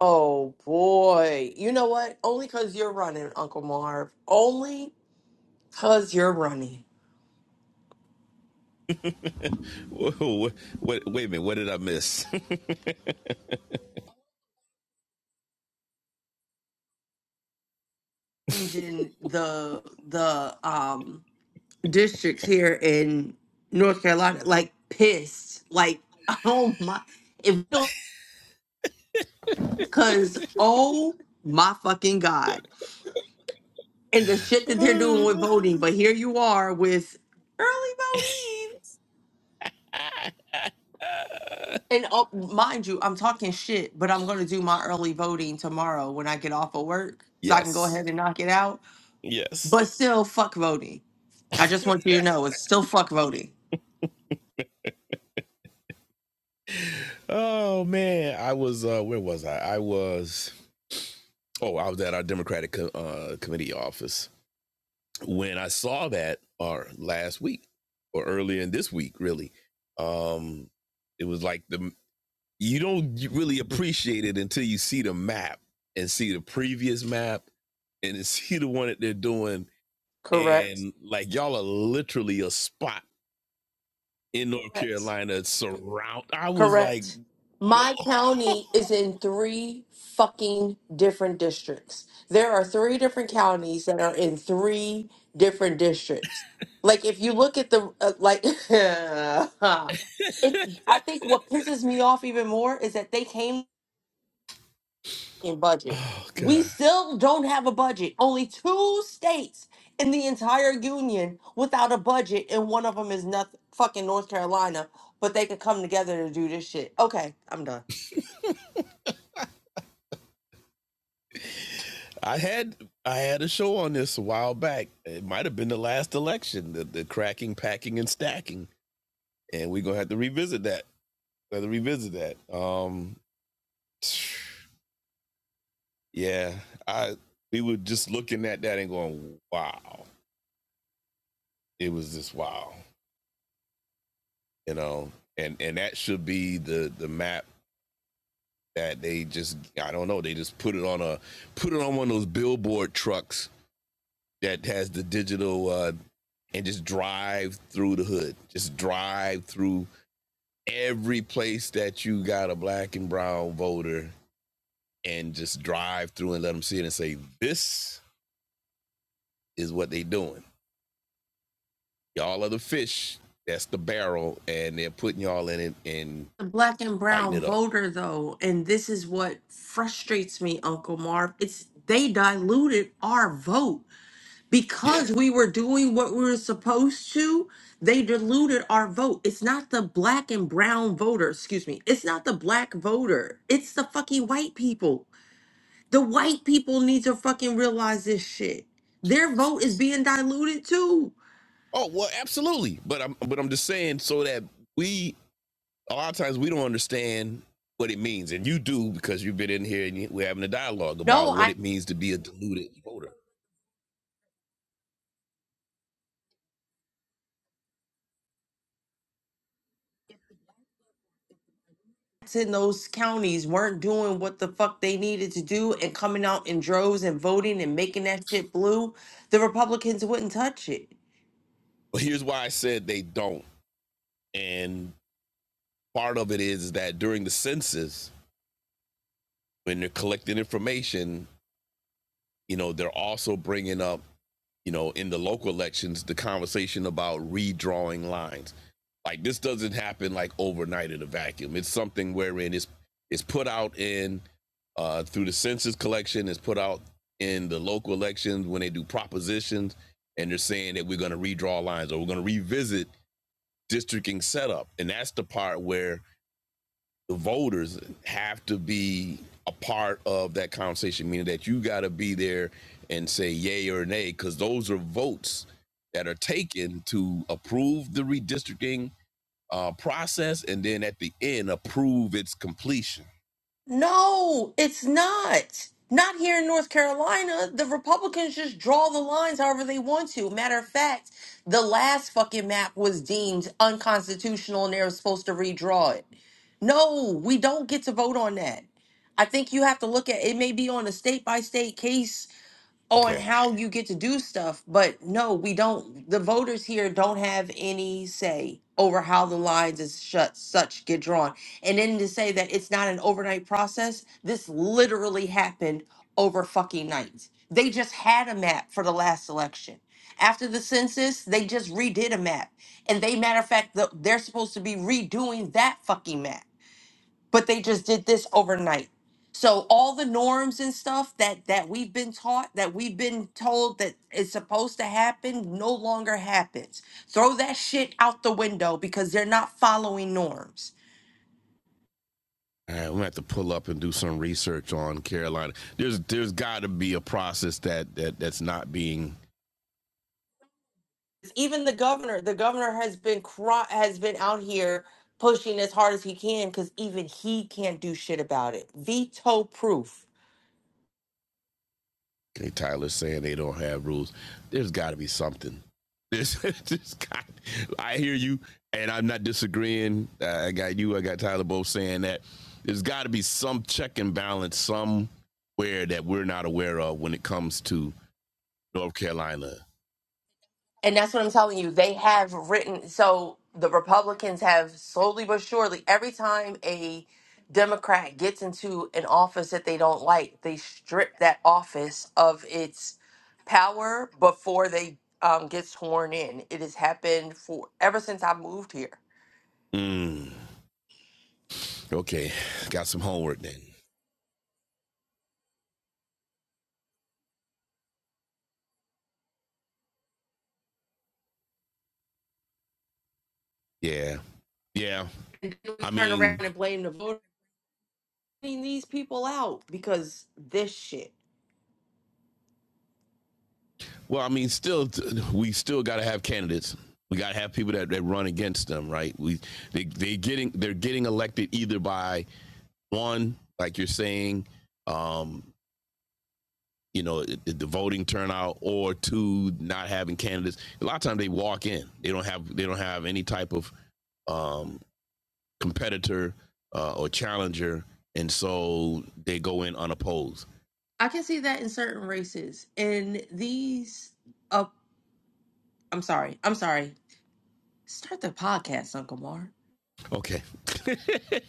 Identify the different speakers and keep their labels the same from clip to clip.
Speaker 1: Oh boy. You know what? Only because you're running, Uncle Marv. Only because you're running.
Speaker 2: Wait, wait, wait a minute. What did I miss?
Speaker 1: Changing the the um districts here in North Carolina, like pissed. Like, oh my if because oh my fucking God. And the shit that they're doing with voting, but here you are with early voting. And oh, mind you, I'm talking shit, but I'm going to do my early voting tomorrow when I get off of work so I can go
Speaker 2: yes.
Speaker 1: ahead and knock it out.
Speaker 2: Yes.
Speaker 1: But still, fuck voting. I just want you to know it's still fuck voting.
Speaker 2: Oh man, I was uh where was I? I was oh, I was at our Democratic uh committee office when I saw that or last week or earlier in this week really. Um it was like the you don't really appreciate it until you see the map and see the previous map and see the one that they're doing
Speaker 1: Correct.
Speaker 2: and like y'all are literally a spot in North
Speaker 1: Correct.
Speaker 2: Carolina surround. I was like,
Speaker 1: Correct. My
Speaker 2: oh
Speaker 1: county is in three fucking different districts. There are three different counties that are in three different districts. Like if you look at the uh, like it I think what pisses me off even more is that they came fucking budget.
Speaker 2: oh
Speaker 1: We
Speaker 2: god.
Speaker 1: still don't have a budget. Only two states in the entire union without a budget, and one of them is nothing fucking North Carolina. But they could come together to do this shit. Okay, I'm done.
Speaker 2: I had I had a show on this a while back. It might have been the last election, the, the cracking, packing, and stacking, and we're gonna have to revisit that. Have to revisit that. Um, yeah, I we were just looking at that and going, wow, it was just wow, you know. And and that should be the the map that they just I don't know they just put it on a put it on one of those billboard trucks that has the digital uh, and just drive through the hood, just drive through every place that you got a black and brown voter, and just drive through and let them see it and say this is what they doing. Y'all are the fish. That's the barrel, and they're putting y'all in it and
Speaker 1: The black and
Speaker 2: lighting
Speaker 1: brown
Speaker 2: it up.
Speaker 1: voter, though, and this is what frustrates me, Uncle Marv. It's they diluted our vote
Speaker 2: Yeah.
Speaker 1: because we were doing what we were supposed to, they diluted our vote. It's not the black and brown voter, excuse me. It's not the black voter. It's the fucking white people. The white people need to fucking realize this shit. Their vote is being diluted too.
Speaker 2: Oh well, absolutely. But I'm but I'm just saying so that we a lot of times we don't understand what it means, and you do because you've been in here and we're having a dialogue about
Speaker 1: No,
Speaker 2: what
Speaker 1: I
Speaker 2: it means to be a deluded voter.
Speaker 1: in those counties weren't doing what the fuck they needed to do and coming out in droves and voting and making that shit blue. The Republicans wouldn't touch it.
Speaker 2: But here's why I said they don't, and part of it is that during the census, when they're collecting information, you know, they're also bringing up, you know, in the local elections, the conversation about redrawing lines. Like this doesn't happen like overnight in a vacuum. It's something wherein it's it's put out in uh, through the census collection is put out in the local elections when they do propositions and they're saying that we're going to redraw lines or we're going to revisit districting setup and that's the part where the voters have to be a part of that conversation meaning that you got to be there and say yay or nay because those are votes that are taken to approve the redistricting uh, process and then at the end approve its completion
Speaker 1: No, it's not. Not here in North Carolina. The Republicans just draw the lines however they want to. Matter of fact, the last fucking map was deemed unconstitutional and they were supposed to redraw it. No, we don't get to vote on that. I think you have to look at it may be on a state by state case
Speaker 2: okay
Speaker 1: on how you get to do stuff but no we don't the voters here don't have any say over how the lines is shut such get drawn and then to say that it's not an overnight process this literally happened over fucking nights they just had a map for the last election after the census they just redid a map and they matter of fact the, they're supposed to be redoing that fucking map but they just did this overnight so all the norms and stuff that that we've been taught that we've been told that is supposed to happen no longer happens throw that shit out the window because they're not following norms
Speaker 2: All right, we have to pull up and do some research on Carolina. There's there's got to be a process that that that's not being.
Speaker 1: even the governor the governor has been cro- has been out here pushing as hard as he can because even he can't do shit about it veto proof
Speaker 2: Okay, Tyler's saying they don't have rules. There's got to be something. There's just got. I hear you, and I'm not disagreeing. Uh, I got you. I got Tyler both saying that. There's got to be some check and balance somewhere that we're not aware of when it comes to North Carolina.
Speaker 1: And that's what I'm telling you. They have written, so the Republicans have slowly but surely, every time a Democrat gets into an office that they don't like, they strip that office of its power before they um, get sworn in. It has happened for ever since I moved here.
Speaker 2: Mm, okay, got some homework then. Yeah, yeah.
Speaker 1: We
Speaker 2: I
Speaker 1: turn around
Speaker 2: mean,
Speaker 1: and blame the voter voting these people out because this shit.
Speaker 2: Well, I mean, still, we still got to have candidates. We got to have people that, that run against them, right? We they they getting they're getting elected either by one, like you're saying, um, you know, it- the voting turnout, or two, not having candidates. A lot of times they walk in. They don't have they don't have any type of um, competitor uh, or challenger, and so they go in unopposed.
Speaker 1: I can see that in certain races. And these, uh, I'm sorry, I'm sorry. Start the podcast, Uncle Mark.
Speaker 2: Okay,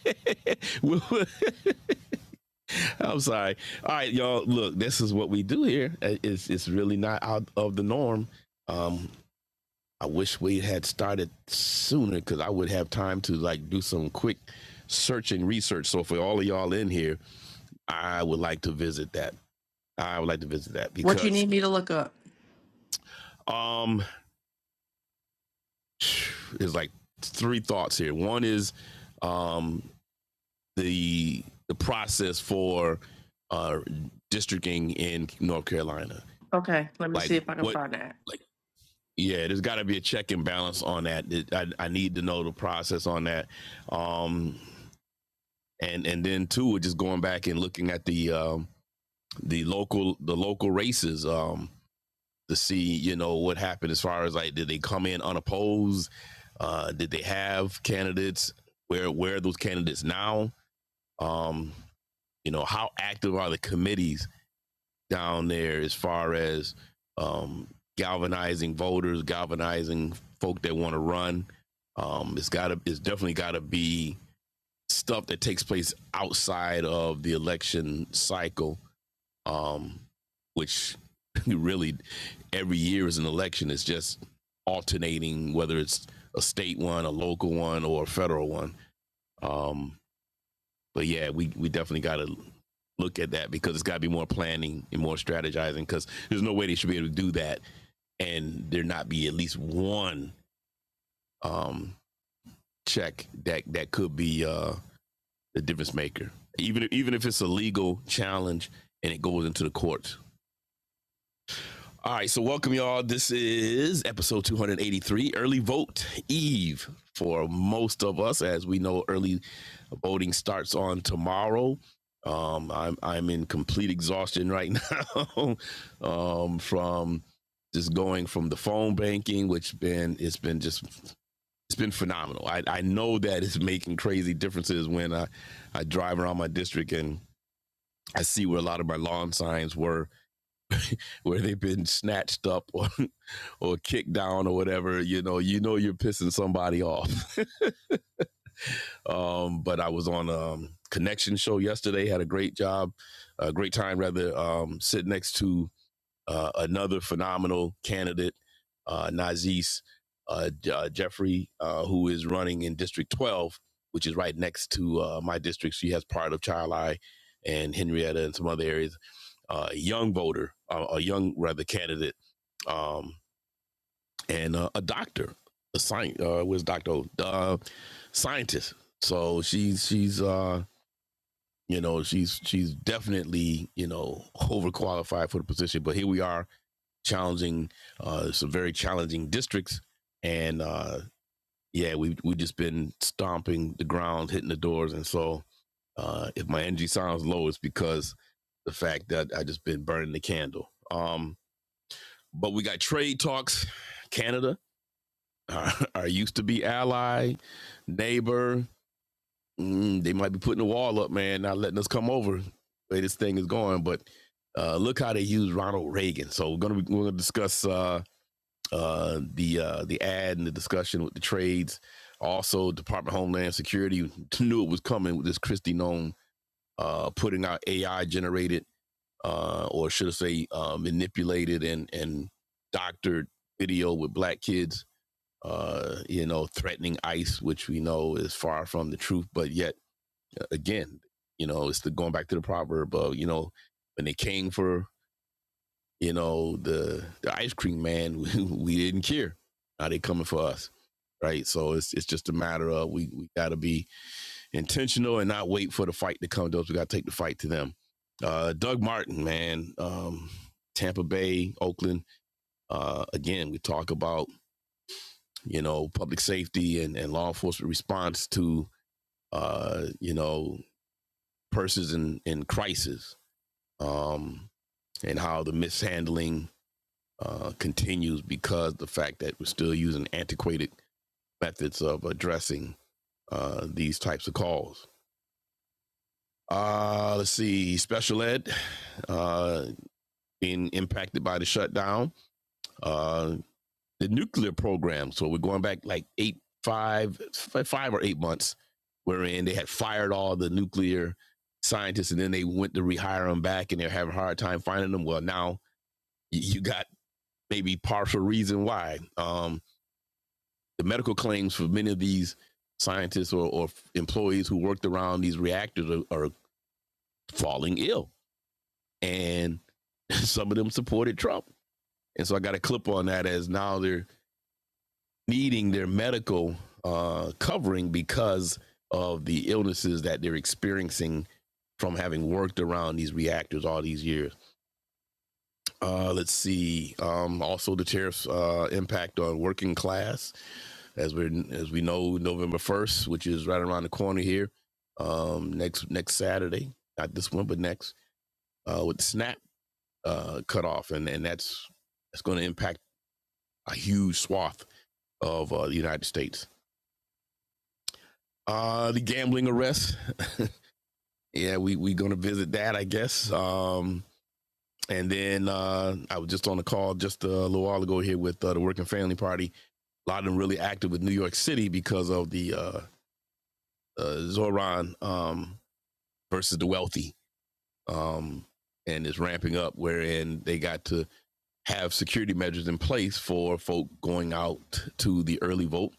Speaker 2: we'll, I'm sorry. All right, y'all. Look, this is what we do here. Uh, It's it's really not out of the norm. Um, I wish we had started sooner because I would have time to like do some quick search and research. So for all of y'all in here, I would like to visit that. I would like to visit that
Speaker 1: What you
Speaker 2: because
Speaker 1: need me to look up?
Speaker 2: um, there's like three thoughts here. One is um the the process for uh districting in North Carolina.
Speaker 1: Okay, let me
Speaker 2: Like
Speaker 1: see if I can
Speaker 2: what
Speaker 1: find that.
Speaker 2: Yeah, there's got to be a check and balance on that. I, I need to know the process on that. Um, and and then too, just going back and looking at the um, the local the local races um, to see you know what happened as far as like did they come in unopposed? Uh, did they have candidates? Where where are those candidates now? Um, you know how active are the committees? down there as far as um, galvanizing voters, galvanizing folk that want to run. Um, it's got to, it's definitely got to be stuff that takes place outside of the election cycle, um, which really every year is an election. It's just alternating, whether it's a state one, a local one, or a federal one. Um, but yeah, we we definitely got to look at that because it's got to be more planning and more strategizing because there's no way they should be able to do that and there not be at least one um check that that could be uh the difference maker even even if it's a legal challenge and it goes into the courts all right so welcome y'all this is episode 283 early vote eve for most of us as we know early Voting starts on tomorrow. Um, I'm I'm in complete exhaustion right now um, from just going from the phone banking, which been it's been just it's been phenomenal. I, I know that it's making crazy differences when I, I drive around my district and I see where a lot of my lawn signs were, where they've been snatched up or or kicked down or whatever. You know, you know you're pissing somebody off Um, but I was on um connection show yesterday, had a great job, a great time rather um sit next to uh, another phenomenal candidate, uh Nazis uh, uh, Jeffrey uh who is running in District 12, which is right next to uh my district. She has part of Child Eye and Henrietta and some other areas. Uh, a young voter, uh, a young rather candidate um, and uh, a doctor, a science. Uh, where's Doctor? O? Uh, scientist. So she's she's uh, you know she's she's definitely you know overqualified for the position. But here we are challenging uh, some very challenging districts, and uh, yeah, we we just been stomping the ground, hitting the doors, and so uh, if my energy sounds low, it's because the fact that I just been burning the candle. Um, but we got trade talks, Canada. our, our used to be ally, neighbor. Mm, they might be putting a wall up, man, not letting us come over. The way this thing is going, but uh, look how they use Ronald Reagan. So we're gonna be, we're gonna discuss uh, uh, the uh, the ad and the discussion with the trades. Also, Department of Homeland Security knew it was coming with this Christie known uh, putting out AI generated uh, or should I say uh, manipulated and and doctored video with black kids uh, you know, threatening ICE, which we know is far from the truth. But yet uh, again, you know, it's the going back to the proverb of, you know, when they came for, you know, the the ice cream man, we, we didn't care. Now they coming for us. Right. So it's it's just a matter of we, we gotta be intentional and not wait for the fight to come to us. We gotta take the fight to them. Uh Doug Martin, man, um, Tampa Bay, Oakland. Uh again, we talk about you know, public safety and, and law enforcement response to, uh, you know, persons in, in crisis um, and how the mishandling uh, continues because the fact that we're still using antiquated methods of addressing uh, these types of calls. Uh, let's see, special ed uh, being impacted by the shutdown. Uh, the nuclear program. So we're going back like eight, five, five or eight months, wherein they had fired all the nuclear scientists, and then they went to rehire them back, and they're having a hard time finding them. Well, now you got maybe partial reason why. Um, the medical claims for many of these scientists or, or employees who worked around these reactors are, are falling ill, and some of them supported Trump. And so I got a clip on that as now they're needing their medical uh, covering because of the illnesses that they're experiencing from having worked around these reactors all these years. Uh, let's see. Um, also, the tariffs uh, impact on working class, as we as we know, November first, which is right around the corner here, um, next next Saturday, not this one, but next, uh, with the SNAP uh, cut off, and and that's that's going to impact a huge swath of uh, the United States. Uh, the gambling arrest. yeah, we we gonna visit that, I guess. Um, and then uh, I was just on the call just a little while ago here with uh, the Working Family Party. A lot of them really active with New York City because of the uh, uh, Zoran um, versus the wealthy, um, and it's ramping up. Wherein they got to have security measures in place for folk going out to the early vote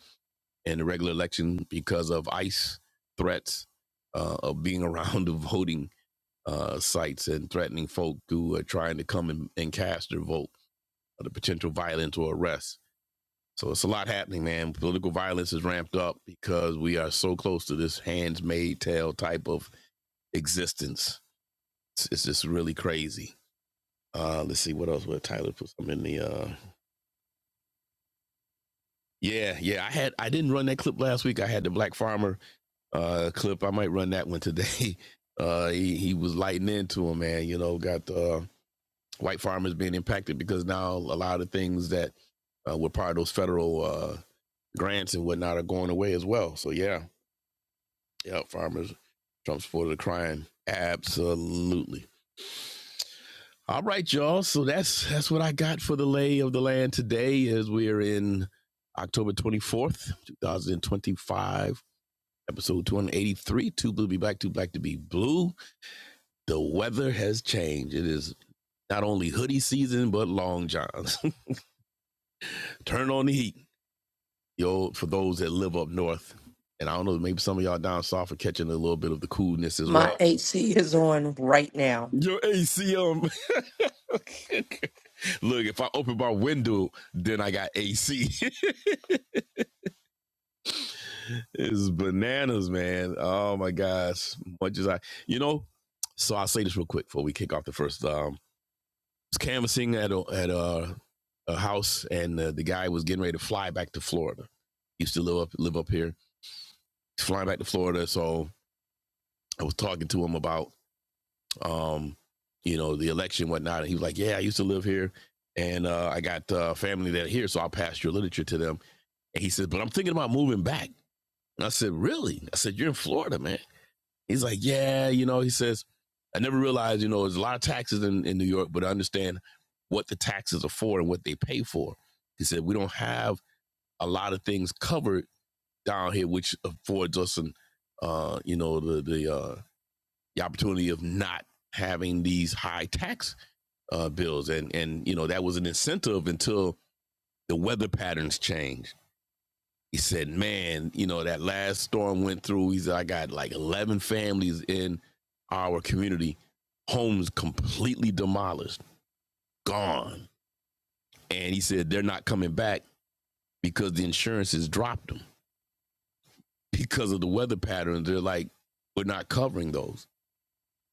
Speaker 2: and the regular election because of ICE threats uh, of being around the voting uh, sites and threatening folk who are trying to come and, and cast their vote or the potential violence or arrest. So it's a lot happening, man. Political violence is ramped up because we are so close to this hands made tale type of existence. It's, it's just really crazy. Uh, let's see what else. What Tyler put something in the. Uh, yeah, yeah. I had I didn't run that clip last week. I had the Black Farmer uh, clip. I might run that one today. Uh, he, he was lighting into him, man. You know, got the uh, white farmers being impacted because now a lot of things that uh, were part of those federal uh, grants and whatnot are going away as well. So yeah, yeah, farmers, Trump supporters are crying absolutely. All right, y'all. So that's that's what I got for the lay of the land today. As we are in October twenty fourth, two thousand twenty five. Episode 283, Too Blue to Be Black, Too Black to Be Blue. The weather has changed. It is not only hoodie season, but long johns. Turn on the heat. yo, for those that live up north, and I don't know, maybe some of y'all down south are catching a little bit of the coolness as
Speaker 1: My
Speaker 2: well.
Speaker 1: AC is on right now.
Speaker 2: Your AC, um, Look, if I open my window, then I got AC. it's bananas, man. Oh my gosh. Much as I, you know, so I'll say this real quick before we kick off the first. Um, was canvassing at a, at a, a house, and uh, the guy was getting ready to fly back to Florida. He used to live up live up here, flying back to Florida. So I was talking to him about um, you know, the election, and whatnot. And he was like, Yeah, I used to live here and uh, I got uh, family that are here, so I will pass your literature to them. And he said, But I'm thinking about moving back. And I said, Really? I said, You're in Florida, man. He's like, Yeah, you know, he says, I never realized, you know, there's a lot of taxes in, in New York, but I understand what the taxes are for and what they pay for. He said, We don't have a lot of things covered down here, which affords us an uh, you know, the the uh the opportunity of not having these high tax uh, bills, and and you know that was an incentive until the weather patterns changed. He said, "Man, you know that last storm went through. He said I got like eleven families in our community, homes completely demolished, gone." And he said they're not coming back because the insurance has dropped them because of the weather patterns. They're like, we're not covering those,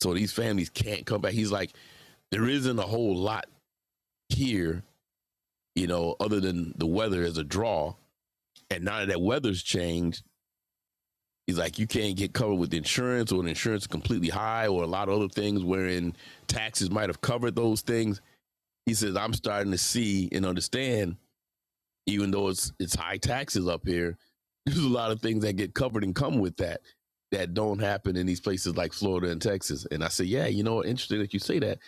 Speaker 2: so these families can't come back. He's like, there isn't a whole lot here, you know, other than the weather as a draw and now that weather's changed, it's like you can't get covered with insurance or an insurance completely high or a lot of other things wherein taxes might have covered those things. He says, I'm starting to see and understand, even though it's it's high taxes up here, there's a lot of things that get covered and come with that that don't happen in these places like Florida and Texas. And I said, Yeah, you know, interesting that you say that.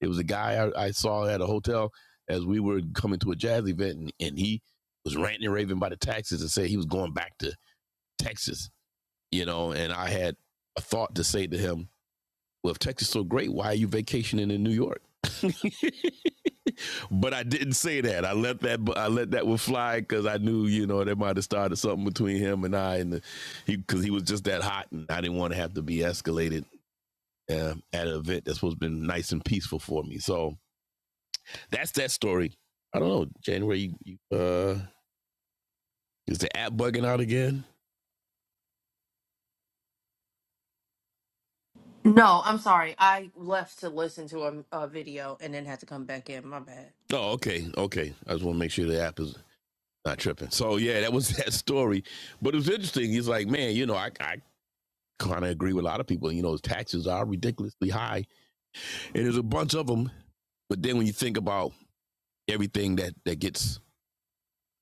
Speaker 2: It was a guy I, I saw at a hotel as we were coming to a jazz event and, and he was ranting and raving about the taxes and said he was going back to Texas you know, and I had a thought to say to him, well, if Texas is so great, why are you vacationing in New York? but I didn't say that. I let that I let that one fly because I knew you know they might have started something between him and I, and the, he because he was just that hot, and I didn't want to have to be escalated uh, at an event that's supposed to be nice and peaceful for me. So that's that story. I don't know. January, you, you, uh, is the app bugging out again?
Speaker 1: No, I'm sorry. I left to listen to a, a video and then had to come back in. My bad.
Speaker 2: Oh, okay, okay. I just want to make sure the app is Not tripping. So yeah, that was that story. But it was interesting. He's like, man, you know, I, I kind of agree with a lot of people. You know, taxes are ridiculously high, and there's a bunch of them. But then when you think about everything that that gets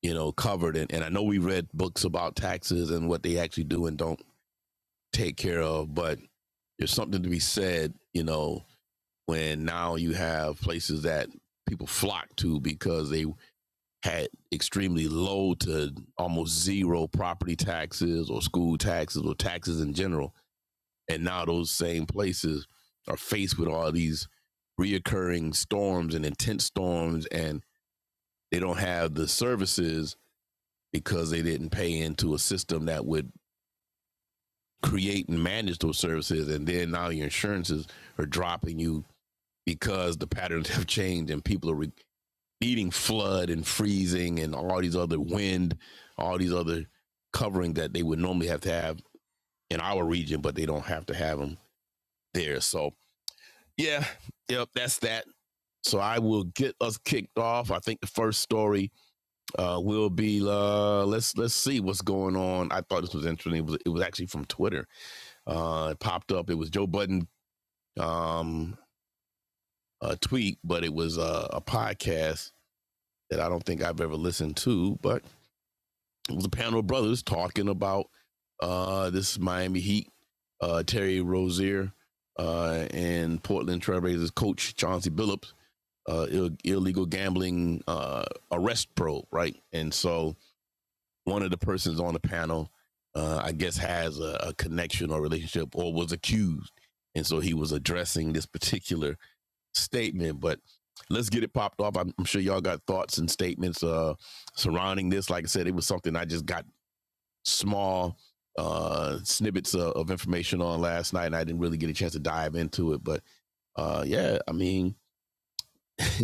Speaker 2: you know covered, and, and I know we read books about taxes and what they actually do and don't take care of, but there's something to be said, you know, when now you have places that people flock to because they had extremely low to almost zero property taxes or school taxes or taxes in general. And now those same places are faced with all these reoccurring storms and intense storms, and they don't have the services because they didn't pay into a system that would create and manage those services. And then now your insurances are dropping you because the patterns have changed and people are re- needing flood and freezing and all these other wind, all these other covering that they would normally have to have in our region, but they don't have to have them there. So yeah, yep, that's that. So I will get us kicked off. I think the first story uh, will be uh, let's let's see what's going on. I thought this was interesting. It was, it was actually from Twitter. Uh, it popped up. It was Joe Budden um, a tweet, but it was a, a podcast that I don't think I've ever listened to. But it was a panel of brothers talking about uh, this Miami Heat, uh, Terry Rozier, uh, and Portland Trailblazers coach Chauncey Billups, uh, Ill- illegal gambling uh, arrest probe, right? And so one of the persons on the panel, uh, I guess, has a, a connection or relationship or was accused. And so he was addressing this particular statement. But let's get it popped off. I'm, sure y'all got thoughts and statements uh, surrounding this. Like I said, it was something I just got small uh, snippets of, of information on last night, and I didn't really get a chance to dive into it. But uh, yeah, I mean,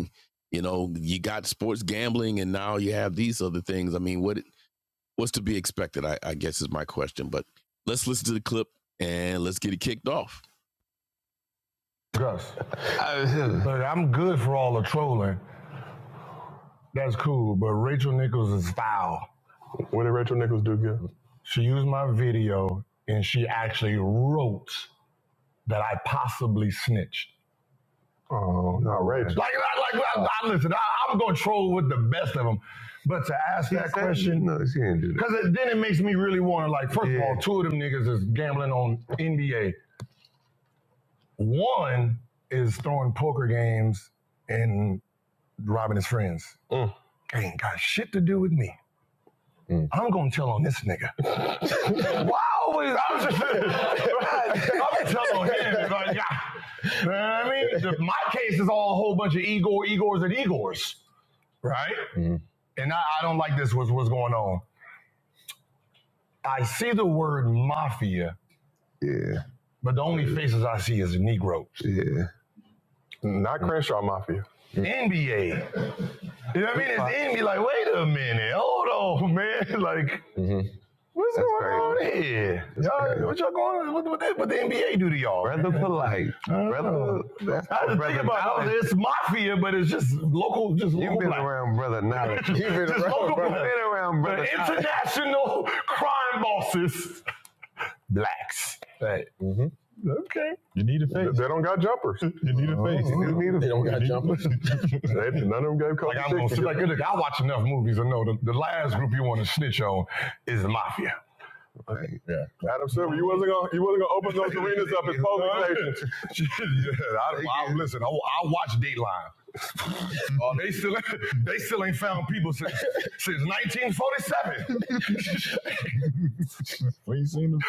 Speaker 2: you know, you got sports gambling, and now you have these other things. I mean, what what's to be expected? I, I guess is my question. But let's listen to the clip and let's get it kicked off. Gus, I'm good for all the trolling. That's cool, but Rachel Nichols is foul. What did Rachel Nichols do good? She used my video and she actually wrote that I possibly snitched. Oh, outrageous. Like, I, like I, I- listen, I, I'm going to troll with the best of them. But to ask that question, No, she didn't do that. Because no, then it makes me really want to like. First yeah. of Yeah. all, two of them niggas is gambling on NBA. One is throwing poker games and robbing his friends. Mm. Ain't got shit to do with me. Mm. I'm gonna tell on this nigga. wow, I was just, right. I'm gonna tell on him. Like, yeah. You know what I mean? The- my case is all a whole bunch of Igor, Igors, and Igors, right? Mhm. And I, I don't like this. What's what's going on? I see the word mafia, Yeah, but the only faces I see is Negro. yeah. Not Crenshaw Mafia. NBA. You know what I mean? It's NBA. Like, wait a minute, hold on, man. Like, hmm What's That's going crazy. on here? y'all, What y'all going on? What, what, the- what the NBA do to y'all? Brother man? polite. I Brother, that's I didn't think about it. It's mafia, but it's just local, just You've local been black. around brother knowledge. Just You've been local around local, brother. Been around brother knowledge. international crime bosses, blacks. Mm-hmm. You need a face. they don't got jumpers. You need a face. Oh, You need a- They don't got jumpers. They, none of them gave Like I'm gonna like look, I watch enough movies. I know the, the last group you want to snitch on is the mafia. Okay. Yeah. Adam Silver, you wasn't gonna you wasn't gonna open those arenas up as polling stations. yeah, I, I, listen, I, I watch Dateline. Uh, they still they still ain't found people since since 1947.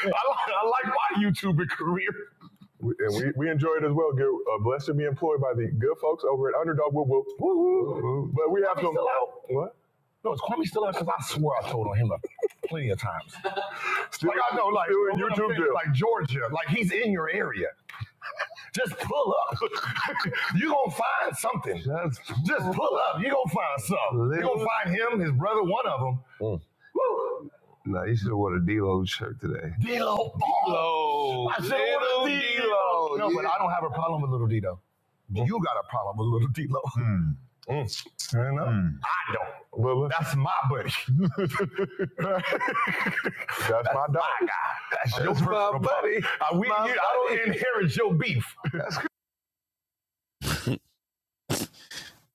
Speaker 2: I, like- I like my YouTuber career. We- And we, we enjoy it as well. Get, uh, blessed to be employed by the good folks over at Underdog Whoop Whoop. Woo-hoo. But we have Kwame some still out? what? No, it's Kwame still out because I swear I told on him like, plenty of times. Still- like I know, like YouTube like Georgia, like he's in your area. Just pull up. you gonna find something. Just pull, Just pull up. You gonna find something. You gonna find him, his brother, one of them. Mm. no, you should have worn a D-Lo shirt today. D-Lo. lo. I should little Little D-Lo. D-Lo, No, yeah. but yeah. I don't have a problem with little D-Lo. Mm. You got a problem with little D-Lo. You know? Well, That's my buddy. that's that's my dog. My guy. That's your That's your my personal problem. buddy. Uh, we, My you- buddy. I don't inherit your beef.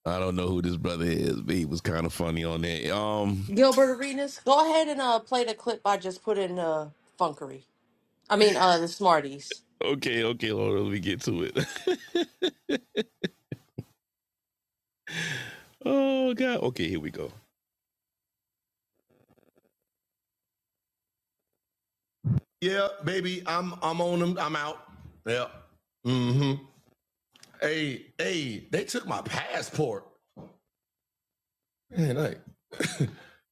Speaker 2: I don't know who this brother is, but he was kind of funny on that. Um,
Speaker 1: Gilbert Arenas, go ahead and uh, play the clip I just put in uh, Funkery. I mean, uh, the Smarties.
Speaker 2: okay, okay, Lord, let me get to it. oh God, okay, here we go. Yep. Mm-hmm. Hey, hey, they took my passport. Man, like,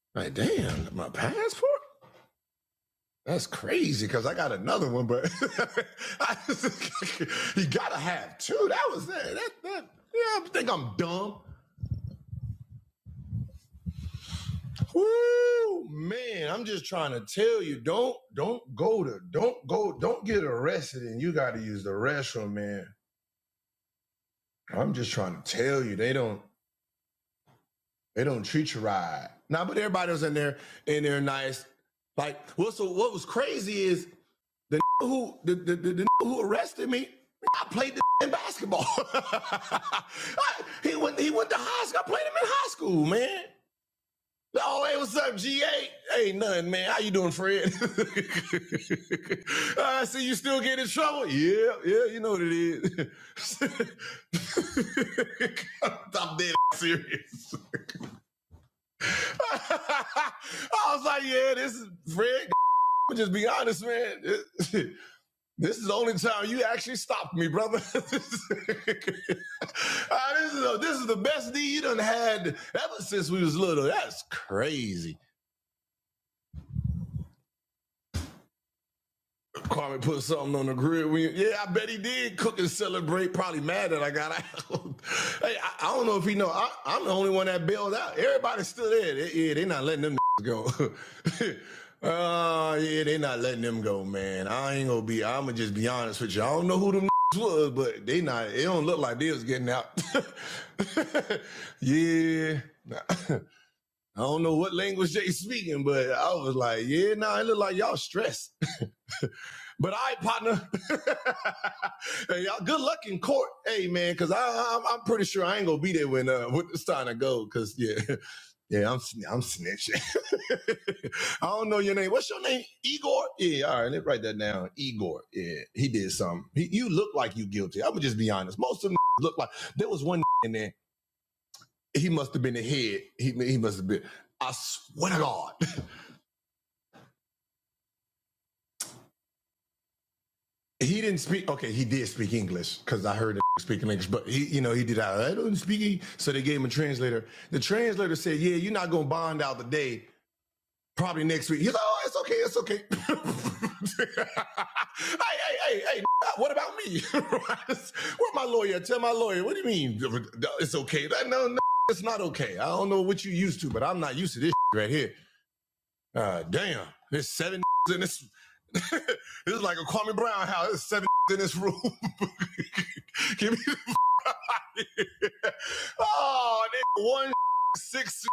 Speaker 2: like damn, my passport? That's crazy because I got another one, but I just, you gotta have two. That was it. That, that, yeah, I think I'm dumb. Whoo, man, I'm just trying to tell you, don't don't go to don't go don't get arrested and you gotta use the restroom, man. I'm just trying to tell you, they don't they don't treat you right. Nah, but everybody was in there and they're nice. Like, well, so what was crazy is the who the the, the, the who arrested me, I played the in basketball. I- he went he went to high school. I played him in high school, man. Oh, hey, what's up, GA? Hey, hey, nothing, man. How you doing, Fred? I see you still get in trouble. Yeah, yeah, you know what it is. I'm dead serious. I was like, yeah, this is Fred. Just be honest, man. This is the only time you actually stopped me, brother. Ah, this is a, this is the best D you done had ever since we was little. That's crazy. Kwame put something on the grill. We, yeah, I bet he did cook and celebrate. Probably mad that I got out. hey, I, I don't know if he know. I, I'm the only one that bailed out. Everybody's still there. They- yeah, they not letting them go. uh, yeah, they not letting them go, man. I ain't gonna be. I'ma just be honest with you. I don't know who them was, but they not. It don't look like they was getting out. yeah. I don't know what language they speaking, but I was like, yeah, nah, it look like y'all stressed. But I, partner, hey, y'all, good luck in court, hey man, because I'm I'm pretty sure I ain't gonna be there when uh when it's time to go. Because yeah, yeah, I'm I'm snitching. I don't know your name. What's your name? Igor. Yeah, all right, let's write that down. Igor. Yeah, he did something. He, you look like you guilty. I'm gonna just be honest. Most of them look like there was one in there. He must have been the head. He he must have been. I swear to God. He didn't speak. Okay, he did speak English because I heard him speaking English. But he, you know, he did. I don't speak. E-" So they gave him a translator. The translator said, "Yeah, you're not gonna bond out today. Probably next week." He's like, "Oh, it's okay. It's okay." hey, hey, hey, hey! What about me? Where my lawyer? Tell my lawyer. What do you mean? It's okay? No, no, it's not okay. I don't know what you used to, but I'm not used to this right here. Uh, damn, there's seven in this. this is like a Kwame Brown house. There's seven in this room. Give me the out of here. oh, nigga, one six.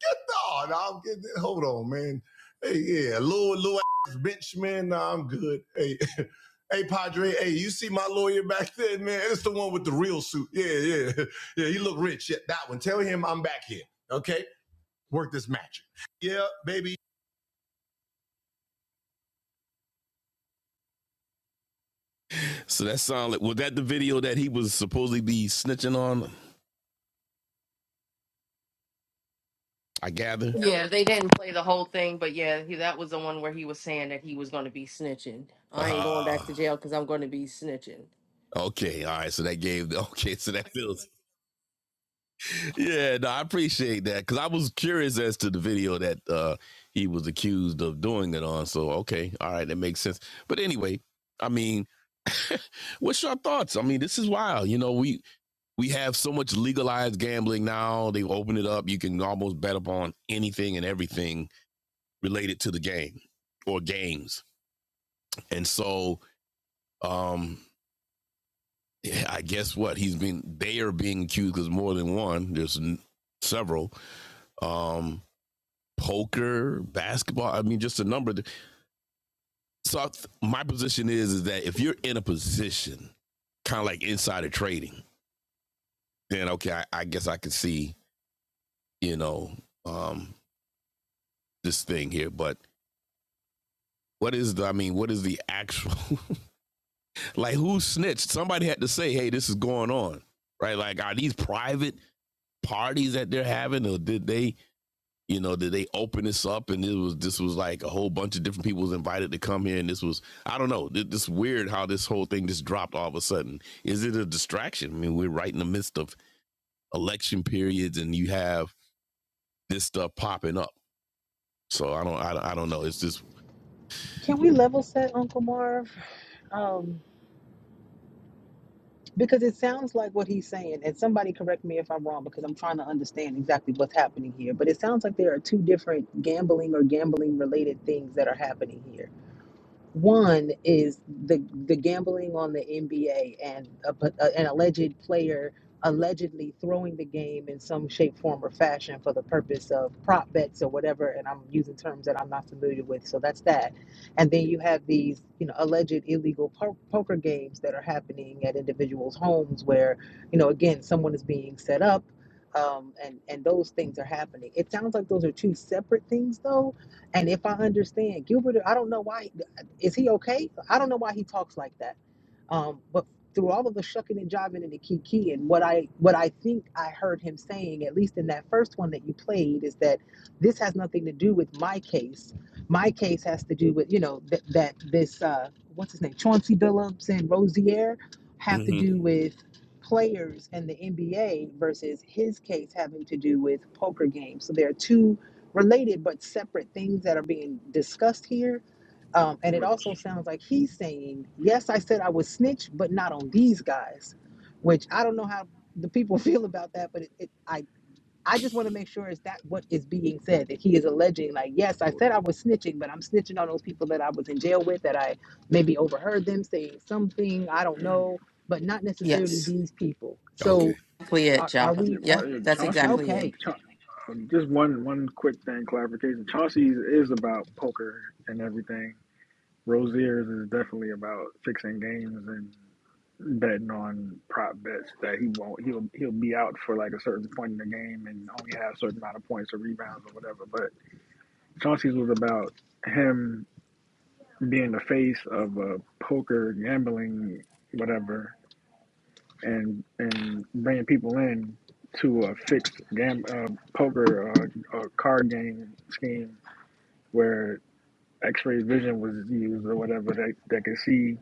Speaker 2: Get the oh, no, I'm getting. Hold on, man. Hey, yeah, little little ass bitch, man. Nah, I'm good. Hey, hey, Padre. Hey, you see my lawyer back there, man? It's the one with the real suit. Yeah, yeah, yeah. He look rich. Yeah, that one. Tell him I'm back here. Okay, work this magic. Yeah, baby. So that sound like was that the video that he was supposedly be snitching on? I gather.
Speaker 1: Yeah, they didn't play the whole thing, but yeah, he, that was the one where he was saying that he was going to be snitching. I ain't going
Speaker 2: Uh
Speaker 1: back to jail because I'm going to be snitching.
Speaker 2: okay, all right. So that gave okay. So that feels yeah. No, I appreciate that because I was curious as to the video that uh he was accused of doing it on. So okay, all right, that makes sense. But anyway, I mean, what's your thoughts? I mean, this is wild. You know, we we have so much legalized gambling now. They open it up. You can almost bet upon anything and everything related to the game or games And so, um, yeah, I guess what he's been, they are being accused because more than one, there's n- several, um, poker, basketball. I mean, just a number. of- th- So I th- my position is, is that if you're in a position kind of like insider trading, then okay, I, I guess I could see, you know, um, this thing here, but what is the, I mean, what is the actual Like who snitched? Somebody had to say, "Hey, this is going on." Right? Like are these private parties that they're having or did they, you know, did they open this up and it was this was like a whole bunch of different people was invited to come here and this was I don't know. Th- This is weird how this whole thing just dropped all of a sudden. Is it a distraction? I mean, we're right in the midst of election periods and you have this stuff popping up. So I don't I, don't- I don't know. It's just
Speaker 3: Can we level set Uncle Marv? Um, because it sounds like what he's saying, and somebody correct me if I'm wrong because I'm trying to understand exactly what's happening here. But it sounds like there are two different gambling or gambling related things that are happening here. One is the the gambling on the NBA and a, a, an alleged player allegedly throwing the game in some shape, form, or fashion for the purpose of prop bets or whatever. And I'm using terms that I'm not familiar with, so that's that. And then you have these, you know, alleged illegal po- poker games that are happening at individuals' homes, where you know, again, someone is being set up. Um, and and those things are happening. It sounds like those are two separate things, though. And if I understand Gilbert, I don't know why is he okay? I don't know why he talks like that. Um, but through all of the shucking and jiving and the kiki and what I what I think I heard him saying, at least in that first one that you played, is that this has nothing to do with my case. My case has to do with you know that that this uh, what's his name Chauncey Billups and Rozier have to
Speaker 2: mhm.
Speaker 3: do with players and the NBA versus his case having to do with poker games. So there are two related but separate things that are being discussed here um, and it
Speaker 4: Well,
Speaker 3: also
Speaker 4: Ch-
Speaker 3: sounds like he's saying, Yes, I said I would snitch, but not on these guys, which I don't know how the people feel about that, but it, it, I, I just want to make sure is that what is being said that he is alleging, like, Yes, I said I was snitching, but I'm snitching on those people that I was in jail with, that I maybe overheard them saying something, I don't know, but not necessarily
Speaker 1: Yes.
Speaker 3: these people.
Speaker 2: okay.
Speaker 3: So
Speaker 1: exactly it,
Speaker 3: are, are
Speaker 1: Java.
Speaker 4: yeah,
Speaker 3: we
Speaker 1: Yep,
Speaker 3: oh,
Speaker 4: hey,
Speaker 1: that's
Speaker 4: Chauncey,
Speaker 1: exactly
Speaker 4: but
Speaker 1: it.
Speaker 3: okay?
Speaker 4: Cha- um, just one one quick thing clarification. Chauncey's is about poker and everything. Rozier's is definitely about fixing games and betting on prop bets that he won't. He'll he'll be out for like a certain point in the game and only have a certain amount of points or rebounds or whatever. But Chauncey's was about him being the face of a poker gambling whatever and and bringing people in to a fixed gam uh, poker or uh, card game scheme where X-ray vision was used or whatever that that could see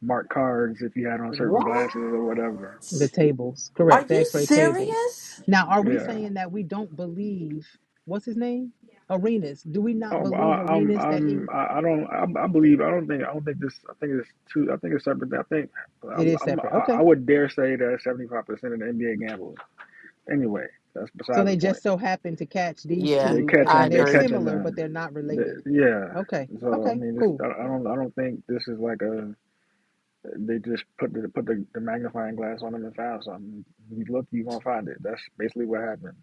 Speaker 4: marked cards if you had on certain
Speaker 1: What?
Speaker 4: glasses or whatever.
Speaker 3: The tables,
Speaker 1: Are
Speaker 3: correct. The
Speaker 1: you
Speaker 3: X-ray tables.
Speaker 1: serious?
Speaker 3: Now, are we
Speaker 4: Yeah.
Speaker 3: saying that we don't believe what's his name? Arenas. Do we not
Speaker 4: Oh, well, I,
Speaker 3: believe
Speaker 4: I'm
Speaker 3: Arenas that
Speaker 4: I'm
Speaker 3: he
Speaker 4: I I don't I, I believe I don't think I don't think this I think it's two I think it's separate. I think
Speaker 3: it
Speaker 4: I'm,
Speaker 3: is
Speaker 4: I'm
Speaker 3: separate?
Speaker 4: I I
Speaker 3: Okay.
Speaker 4: would dare say that 75 percent of the NBA gamblers. Anyway, that's
Speaker 3: So
Speaker 4: besides
Speaker 3: they
Speaker 4: the point.
Speaker 3: just so happen to catch these
Speaker 1: Yeah,
Speaker 4: They
Speaker 3: two a-
Speaker 1: I
Speaker 4: catching
Speaker 3: and
Speaker 4: they
Speaker 3: they're
Speaker 1: agree.
Speaker 4: catching
Speaker 3: similar, but
Speaker 4: them.
Speaker 3: they're not
Speaker 4: The,
Speaker 3: related.
Speaker 4: yeah.
Speaker 3: Okay.
Speaker 4: So I
Speaker 3: Okay.
Speaker 4: mean, this
Speaker 3: Cool.
Speaker 4: I, I don't I don't think this is like a they just put the put the, the magnifying glass on them and found something. You look, you gonna find it. That's basically what happened.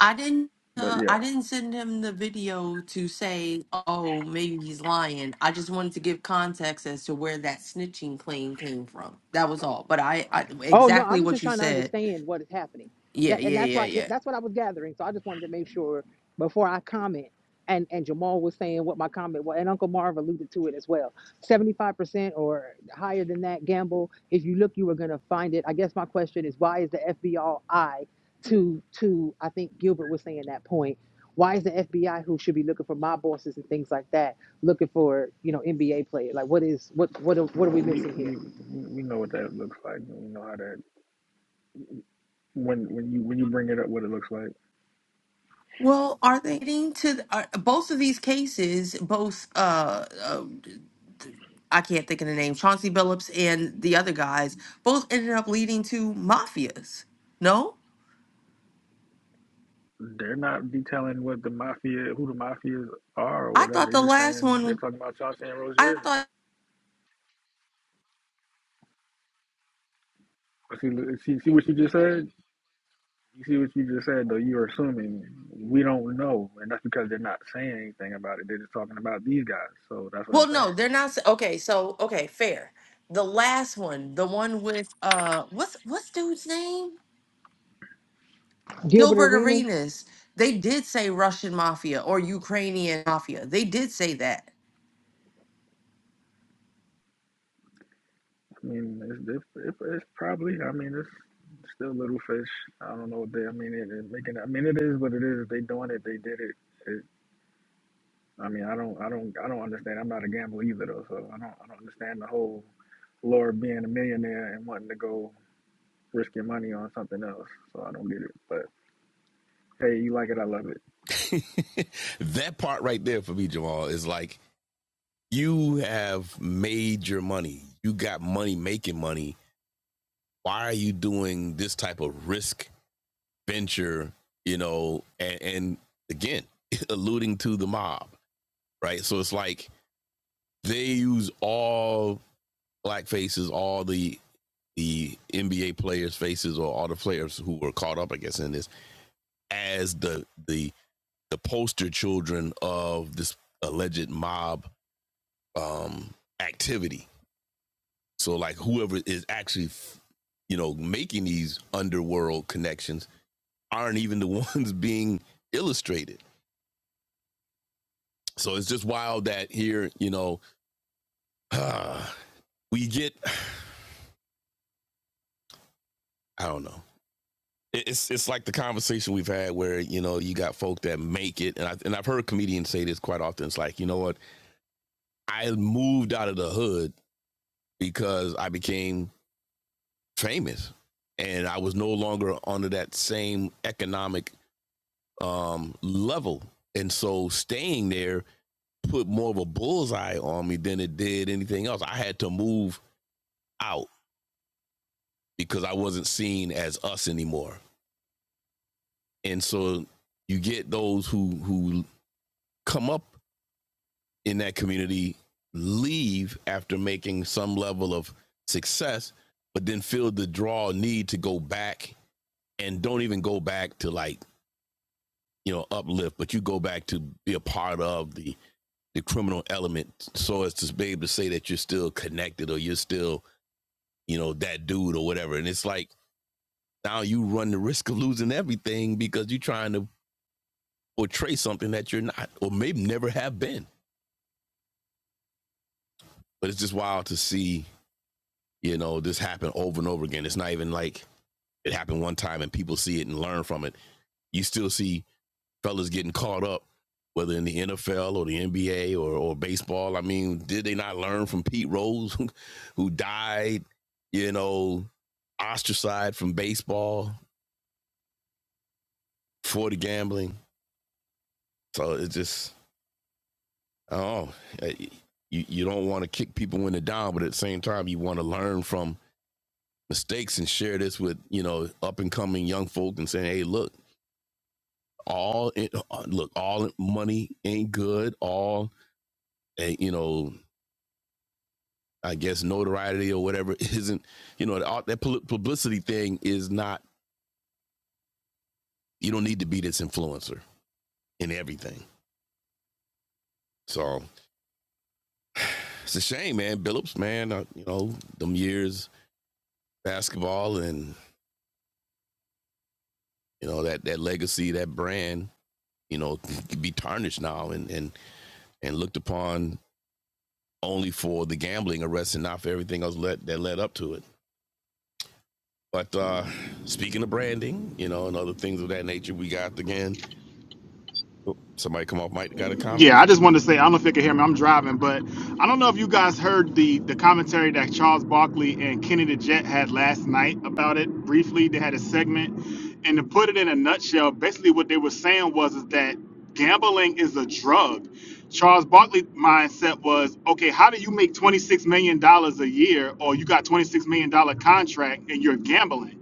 Speaker 1: I didn't.
Speaker 4: But
Speaker 1: Uh,
Speaker 4: yeah,
Speaker 1: I didn't send him the video to say, "Oh, maybe he's lying." I just wanted to give context as to where that snitching claim came from. That was all. But I, I
Speaker 3: Oh no, I
Speaker 1: exactly
Speaker 3: was just
Speaker 1: what you
Speaker 3: trying to
Speaker 1: said.
Speaker 3: understand what is happening.
Speaker 1: Yeah,
Speaker 3: That and
Speaker 1: yeah,
Speaker 3: that's
Speaker 1: yeah,
Speaker 3: why
Speaker 1: yeah.
Speaker 3: that's what I was gathering. So I just wanted to make sure before I comment. And and Jamal was saying what my comment was, and Uncle Marv alluded to it as well. Seventy five percent or higher than that gamble. If you look, you are gonna find it. I guess my question is why is the FBI to to I think Gilbert was saying that point. Why is the FBI who should be looking for my bosses and things like that looking for you know NBA players? Like what is what what are, what are
Speaker 4: well,
Speaker 3: we
Speaker 4: we
Speaker 3: missing here?
Speaker 4: we we know what that looks like. We know how that when when you when you bring it up, what it looks like.
Speaker 1: Well, are they getting to are, both of these cases? Both uh, uh, I can't think of the name, Chauncey Billups and the other guys, both ended up leading to mafias. No?
Speaker 4: They're not detailing what the mafia, who the mafias are, or
Speaker 1: I
Speaker 4: whatever.
Speaker 1: thought
Speaker 4: They're
Speaker 1: the
Speaker 4: just
Speaker 1: last
Speaker 4: saying they're
Speaker 1: one,
Speaker 4: talking about Chauncey and
Speaker 1: I
Speaker 4: Rozier.
Speaker 1: thought,
Speaker 4: See, see, see what you just said. You see what you just said though. You're assuming we don't know, and that's because they're not saying anything about it. They're just talking about these guys. So that's what
Speaker 1: well,
Speaker 4: I'm
Speaker 1: no,
Speaker 4: saying.
Speaker 1: they're not. s- Okay, so, okay, fair. The last one, the one with, uh, what's, what's dude's name?
Speaker 3: Gilbert
Speaker 1: Gilbert
Speaker 3: Arenas.
Speaker 1: Arenas. They did say Russian mafia or Ukrainian mafia. They did say that.
Speaker 4: I mean, it's it's, it's, it's probably. I mean, it's still little fish. I don't know. What they. I mean, it, it making. I mean, it is what it is. If they doing it, they did it. it. I mean, I don't. I don't. I don't understand. I'm not a gambler either though. So I don't. I don't understand the whole Lord being a millionaire and wanting to go risk your money on something else. So I don't get it. But hey, you like it? I love it.
Speaker 2: that part right there for me, Jamal, is like you have made your money. You got money making money. Why are you doing this type of risk venture? You know, and, and again, alluding to the mob, right? So it's like they use all black faces, all the the NBA players' faces, or all the players who were caught up, I guess, in this as the the the poster children of this alleged mob um activity So like whoever is actually, you know, making these underworld connections aren't even the ones being illustrated. So it's just wild that here, you know, uh, we get I don't know. It's it's like the conversation we've had where you know you got folk that make it, and I and I've heard comedians say this quite often. It's like you know what I moved out of the hood because I became famous, and I was no longer under that same economic um, level. And so staying there put more of a bullseye on me than it did anything else. I had to move out because I wasn't seen as us anymore. And so you get those who who come up in that community leave after making some level of success, but then feel the draw need to go back and don't even go back to like, you know, uplift, but you go back to be a part of the the criminal element so as to be able to say that you're still connected or you're still, you know, that dude or whatever. And it's like now you run the risk of losing everything because you're trying to portray something that you're not or maybe never have been. But it's just wild to see, you know, this happen over and over again. It's not even like it happened one time and people see it and learn from it. You still see fellas getting caught up, whether in the NFL or the NBA or, or baseball. I mean, did they not learn from Pete Rose, who, who died, you know, ostracized from baseball for the gambling? So it's just, oh, you, you don't want to kick people when they're down, but at the same time, you want to learn from mistakes and share this with, you know, up and coming young folk and saying, hey, look, all, look, all money ain't good. All, eh, you know, I guess notoriety or whatever isn't, you know, the, that publicity thing is not. You don't need to be this influencer in everything. So it's a shame, man. Billups, man, uh, you know, them years basketball and you know that that legacy, that brand, you know, could be tarnished now and and and looked upon only for the gambling arrest and not for everything else let, that led up to it. But uh speaking of branding, you know, and other things of that nature, we got again. oh, Somebody come off mic, got a comment.
Speaker 5: Yeah, I just wanted to say I don't know if you can hear me. I'm driving, but I don't know if you guys heard the the commentary that Charles Barkley and Kenny the Jet had last night about it. Briefly, they had a segment, and to put it in a nutshell, basically what they were saying was is that gambling is a drug. Charles Barkley's mindset was, okay, how do you make $26 million dollars a year or you got $26 million dollar contract and you're gambling?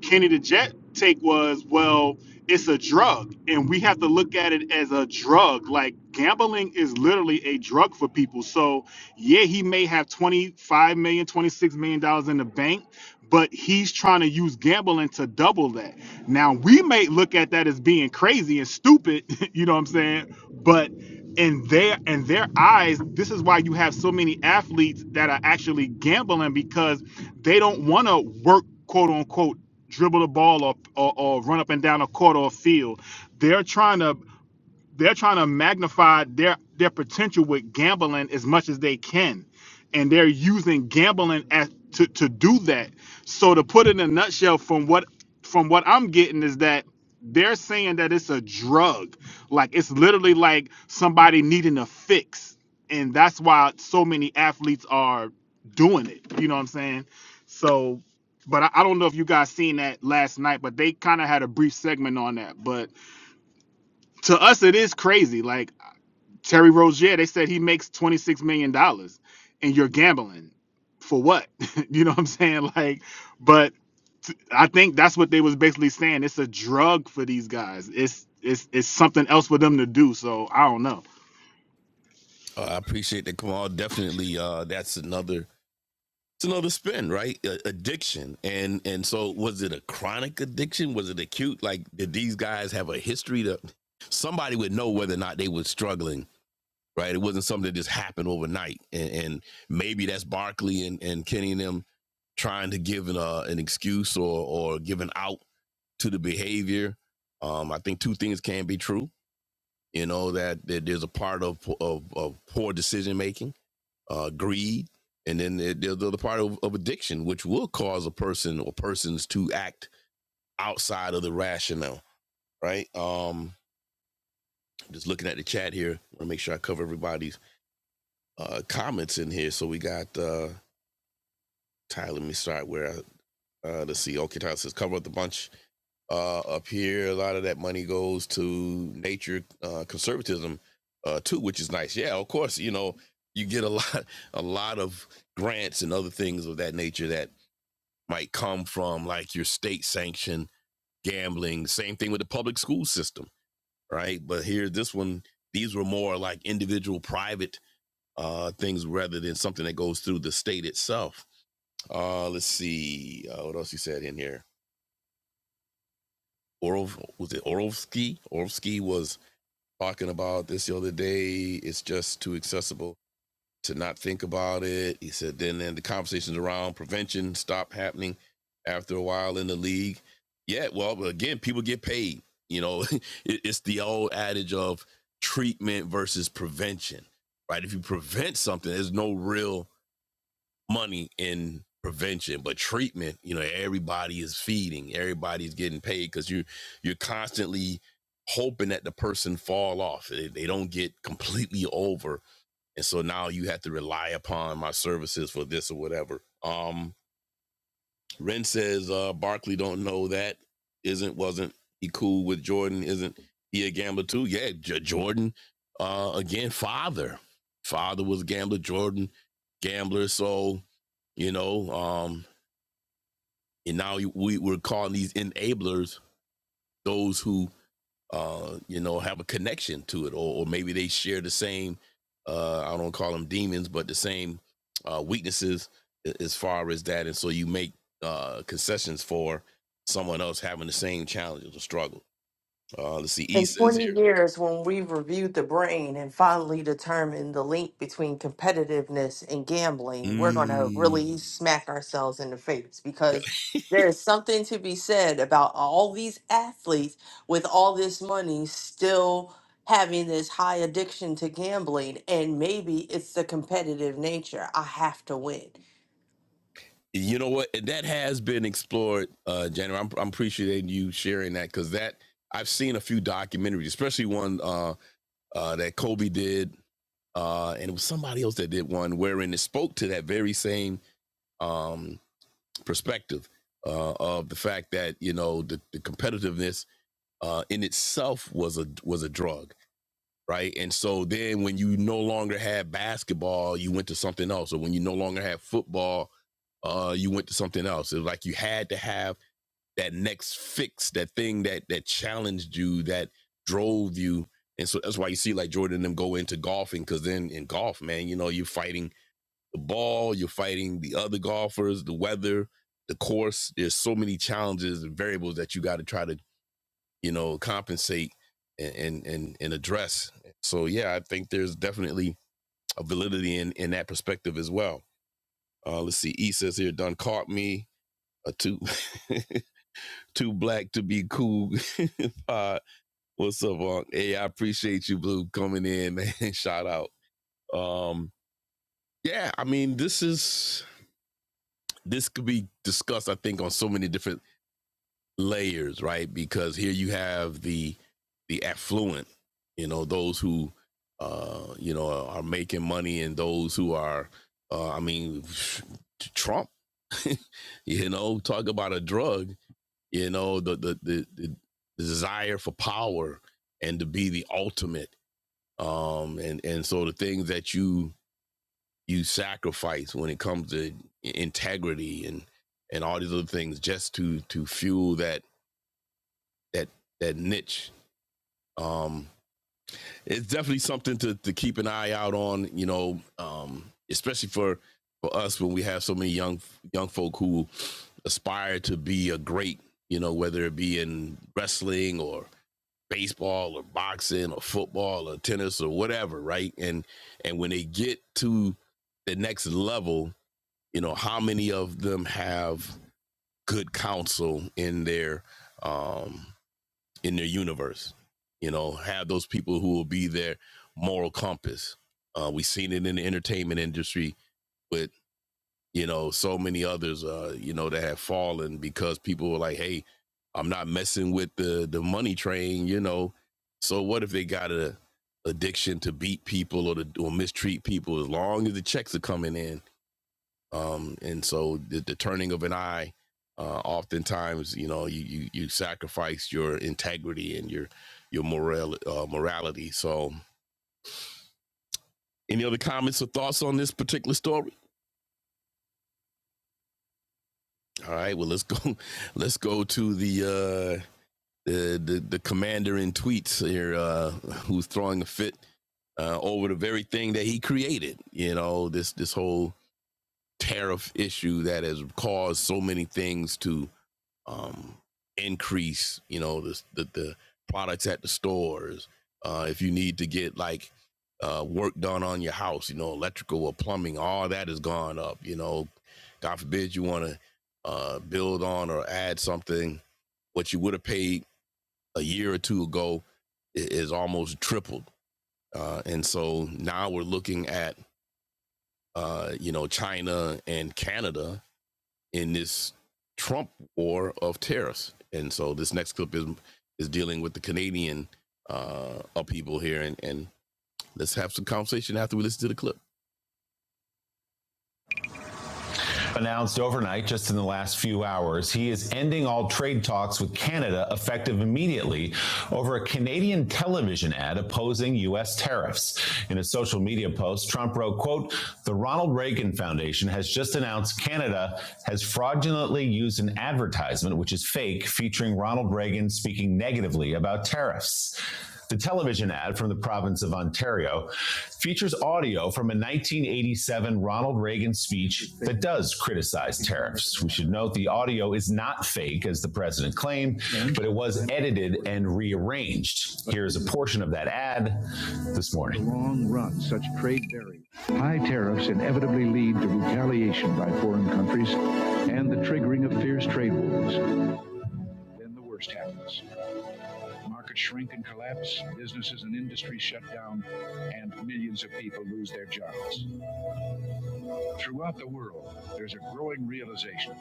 Speaker 5: Kenny the Jet take was, well, it's a drug, and we have to look at it as a drug. Like gambling is literally a drug for people. So yeah, he may have 25 million, dollars, 26 million dollars in the bank, but he's trying to use gambling to double that. Now we may look at that as being crazy and stupid, you know what I'm saying? But in their in their eyes, this is why you have so many athletes that are actually gambling because they don't want to work quote unquote dribble the ball or, or, or run up and down a court or a field. They're trying to they're trying to magnify their their potential with gambling as much as they can and they're using gambling as to, to do that so to put it in a nutshell from what from what i'm getting is that they're saying that it's a drug like it's literally like somebody needing a fix and that's why so many athletes are doing it you know what i'm saying so but I, I don't know if you guys seen that last night but they kind of had a brief segment on that but to us it is crazy like Terry Rozier, they said he makes twenty six million dollars, and you're gambling for what? you know what I'm saying? Like, but I think that's what they was basically saying. It's a drug for these guys. It's it's it's something else for them to do. So I don't know.
Speaker 2: Uh, I appreciate that, Kamal. Definitely, uh, that's another it's another spin, right? A- addiction, and and so was it a chronic addiction? Was it acute? Like, did these guys have a history to? Somebody would know whether or not they were struggling, right? It wasn't something that just happened overnight, and, and maybe that's Barkley and and Kenny and them trying to give an uh, an excuse or or give an out to the behavior. Um, I think two things can be true. You know that, that there's a part of of, of poor decision making uh, greed, and then there's the other part of, of addiction, which will cause a person or persons to act outside of the rationale, right? Um, just looking at the chat here, I want to make sure I cover everybody's uh, comments in here. So we got uh, Tyler. Let me start where I uh, let's see. Okay, Tyler says cover up the bunch uh, up here. A lot of that money goes to nature uh, conservatism uh, too, which is nice. Yeah, of course, you know you get a lot a lot of grants and other things of that nature that might come from like your state sanctioned gambling. Same thing with the public school system, right? But here, this one, these were more like individual private uh, things rather than something that goes through the state itself. Uh, let's see uh, what else you said in here. Orov was it Orlovsky. Orlovsky was talking about this the other day. It's just too accessible. to not think about it. He said then then the conversations around prevention stopped happening after a while in the league. Yeah, well, again, people get paid. You know, it's the old adage of treatment versus prevention, right? If you prevent something, there's no real money in prevention, but treatment, you know, everybody is feeding, everybody's getting paid because you you're constantly hoping that the person fall off. They, they don't get completely over and so now you have to rely upon my services for this or whatever. Um, Ren says uh, Barkley don't know that isn't wasn't he cool with Jordan? Isn't he a gambler too? Yeah, J- Jordan uh, again, father, father was a gambler. Jordan gambler, so you know, um, and now we we're calling these enablers those who uh, you know, have a connection to it, or, or maybe they share the same, uh, I don't call them demons, but the same uh, weaknesses as far as that. And so you make uh, concessions for someone else having the same challenges or struggle. Uh, let's see, E
Speaker 1: In
Speaker 2: says
Speaker 1: 20
Speaker 2: here.
Speaker 1: years, when we've reviewed the brain and finally determined the link between competitiveness and gambling, we're going to
Speaker 2: Mm.
Speaker 1: really smack ourselves in the face
Speaker 2: Yeah.
Speaker 1: because there is something to be said about all these athletes with all this money still having this high addiction to gambling. And maybe it's the competitive nature. I have to win.
Speaker 2: You know what? That has been explored, uh, January. I'm, I'm appreciating you sharing that because that I've seen a few documentaries, especially one uh, uh, that Kobe did uh, and it was somebody else that did one wherein it spoke to that very same um, perspective uh, of the fact that you know the, the competitiveness uh, in itself was a was a drug, right? And so then when you no longer had basketball, you went to something else, or when you no longer had football, uh, you went to something else. It was like you had to have that next fix, that thing that that challenged you, that drove you. And so that's why you see like Jordan and them go into golfing, because then in golf, man, you know, you're fighting the ball, you're fighting the other golfers, the weather, the course. There's so many challenges and variables that you got to try to, you know, compensate and, and and and address. So yeah, I think there's definitely a validity in in that perspective as well. Uh, let's see, E says here, done caught me a two. too black to be cool. uh, what's up, Unc? Hey, I appreciate you, Blue, coming in, man. Shout out. Um, yeah, I mean, this is this could be discussed, I think, on so many different layers, right? Because here you have the the affluent, you know, those who uh, you know, are making money and those who are uh, I mean, Trump, you know, talk about a drug you know the the the, the desire for power and to be the ultimate um and and so the things that you you sacrifice when it comes to integrity and and all these other things just to to fuel that that that niche um it's definitely something to to keep an eye out on you know um especially for for us when we have so many young young folk who aspire to be a great you know whether it be in wrestling or baseball or boxing or football or tennis or whatever, right? And and when they get to the next level, you know, how many of them have good counsel in their um in their universe? You know, have those people who will be their moral compass. Uh, we've seen it in the entertainment industry with you know, so many others, uh, you know, that have fallen because people were like, hey, I'm not messing with the the money train, you know. So what if they got a addiction to beat people or to or mistreat people as long as the checks are coming in? Um, and so the, the turning of an eye, uh, oftentimes, you know, you, you you sacrifice your integrity and your your moral uh, morality. So any other comments or thoughts on this particular story? All right, well let's go let's go to the uh the the, the commander in tweets here uh, who's throwing a fit uh, over the very thing that he created. You know this this whole tariff issue that has caused so many things to um, increase. You know the, the the products at the stores. Uh, if you need to get like uh, work done on your house, you know electrical or plumbing, all that has gone up. You know, God forbid you want to uh, build on or add something what you would have paid a year or two ago is, almost tripled. Uh, and so now we're looking at, uh, you know, China and Canada in this Trump war of tariffs. And so this next clip is is dealing with the Canadian uh, upheaval here. And, and let's have some conversation after we listen to the clip. announced overnight, just in the last few hours, he is ending all trade talks with Canada effective immediately over a Canadian television ad opposing U.S. tariffs. In a social media post, Trump wrote, quote, the Ronald Reagan Foundation has just announced Canada has fraudulently used an advertisement, which is fake, featuring Ronald Reagan speaking negatively about tariffs. The television ad from the province of Ontario features audio from a 1987 Ronald Reagan speech that does criticize tariffs. We should note the audio is not fake, as the president claimed, but it was edited and rearranged. Here's a portion of that ad this morning. long run, such trade barriers. High tariffs inevitably lead to retaliation by foreign countries and the triggering of fierce trade wars. Then the worst happens. Markets shrink and collapse, businesses and industries shut down, and millions of people lose their jobs. Throughout the world, there's a growing realization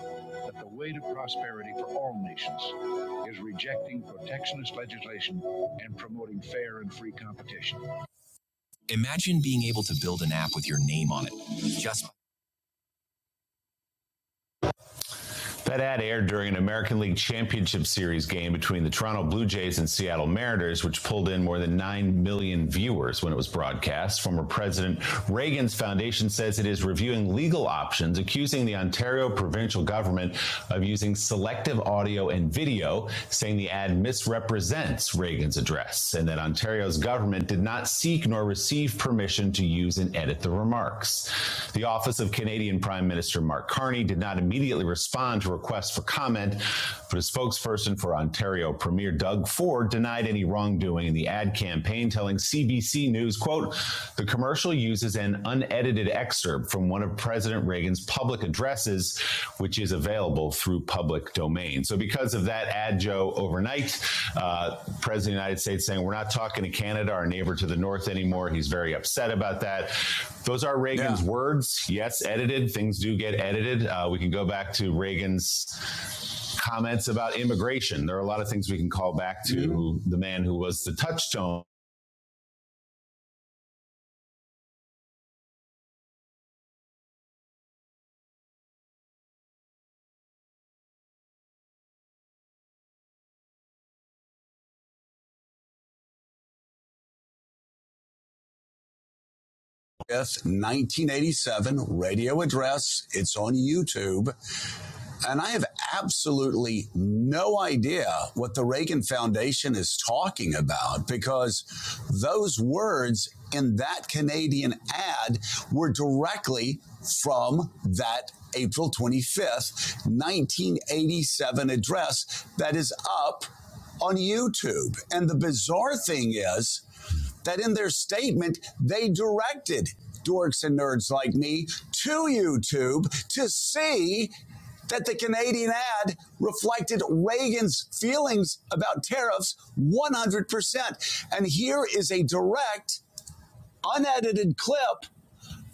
Speaker 2: that the way to prosperity for all nations is rejecting protectionist legislation and promoting fair and free competition. Imagine being able to build an app with your name on it. That ad aired during an American League Championship Series game between the Toronto Blue Jays and Seattle Mariners, which pulled in more than 9 million viewers when it was broadcast. Former President Reagan's foundation says it is reviewing legal options, accusing the Ontario provincial government of using selective audio and video, saying the ad misrepresents Reagan's address and that Ontario's government did did not seek nor receive permission to use and edit the remarks. The office of Canadian Prime Minister Mark Carney did not immediately respond to requests for comment, but a spokesperson for Ontario Premier Doug Ford denied any wrongdoing in the ad campaign, telling CBC News, quote, the commercial uses an unedited excerpt from one of President Reagan's public addresses, which which is available through public domain. So because of that adjo overnight, uh, President of the United States saying we're not talking to Canada, our neighbor to the north anymore. He's very upset about that. Those are Reagan's Yeah. words. Yes, edited. Things do get edited. Uh, we can go back to Reagan's comments about immigration. There are a lot of things we can call back to mm-hmm. the man who was the touchstone Yes, 1987 radio address. It's on YouTube. And I have absolutely no idea what the Reagan Foundation is talking about because those words in that Canadian ad were directly from that April 25th, 1987 address that is up on YouTube. And the bizarre thing is, that in their statement they directed dorks and nerds like me to YouTube to see that the Canadian ad reflected Reagan's feelings about tariffs 100%. And here is a direct, unedited clip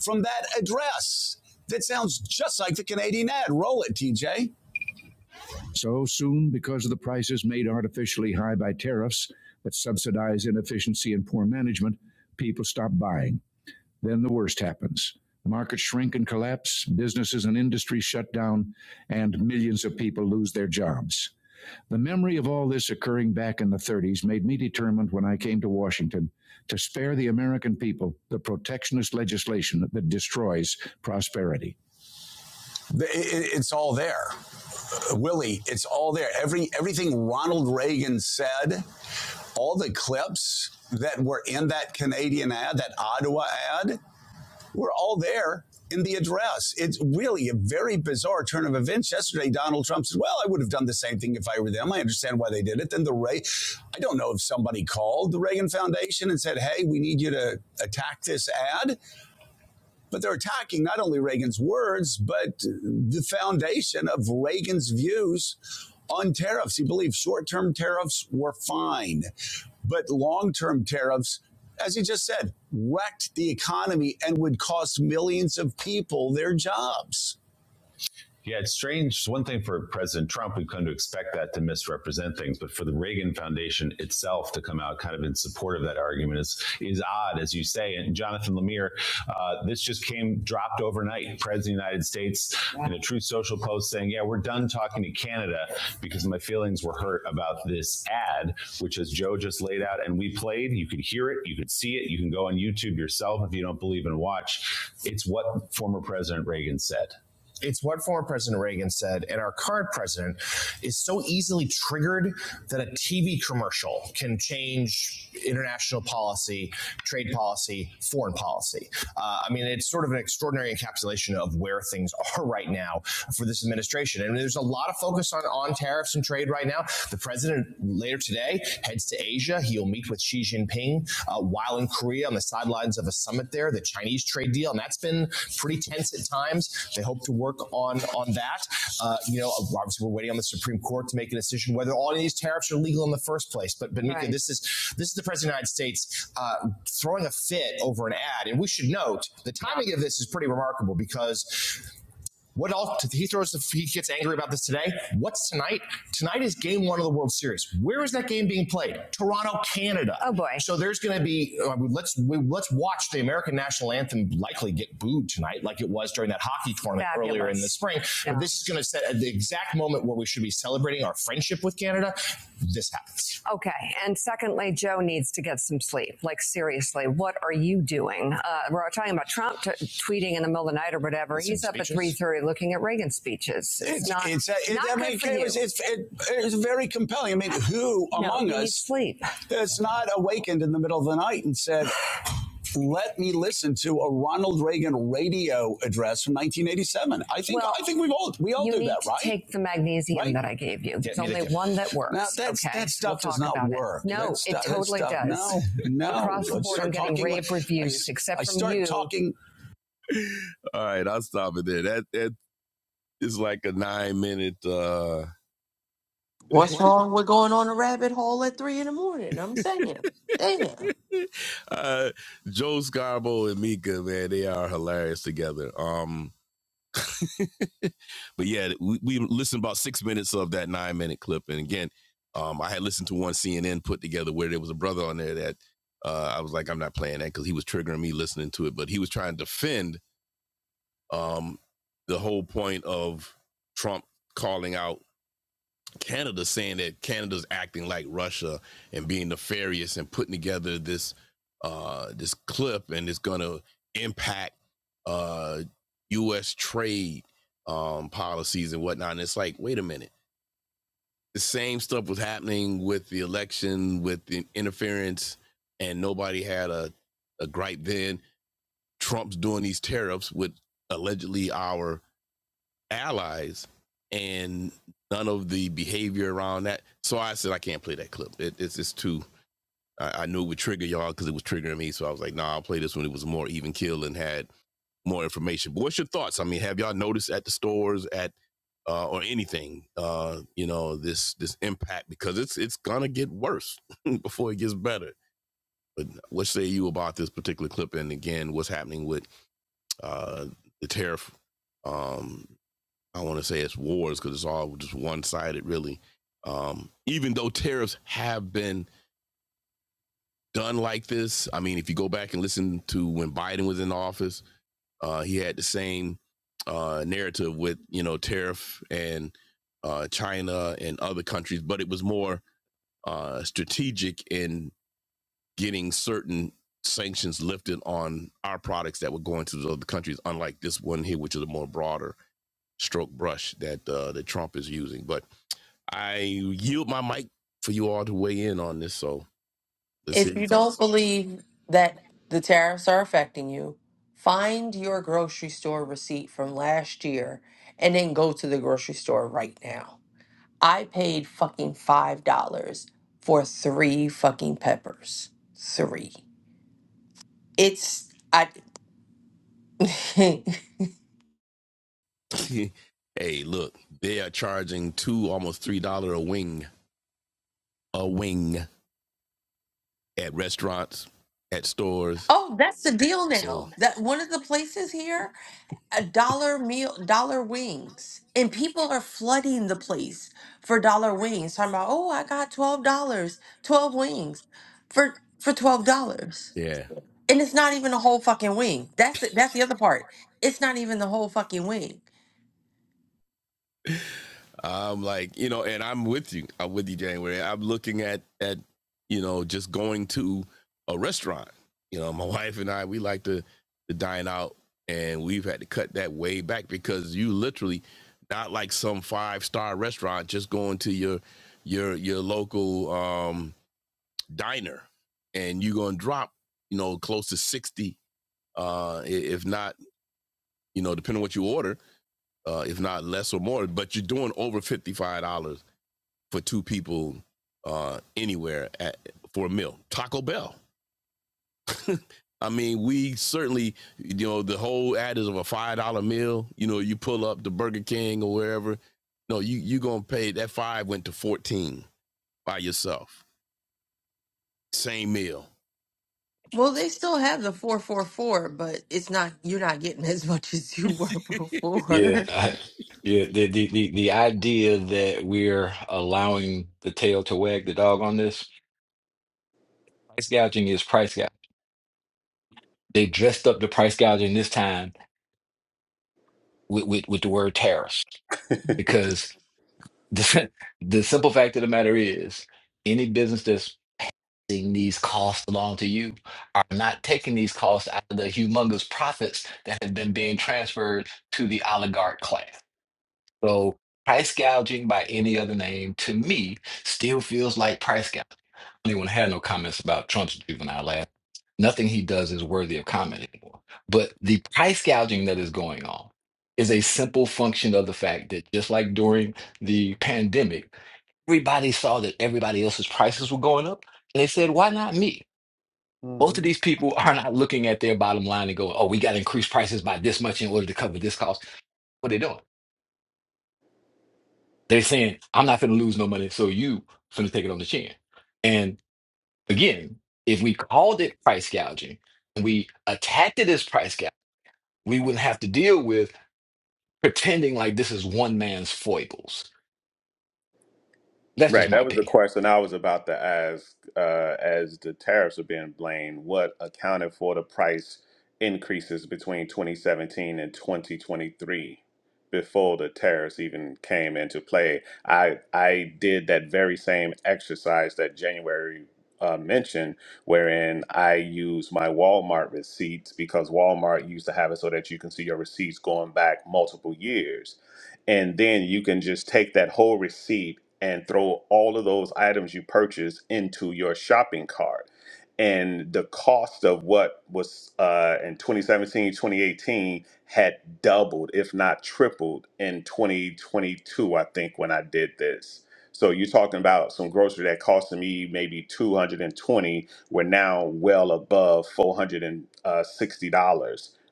Speaker 2: from that address that sounds just like the Canadian ad. Roll it, TJ. So soon, because of the prices made artificially high by tariffs that subsidize inefficiency and poor management, people stop buying. Then the worst happens. Markets shrink and collapse, businesses and industries shut down, and millions of people lose their jobs. The memory of all this occurring back in the 30s made me determined when I came to Washington to spare the American people the protectionist legislation that destroys prosperity. It's all there, Willie. It's all there. Every everything Ronald Reagan said, all the clips that were in that Canadian ad, that Ottawa ad, were all there in the address. It's really a very bizarre turn of events. Yesterday, Donald Trump said, Well, I would have done the same thing if I were them. I understand why they did it. Then the Ray, I don't know if somebody called the Reagan Foundation and said, Hey, we need you to attack this ad. But they're attacking not only Reagan's words, but the foundation of Reagan's views on tariffs. He believed short term tariffs were fine, but long term tariffs, as he just said, wrecked the economy and would cost millions of people their jobs. Yeah, it's strange. one thing for President Trump, we've come to expect that to misrepresent things, but for the Reagan Foundation itself to come out kind of in support of that argument is is odd, as you say. And Jonathan Lemire, uh, this just came dropped overnight. President of the United States in a Truth Social post saying, "Yeah, we're done talking to Canada because my feelings were hurt about this ad, which as Joe just laid out and we played. You could hear it, you could see it, you can go on YouTube yourself if you don't believe and watch. It's what former President Reagan said." it's what former President Reagan said, and our current president is so easily triggered that a TV commercial can change international policy, trade policy, foreign policy. Uh, I mean, it's sort of an extraordinary encapsulation of where things are right now for this administration. And there's a lot of focus on, on tariffs and trade right now. The president later today heads to Asia. He'll meet with Xi Jinping uh, while in Korea on the sidelines of a summit there, the Chinese trade deal. And that's been pretty tense at times. They hope to work on, on that. Uh, you know, obviously, we're waiting on the Supreme Court to make a decision whether all of these tariffs are legal in the first place. But, but right. Mika, this is this is the president of the United States uh, throwing a fit over an ad. And we should note the timing of this is pretty remarkable because what else? He throws. The, he gets angry about this today. What's tonight? Tonight is Game One of the World Series. Where is that game being played? Toronto, Canada. Oh, boy. So there's going to be. uh, let's we, let's watch the American national anthem likely get booed tonight, like it was during that hockey tournament Fabulous. earlier in the spring. Yeah. This is going to set at the exact moment where we should be celebrating our friendship with Canada. This happens. Okay. And secondly, Joe needs to get some sleep. Like, seriously, what are you doing? Reagan. Uh, we're talking about Trump t- tweeting in the middle of the night or whatever. It's He's up speeches. at three thirty looking at Reagan speeches. It's, it's not, it's, it's, not I mean, it you. was, it's, it, it's very compelling. I mean, who no, among you need us sleep. that's not awakened in the middle of the night and said, let me listen to a Ronald Reagan radio address from 1987. I think Well, I think we've all we all you do need that, to right? You need to take the magnesium Right. that I gave you. There's me only one that works. Now, that's, okay? that stuff We'll does talk not about work. It. No, That stu- it that totally stuff- does. No, no. Across the I board, I'm start getting talking rave like, reviews, I, except I from start you. talking. All right, I'll stop it there. That that is like a nine minute. uh
Speaker 1: What's wrong with going on a rabbit hole at three in the morning? I'm saying, damn.
Speaker 2: uh Joe Scarbo and Mika, man, they are hilarious together. Um, But yeah, we, we listened about six minutes of that nine minute clip. And again, um, I had listened to one CNN put together where there was a brother on there that uh, I was like, I'm not playing that because he was triggering me listening to it. But he was trying to defend um, the whole point of Trump calling out Canada saying that Canada's acting like Russia and being nefarious and putting together this uh, this clip and it's going to impact uh, U.S. trade um, policies and whatnot. And it's like, wait a minute, the same stuff was happening with the election, with the interference, and nobody had a, a gripe then. Trump's doing these tariffs with allegedly our allies and none of the behavior around that. So I said I can't play that clip. It, it's it's too. I, I knew it would trigger y'all because it was triggering me. So I was like, nah, I'll play this when it was more even kill and had more information. But what's your thoughts? I mean, have y'all noticed at the stores at uh, or anything, uh, you know, this this impact because it's it's gonna get worse before it gets better. But what say you about this particular clip? And again, what's happening with uh, the tariff um, I don't want to say it's wars because it's all just one sided, really. Um, even though tariffs have been done like this, I mean, if you go back and listen to when Biden was in office, uh, he had the same uh, narrative with you know tariff and uh, China and other countries, but it was more uh, strategic in getting certain sanctions lifted on our products that were going to those other countries, unlike this one here, which is a more broader stroke brush that uh, that Trump is using. But I yield my mic for you all to weigh in on this. So let's
Speaker 1: If
Speaker 2: hear your
Speaker 1: you don't
Speaker 2: thoughts.
Speaker 1: believe that the tariffs are affecting you, find your grocery store receipt from last year and then go to the grocery store right now. I paid fucking $5 for three fucking peppers. Three. It's, I,
Speaker 2: hey, look, they are charging two, almost three dollar a wing, a wing at restaurants, at stores.
Speaker 1: oh, that's the deal
Speaker 2: So
Speaker 1: now. That one of the places here a dollar meal, dollar wings, and people are flooding the place for dollar wings. Talking about, oh, I got twelve dollars, twelve wings, for for twelve dollars,
Speaker 2: yeah,
Speaker 1: and it's not even a whole fucking wing. That's it. That's the other part. It's not even the whole fucking wing.
Speaker 2: I'm like, you know, and I'm with you. I'm with you, January. I'm looking at at you know just going to a restaurant. You know, my wife and I we like to to dine out, and we've had to cut that way back because you literally not like some five star restaurant just going to your your your local um diner, and you're gonna drop you know close to sixty, uh, if not you know depending on what you order, uh, if not less or more, but you're doing over fifty five dollars for two people uh, anywhere at, for a meal. Taco Bell. I mean, we certainly, you know, the whole ad is of a five dollar meal. You know, you pull up to Burger King or wherever. No, you you gonna pay that five went to fourteen by yourself. Same meal.
Speaker 1: Well, they still have the four four four, but it's not. You're not getting as much as you were
Speaker 6: Yeah,
Speaker 1: before.
Speaker 6: I, yeah. The, the the the idea that we're allowing the tail to wag the dog on this price gouging is price gouging. They dressed up the price gouging this time with with, with the word tariffs because the the simple fact of the matter is any business that's taking these costs along to you are not taking these costs out of the humongous profits that have been being transferred to the oligarch class. So price gouging by any other name to me still feels like price gouging. I don't even have no comments about Trump's juvenile act. Nothing he does is worthy of comment anymore. But the price gouging that is going on is a simple function of the fact that just like during the pandemic, everybody saw that everybody else's prices were going up. And they said, why not me? Most of
Speaker 7: hmm
Speaker 6: these people are not looking at their bottom line and going, oh, we got to increase prices by this much in order to cover this cost. What are they doing? They're saying, I'm not finna lose no money, so you finna take it on the chin. And again, if we called it price gouging and we attacked it as price gouging, we wouldn't have to deal with pretending like this is one man's foibles. That's just
Speaker 7: Right.
Speaker 6: my
Speaker 7: That was the
Speaker 6: opinion.
Speaker 7: question I was about to ask. Uh, as the tariffs are being blamed, what accounted for the price increases between 2017 and 2023 before the tariffs even came into play? I I did that very same exercise that January uh, mentioned, wherein I used my Walmart receipts because Walmart used to have it so that you can see your receipts going back multiple years. and then you can just take that whole receipt and throw all of those items you purchased into your shopping cart and the cost of what was uh, in 2017 2018 had doubled if not tripled in 2022 i think when i did this so you're talking about some grocery that cost me maybe 220 we're now well above $460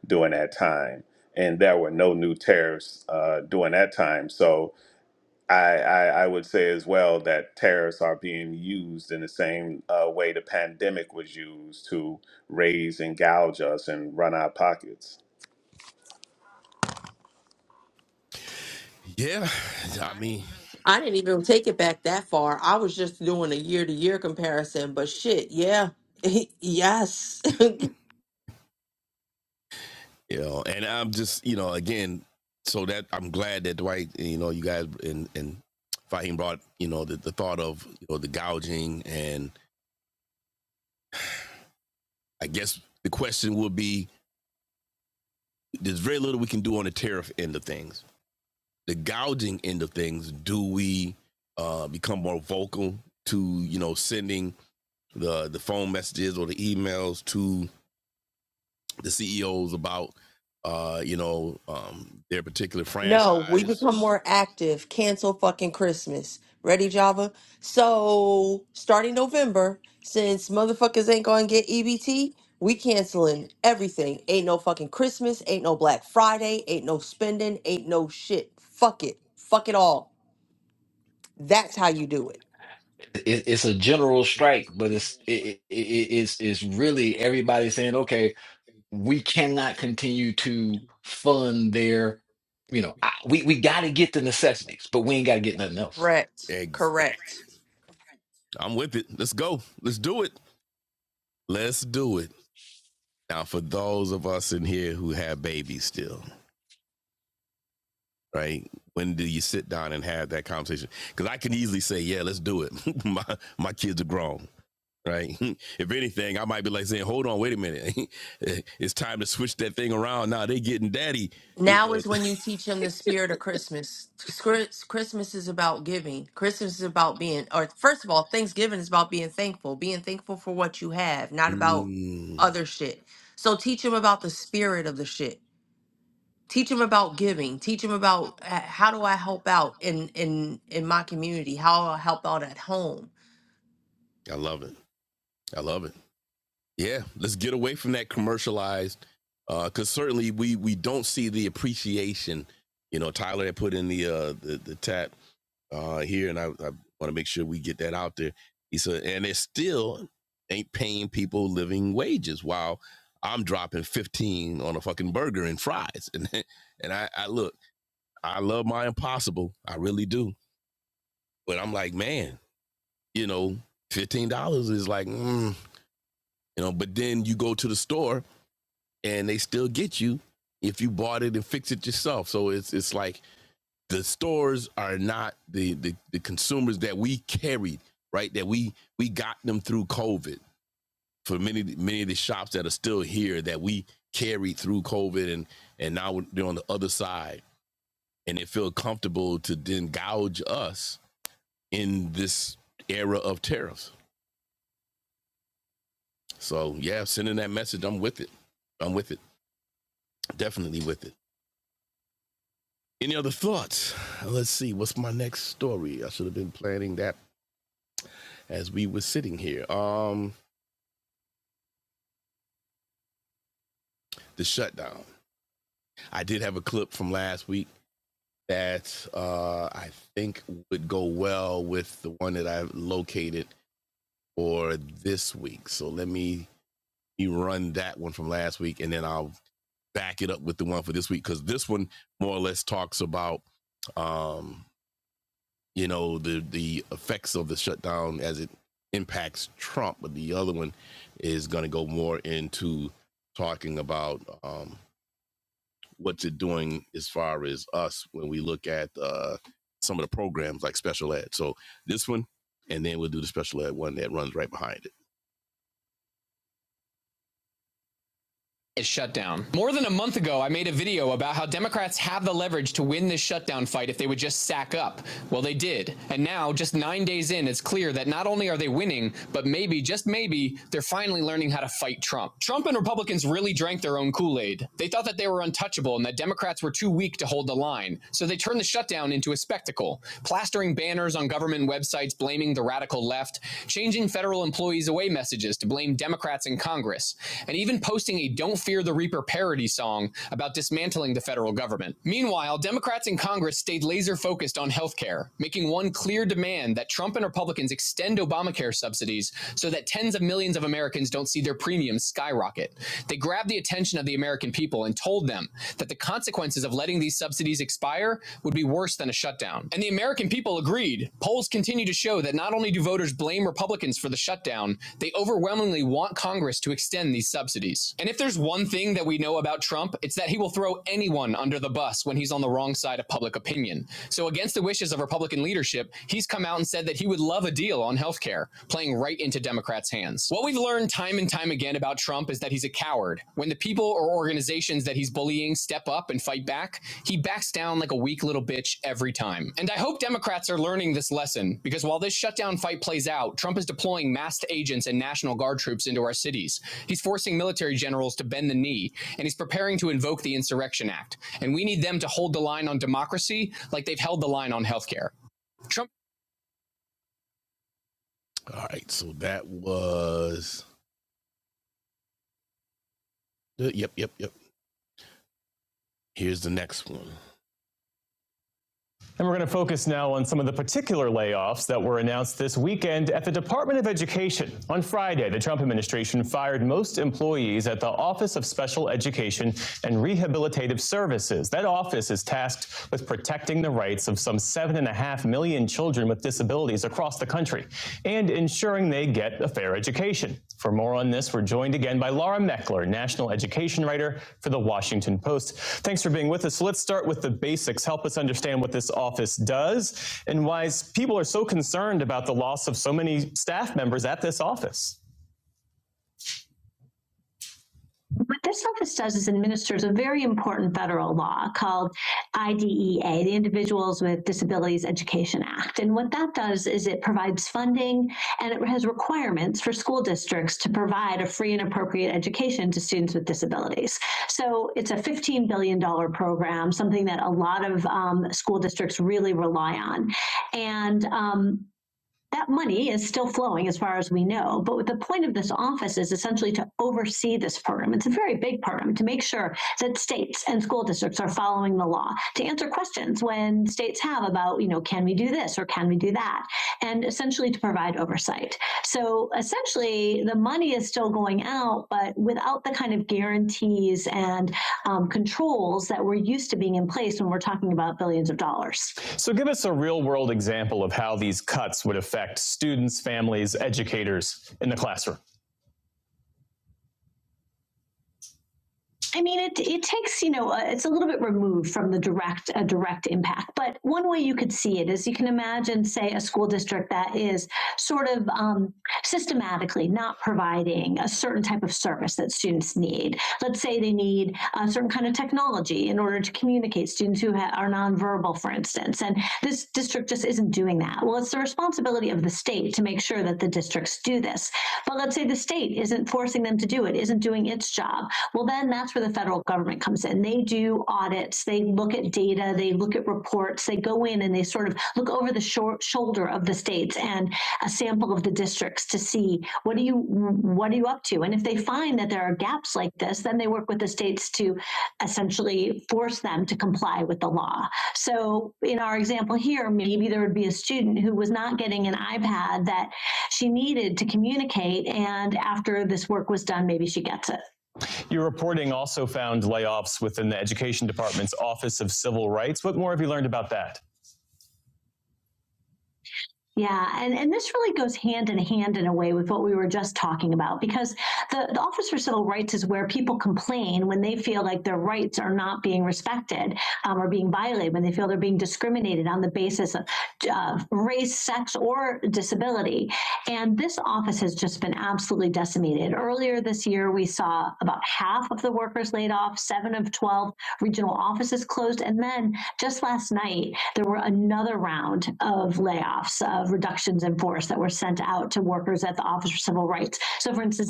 Speaker 7: during that time and there were no new tariffs uh, during that time. So I, I, I would say as well that tariffs are being used in the same uh, way the pandemic was used to raise and gouge us and run our pockets.
Speaker 2: Yeah,
Speaker 1: I didn't even take it back that far. I was just doing a year to year comparison. But shit, yeah, yes.
Speaker 2: you know, and I'm just, you know, again, so that I'm glad that Dwight, you know, you guys and and Fahim brought, you know, the, the thought of you know the gouging, and I guess the question would be, there's very little we can do on the tariff end of things. The gouging end of things, do we uh, become more vocal to you know sending the the phone messages or the emails to the CEOs about uh, you know um, their particular franchise?
Speaker 1: No, we become more active. Cancel fucking Christmas. Ready, Java? So, starting November, since motherfuckers ain't gonna get EBT, we canceling everything. Ain't no fucking Christmas, ain't no Black Friday, ain't no spending, ain't no shit. Fuck it. Fuck it all. That's how you do it.
Speaker 6: It, it's a general strike, but it's it, it, it- it's it's really everybody saying, okay, we cannot continue to fund their, you know, I, we we got to get the necessities, but we ain't got to get nothing else.
Speaker 1: Correct.
Speaker 2: Exactly.
Speaker 1: Correct.
Speaker 2: I'm with it. Let's go. Let's do it. Let's do it. Now, for those of us in here who have babies still, right? When do you sit down and have that conversation? Because I can easily say, "Yeah, let's do it." my my kids are grown. right? if anything, I might be like saying, "Hold on, wait a minute, it's time to switch that thing around." Now they getting daddy, you
Speaker 1: Now
Speaker 2: know.
Speaker 1: is when you teach them the spirit of Christmas. Chris- Christmas is about giving. Christmas is about being, or first of all, Thanksgiving is about being thankful, being thankful for what you have, not about
Speaker 2: Mm,
Speaker 1: other shit. So teach them about the spirit of the shit. Teach them about giving. Teach them about uh, how do I help out in in in my community? How I help out at home.
Speaker 2: I love it. I love it. Yeah, let's get away from that commercialized, because certainly we we don't see the appreciation. You know, Tyler had put in the uh the, the tap uh here, and I, I want to make sure we get that out there. He said, and it still ain't paying people living wages. While I'm dropping 15 on a fucking burger and fries, and and I, I look. I love my impossible. I really do. But I'm like, man, you know, fifteen dollars is like, mm, you know. But then you go to the store and they still get you if you bought it and fix it yourself. So it's it's like the stores are not the the, the consumers that we carried, right? That we we got them through COVID. For many many of the shops that are still here that we carried through COVID and and now they're on the other side and they feel comfortable to then gouge us in this era of tariffs. So yeah, sending that message. I'm with it. I'm with it. Definitely with it. Any other thoughts? Let's see. What's my next story? I should have been planning that as we were sitting here. Um, the shutdown. I did have a clip from last week that uh, I think would go well with the one that I located for this week. So let me, me run that one from last week, and then I'll back it up with the one for this week because this one more or less talks about um, you know the the effects of the shutdown as it impacts Trump, but the other one is going to go more into talking about um, what's it doing as far as us when we look at uh, some of the programs like special ed. So this one, and then we'll do the special ed one that runs right behind it. is shut down. More than a month ago, I made a video about how Democrats have the leverage to win this shutdown fight if they would just sack up. Well, they did. And now, just nine days in, it's clear that not only are they winning, but maybe, just maybe, they're finally learning how to fight Trump. Trump and Republicans really drank their own Kool Aid. They thought that and that Democrats were too weak to hold. So they turned the shutdown. Radical left, change employees away, messing Congress, and even posting a Don't Fear the Reaper parody song about dismantling the federal government. Meanwhile, Democrats in Congress stayed laser focused on health care, making one clear demand that Trump and Republicans extend Obamacare subsidies Americans don't see their premiums skyrocket. They grabbed the attention of the American people and told them that the consequences of letting these subsidies expire would be worse than a shutdown. And the American people agreed. Polls continue to show that not only do voters blame Republicans for the shutdown, they overwhelmingly want Congress to extend these subsidies. And if there's one thing that we know about Trump, it's that he will throw anyone under the bus when he's on the wrong side of public opinion. So against the wishes of Republican leadership, we've learned time and time again, when the people fight back, he backs them. And I hope Democrats lesson because while this shutdown fight plays out, Trump is deploying masked agents and National Guard troops into our cities. He's forcing military generals to bend the knee, and he's preparing to invoke the Insurrection Act. And we need them to hold the line on democracy like they've held the line on healthcare. All right, so that was yep, yep, yep. Here's the next one. Rehabilitative Services. That office is tasked with protecting the rights of some seven and a half million children with disabilities across the country and ensuring they get a fair education. For more on this, we're joined again by Laura Meckler, national education writer for the Washington Post. Thanks for being with us. Let's start with the basics. Help us understand what this office does and why people are so concerned about the loss of so many members at this office. This office does is administers a very important federal law called IDEA, the Individuals with Disabilities Education Act. And what that does is it provides funding and it has requirements for school districts to provide a free and appropriate education to students with disabilities. So it's a $15 billion dollars program, something that a lot of um, school districts really rely on. And um, so. But the point of this office is essentially to oversee this program. It's a very big program to make sure that states and school districts are following the law, to answer questions when states have about, you know, can we do this or can we do that? And essentially to provide oversight. So essentially, the money is still going out, but without the kind of guarantees and um, controls that were used to being in place when we're talking about billions of dollars. So, give us a real world example of how these cuts would affect students, families, educators in the classroom. It's a little providing a certain type of service that students need. Let's say they need a certain kind of technology in order to communicate. Students who ha- are nonverbal, for instance, that they look over the of the states and a sample of the district. What do you what are you up to? And if they find that there are gaps like this, then they work with the states to essentially force Your reporting also found layoffs within the Education Department's Office of Civil Rights. What more have you learned about that? Yeah, and, and this really goes hand in hand in a way with what we were just talking about because the, the Office for Civil Rights is where people complain. Office off seven of 12 regional offices closed. And then just last night, there were another round of layoffs, of reductions in force that were sent out to workers at the Office for Civil Rights. So, for instance,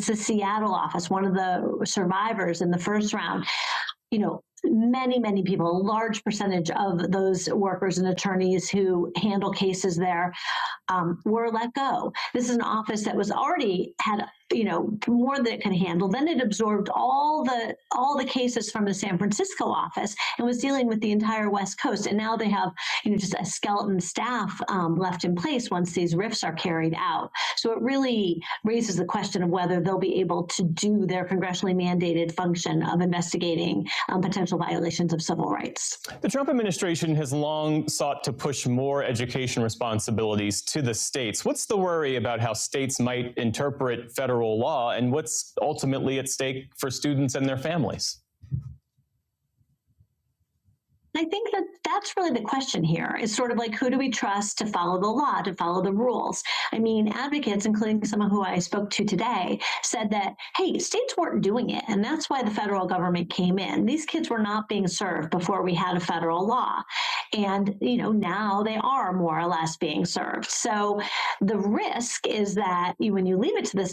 Speaker 2: round here, um, this has had handle. Then it absorbed all the all the cases from the San Francisco office and was dealing with the entire West Coast. And now they have you know just a skeleton staff um, left in place. Once these rifts are carried out, they'll be able to function of investigating relations. The Trump administration has long sought to push more education responsibilities to the states. What's the worry about how states might interpret federal law and what's ultimately at stake for students and their families? I think that that's really the question here is sort of like who do we trust to follow the, the when you leave it to this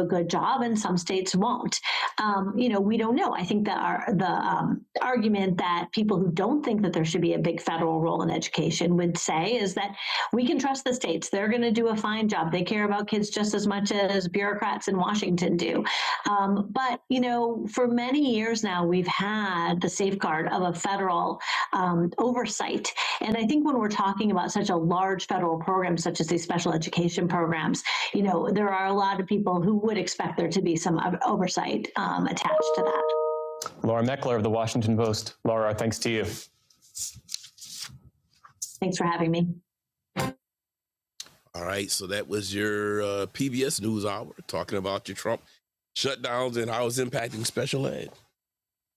Speaker 2: a good job and some states won't. Um, you know, we don't know. I think that our, the um, argument that people who don't think that there should be a big federal role in education would say is that we can trust the states. They're going to do a fine job. They care about kids just as much as bureaucrats in Washington do. Um, but, you know, for many years, we've had the safe call. Laura Meckler of the Washington Post. Laura, thanks to you. I mean, All right, so that was your uh, PBS NewsHour talking about your Trump shutdowns and how it's impacting special ed.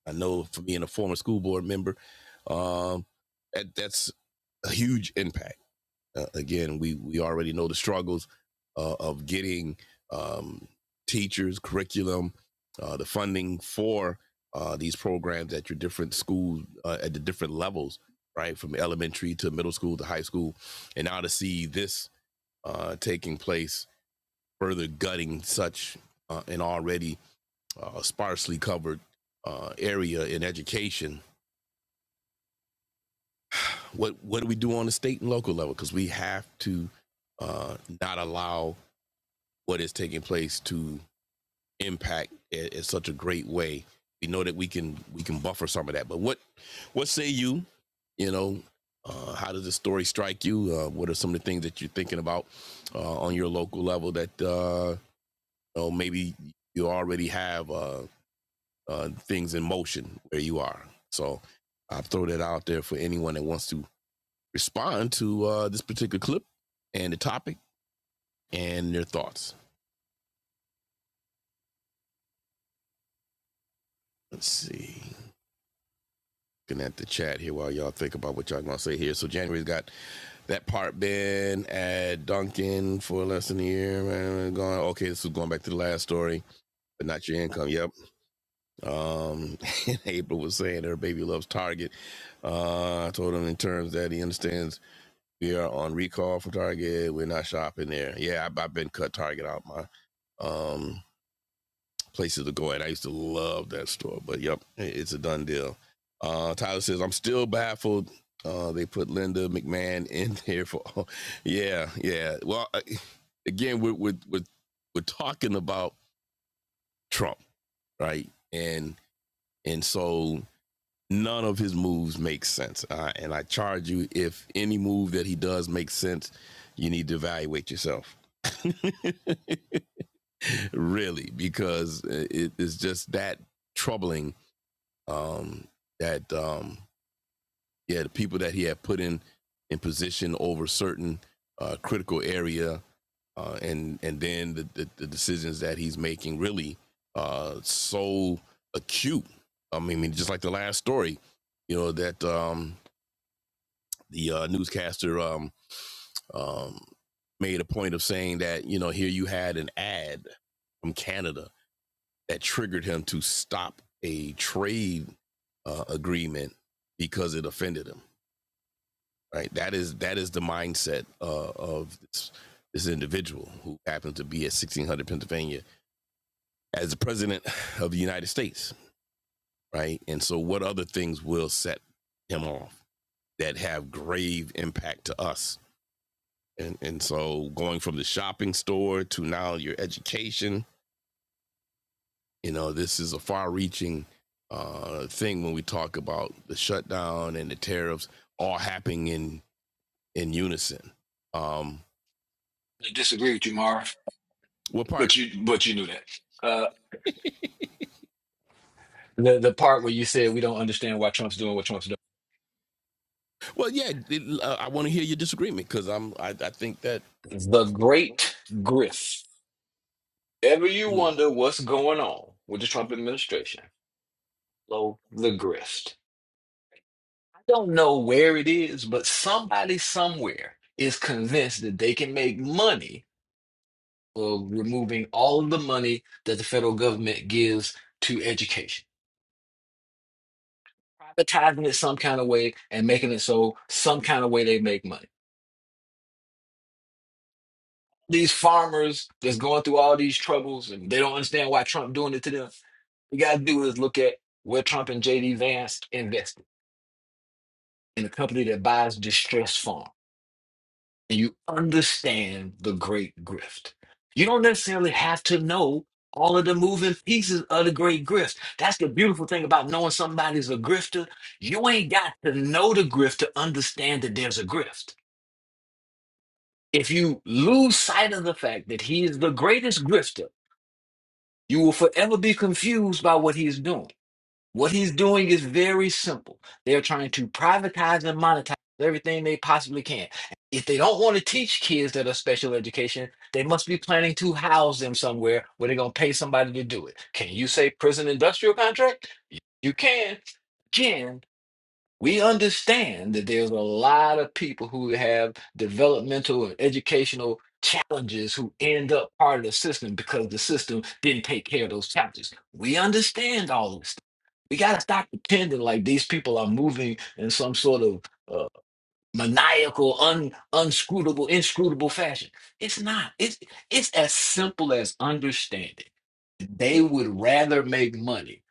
Speaker 2: I know for being a former school board member, um, that, that's a huge impact. Uh, again, we we already know the struggles uh, of getting um, teachers, curriculum, uh, the funding for uh, these programs at your different schools uh, at the different levels, right, from elementary to middle school to high school, and now to see this uh, taking place further gutting such uh, an already uh, sparsely covered uh, area in education. What what do we do on the state and local level? Because we have to uh, not allow what is taking place to impact in, in such a great way. We know that we can we can buffer some of that. But what what say you? You know, uh, how does the story strike you? Uh, what are some of the things that you're thinking about uh, on your local level that uh, you know, maybe you already have uh, uh, things in motion where you are. So I throw that out there for anyone that wants to respond to uh, this particular clip and the topic and their thoughts. Let's see. Looking at the chat here while y'all think about what y'all gonna say here. So January's got that part been at Duncan for less than a year. man, Going okay, this is going back to the last story, but not your income. Yep. Um, April was saying her baby loves Target. Uh, I told him in terms that he understands We are on recall from Target. We're not shopping there. Yeah, I've, I've been cut Target out my um, places to go at. I used to love that store, but yep, it's a done deal. Uh, Tyler says, I'm still baffled. Uh, they put Linda McMahon in there for, yeah, yeah. Well, again, we're, we're, we're, we're talking about Trump, right? And, and so none of his moves make sense. Uh, and I charge you if any move that he does makes sense, you need to evaluate yourself, really, because uh, it is just that troubling. Um, that um, yeah, the people that he had put in in position over certain uh, critical area, uh, and and then the, the, the decisions that he's making really uh, so acute. I mean, just like the last story, you know that um, the uh, newscaster um, um, made a point of saying that you know here you had an ad from Canada that triggered him to stop a trade uh, agreement because it offended him. Right. That is that is the mindset uh, of this this individual who happens to be at 1600 Pennsylvania as the president of the United States. Right. And so, what other things will set him off that have grave impact to us? And and so going from the shopping store to now your education, you know, this is a far-reaching uh, thing when we talk about the shutdown and the tariffs all happening in in unison. Um,
Speaker 6: I disagree with you, Marv,
Speaker 2: what part?
Speaker 6: but you but you knew that. Uh, the the part where you said we don't understand why Trump's doing what Trump's doing.
Speaker 2: Well, yeah, it, uh, I want to hear your disagreement because I'm I, I think that
Speaker 6: The great grift. Ever you wonder what's going on with the Trump administration? Blow the grift. I don't know where it is, but somebody somewhere is convinced that they can make money of removing all of the money that the federal government gives to education, privatizing it some kind of way and making it so some kind of way they make money. these farmers that's going through all these troubles and they don't understand why Trump doing it to them. You gotta do is look at where Trump and JD Vance invested in a company that buys distressed farm. And you understand the great grift. You don't necessarily have to know all of the moving pieces of the great grift. That's the beautiful thing about knowing somebody's a grifter. You ain't got to know the grift to understand that there's a grift. If you lose sight of the fact that he is the greatest grifter, You will forever be confused by what he's doing. What he's doing is very simple. They're trying to privatize and monetize everything they possibly can. If they don't want to teach kids that are special education, they must be planning to house them somewhere where they're going to pay somebody to do it. Can you say prison industrial contract? You can. Again, we understand that there's a lot of people who have developmental or educational challenges who end up part of the system because the system didn't take care of those challenges. We understand all this. We got to stop pretending like these people are moving in some sort of uh, maniacal, un, unscrutable, inscrutable fashion. It's not. It's it's as simple as understanding. They would rather make money.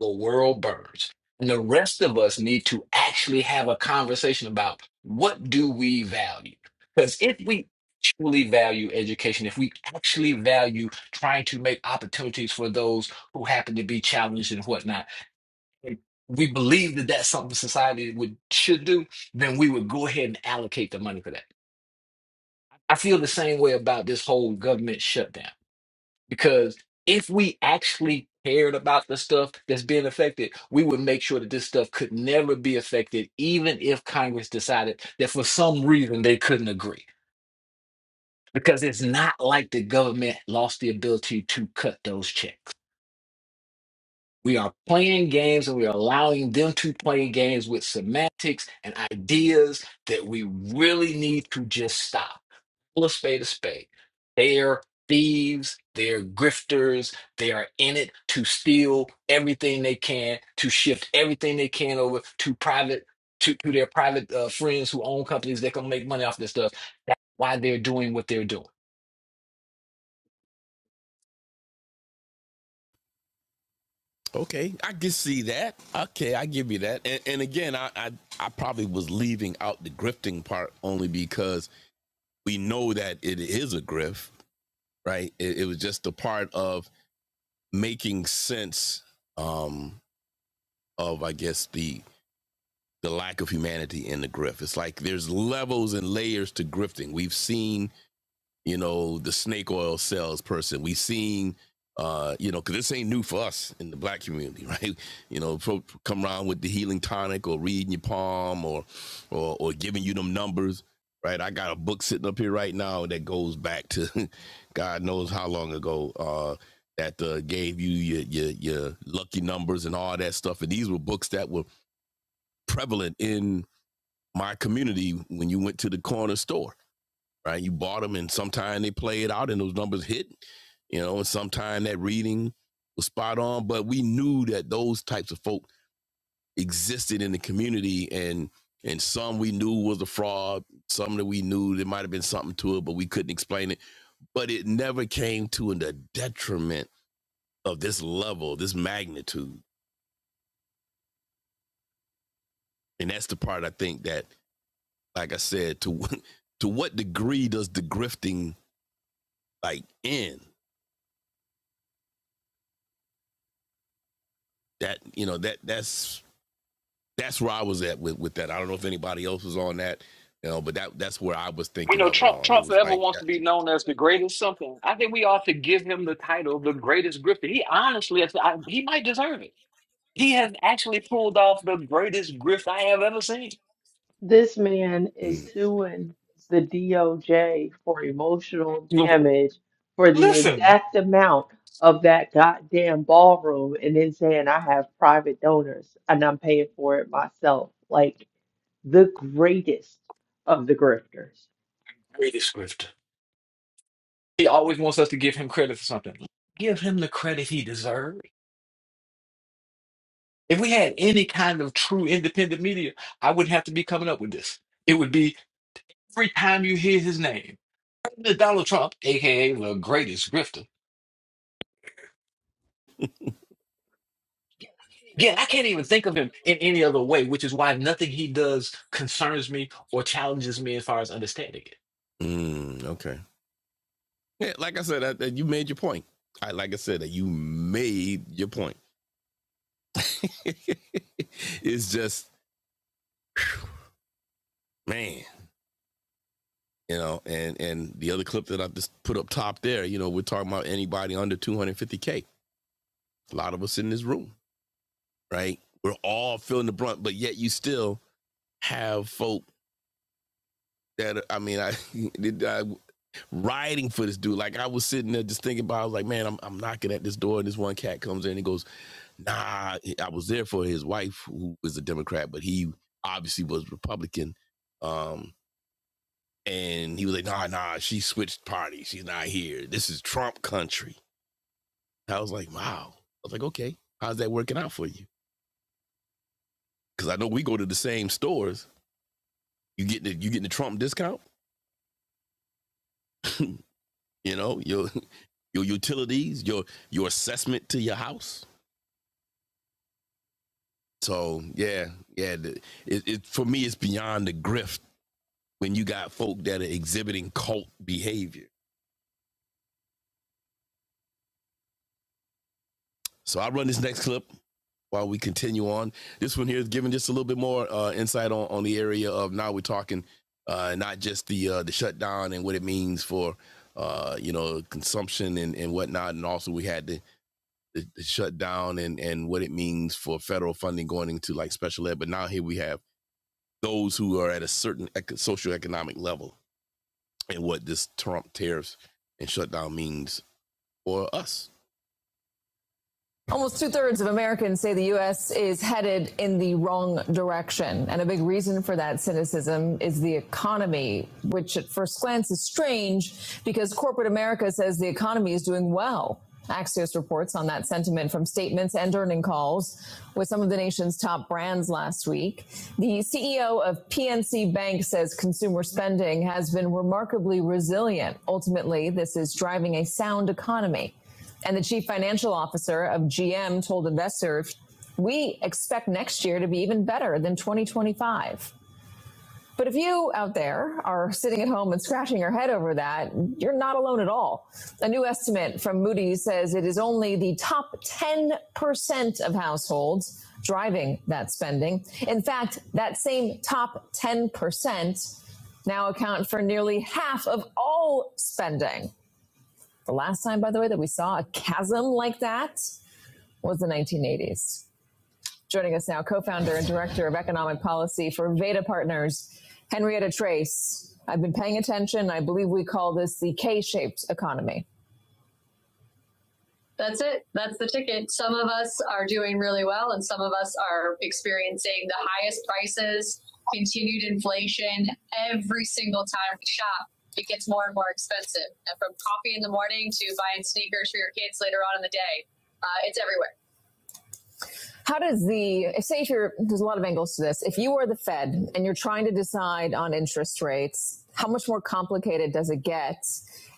Speaker 6: The world burns. And the rest of us need to actually have a conversation about what do we value? Because if we truly value education, if we actually value trying to make opportunities for those who happen to be challenged and whatnot, and we believe that that's something society would should do, then we would go ahead and allocate the money for that. I feel the same way about this whole government shutdown. Because if we actually cared about the stuff that's being affected, we would make sure that this stuff could never be affected, even if Congress decided that for some reason they couldn't agree. Because it's not like the government lost the ability to cut those checks. We are playing games and we are allowing them to play games with semantics and ideas that we really need to just stop. Call a spade a spade. They are thieves, they are grifters, they are in it to steal everything they can, to shift everything they can over to private. To, to their private uh, friends who own companies that can make money off this stuff. That's why they're doing what they're doing.
Speaker 2: okay, I can see that. Okay, I give you that. And, and again, I, I I probably was leaving out the grifting part only because we know that it is a grift, right? It, it was just a part of making sense um, of, I guess, the the lack of humanity in the grift. It's like there's levels and layers to grifting. We've seen you know, the snake oil salesperson. We seen, uh, you know, because this ain't new for us in the black community, right? You know, folk come around with the healing tonic or reading your palm or, or, or giving you them numbers, right? I got a book sitting up here right now that goes back to God knows how long ago. Uh, that uh, gave you your, your your lucky numbers and all that stuff, and these were books that were prevalent in my community when you went to the corner store right? You bought them, and sometimes they play it out, and those numbers hit, you know, and sometimes that reading was spot on. But we knew that those types of folk existed in the community, and and some we knew was a fraud, some that we knew there might have been something to it, but we couldn't explain it. But it never came to the detriment of this level, this magnitude, and that's the part I think that, like I said, to to what degree does the grifting like end? That you know that that's that's where I was at with with that. I don't know if anybody else was on that, you know, but that that's where I was
Speaker 6: You
Speaker 2: thinking
Speaker 6: know,
Speaker 2: of it
Speaker 6: Trump
Speaker 2: on. It
Speaker 6: Trump
Speaker 2: was
Speaker 6: forever
Speaker 2: like,
Speaker 6: wants to be known as the greatest something. I think we ought to give him the title of the greatest grifter. He honestly, I, I- he might deserve it. He has actually pulled off the greatest grift I have ever seen.
Speaker 1: This man
Speaker 2: mm,
Speaker 1: is suing the DOJ for emotional damage for the
Speaker 6: Listen,
Speaker 1: exact amount of that goddamn ballroom and then saying I have private donors and I'm paying for it myself. Like the greatest of the grifters.
Speaker 6: greatest grifter. He always wants us to give him credit for something. Give him the credit he deserves. If we had any kind of true independent media, I wouldn't have to be coming up with this. It would be every time you hear his name, President Donald Trump, aka the greatest grifter. Again, I can't even think of him in any other way, which is why nothing he does concerns me or challenges me as far as understanding it.
Speaker 2: mm, okay, yeah, like I said, that, that you made your point. I like I said that you made your point. it's just man, you know, and and the other clip that I just put up top there, you know, we're talking about anybody under 250k. A lot of us in this room, right? We're all feeling the brunt, but yet you still have folk that I mean, I, I riding for this dude. Like I was sitting there just thinking about, I was like, man, I'm, I'm knocking at this door, and this one cat comes in and he goes, nah. I was there for his wife, who is a Democrat, but he obviously was Republican. Um, and he was like, nah, nah, she switched parties. She's not here. This is Trump country. I was like, wow. I was like, okay, how's that working out for you? Because I know we go to the same stores. You getting the, you getting the Trump discount? You know your your utilities, your your assessment to your house So yeah, yeah. the- It, it for me, it's beyond the grift when you got folk that are exhibiting cult behavior. So I run this next clip while we continue on. This one here is giving just a little bit more uh, insight on on the area of now we're talking uh, not just the uh, the shutdown and what it means for uh, you know consumption and, and whatnot, and also we had the, the, the shutdown and and what it means for federal funding going into like special ed. But now here we have those who are at a certain eco- economic level and what this Trump tariffs and shutdown means for us. Almost two thirds of Americans say the U.S. is headed in the wrong direction. And a big reason for that cynicism is the economy, which at first glance is strange because corporate America says the economy is doing well. Axios reports on that sentiment from statements and earning calls with some of the nation's top brands last week. The CEO of PNC Bank says consumer spending has been remarkably resilient. Ultimately, this is driving a sound economy. And the chief financial officer of GM told investors, we expect next year to be even better than 2025. But if you out there are sitting at home and scratching your head over that, you're not alone at all. A new estimate from Moody's says it is only the top 10% of households driving that spending. In fact, that same top 10% now account for nearly half of all spending. The last time, by the way, that we saw a chasm like that was the 1980s. Joining us now, co founder and director of economic policy for Veda Partners, Henrietta Trace. I've been paying attention. I believe we call this the K shaped economy. That's it. That's I mean, every time we shop became more expensive. And from coffee in the morning to buying sneakers for your kids later on in the day, uh, it's everywhere. how does the say if you're there's a lot of angles to this if you are the fed and you're trying to decide on interest rates how much more complicated does it get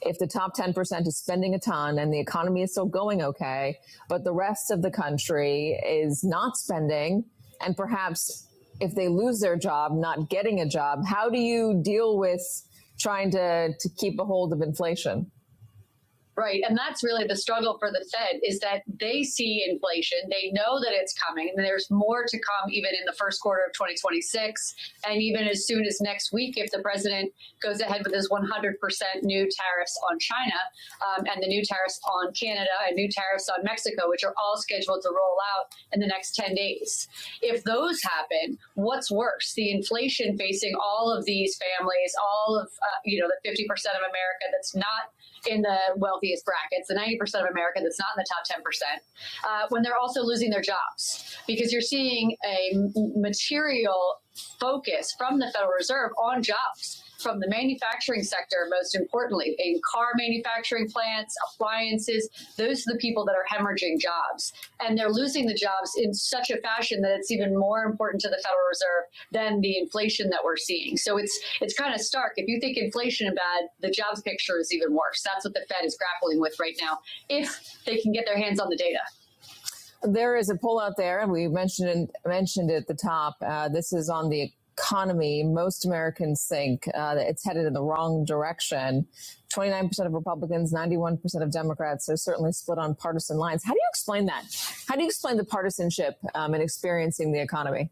Speaker 2: if the top 10% is spending a ton and the economy is still going okay but the rest of the country is not spending and perhaps if they lose their job not getting a job how do you deal with trying to to keep a hold of inflation Right. And that's really the struggle for the Fed is that they see inflation. They know that it's coming and there's more to come even in the first quarter of 2026 and even as soon as next week if the president goes ahead with his 100% new tariffs on China um, and the new tariffs on Canada and new tariffs on Mexico, which are all scheduled to roll out in the next 10 days. If those happen, what's worse? The inflation facing all of these families, all of, uh, you know, the 50% of America that's not in the wealthiest brackets, the 90% of America that's not in the top 10%, uh, when they're also losing their jobs because you're seeing a material focus from the Fed on jobs manufacturing sector, most importantly, in car manufacturing plants, appliances, those are the people that are hemorrhaging jobs. And they're losing the jobs in such a fashion that it's even more important to the Federal Reserve than the inflation that we're seeing. So it's it's kind of stark. If you think inflation is bad, the jobs picture is even worse. That's what the Fed is grappling with right now, if they can get their hands on the data. There is a poll out there, and we mentioned mentioned it at the top. Uh, this is on the economy. Most Americans think uh, that it's headed in the wrong direction. Twenty nine percent of Republicans, ninety one percent of Democrats. So certainly split on partisan lines. How do you explain that? How do you explain the partisanship um, in experiencing the economy?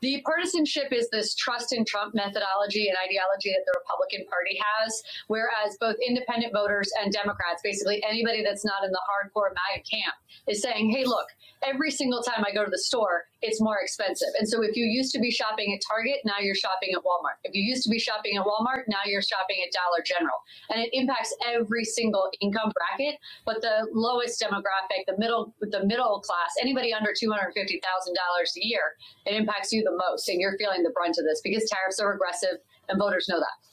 Speaker 2: The partisanship is this trust in Trump methodology and ideology that the Republican Party has, whereas both independent voters and Democrats, basically anybody that's not in the hardcore MAGA camp, is saying, hey, look, every single time I go to the store, it's more expensive. And so if you used to be shopping at Target, now you're shopping at Walmart. If you used to be shopping at Walmart, now you're shopping at Dollar General. And it impacts every single income bracket, but the lowest demographic, the middle the middle class, anybody under $250,000 a year it impacts you the most, and you're feeling the brunt of this because tariffs are regressive, and voters know that.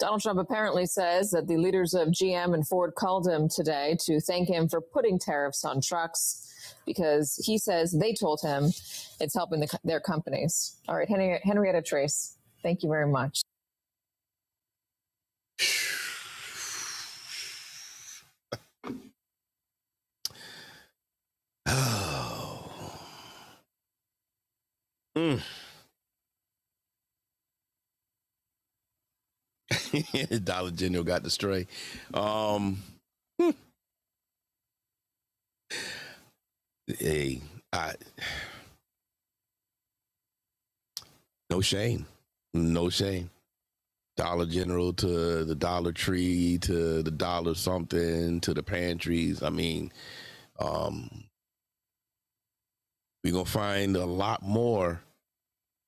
Speaker 2: Donald Trump apparently says that the leaders of GM and Ford called him today to thank him for putting tariffs on trucks because he says they told him it's helping the, their companies. All right, Henri- Henrietta Trace, thank you very much. Oh, Mm. Dollar General got the stray. Um, hey, I, no shame, no shame. Dollar General to the Dollar Tree to the Dollar something to the pantries. I mean, um, we're gonna find a lot more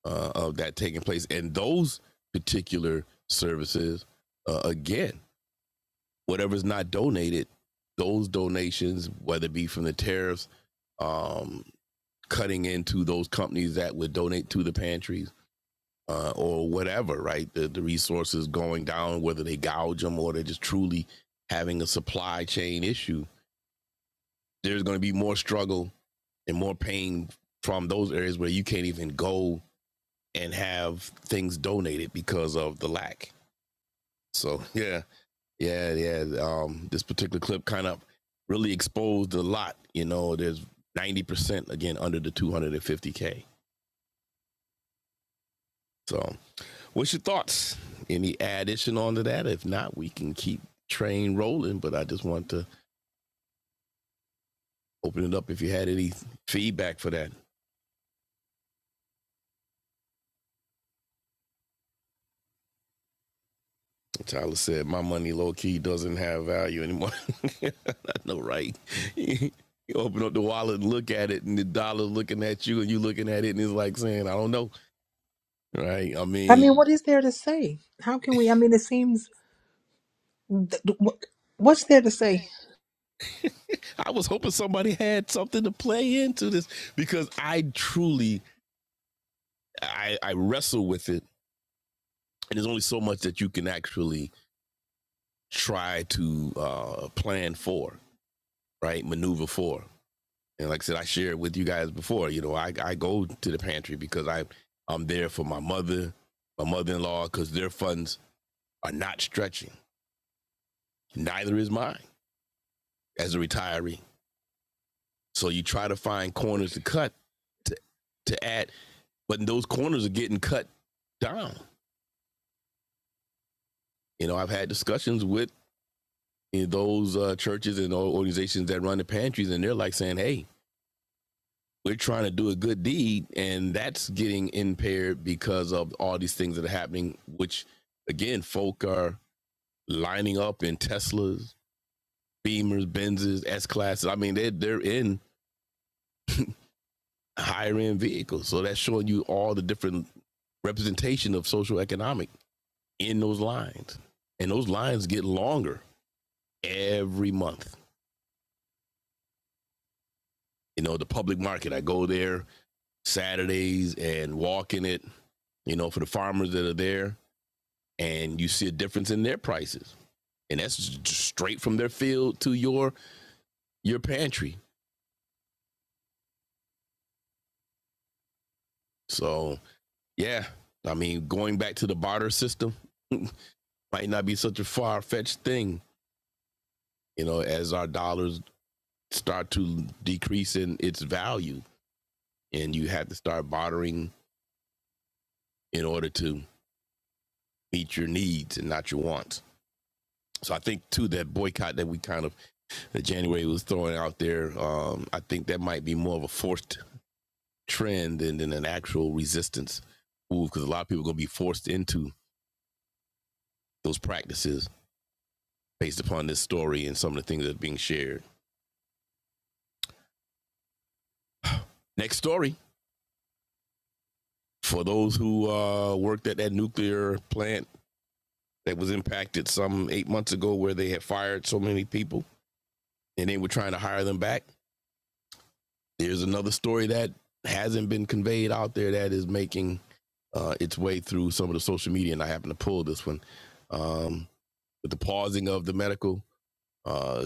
Speaker 2: uh, of that taking place, and those particular services, uh, again, whatever's not donated, those donations, whether it be from the tariffs, um, cutting into those companies that would donate to the pantries uh, or whatever, right? The, the resources going down, whether they gouge them or they're just truly having a supply chain issue, there's going to be more struggle and more pain from those areas where you can't even go and have things donated because of the lack. So, yeah, yeah, yeah. Um, this particular clip kind of really exposed a lot. You know, there's 90% again under the 250K. So, What's your thoughts? Any addition onto that? If not, we can keep train rolling. But I just want to open it up if you had any feedback for that. Tyler said, "My money, low key, doesn't have value anymore." I know, right? you open up the wallet, and look at it, and the dollar looking at you, and you looking at it, and it's like saying, "I don't know." Right? I
Speaker 3: I mean,
Speaker 2: mean,
Speaker 3: what is there to say? How can we? I mean, it seems. th- th- what- What's there to say?
Speaker 2: I was hoping somebody had something to play into this because I truly, I, I wrestle with it, and there's only so much that you can actually try to uh, plan for, right? Maneuver for. And like I said, I shared with you guys before. You know, I, I go to the pantry because I I'm there for my mother, my mother-in-law, because their funds are not stretching. Neither is mine as a retiree. So you try to find corners to cut to to add, but those corners are getting cut down. You know, I've had discussions with you know, those uh, churches and or- organizations that run the pantries, and they're like saying, "Hey, we're trying to do a good deed and that's getting impaired because of all these things that are happening which again folk are lining up in teslas beamers benzes s classes i mean they're, they're in higher end vehicles so that's showing you all the different representation of social economic in those lines and those lines get longer every month you know the public market i go there saturdays and walk in it you know for the farmers that are there and you see a difference in their prices. And that's just straight from their field to your your pantry. So yeah, I mean, going back to the barter system might not be such a far fetched thing, you know, as our dollars start to decrease in its value and you have to start bartering in order to meet your needs and not your wants. So I think too that boycott that we kind of that January was throwing out there, um, I think that might be more of a forced trend and then an actual resistance move because a lot of people are going to be forced into those practices based upon this story and some of the things that are being shared. Next story for those who uh, worked at that nuclear plant that was impacted some eight months ago where they had fired so many people and they were trying to hire them back. There's another story that hasn't been conveyed out there that is making uh, its way through some of the social media, and I happen to pull this one. Um, with the pausing of the medical uh,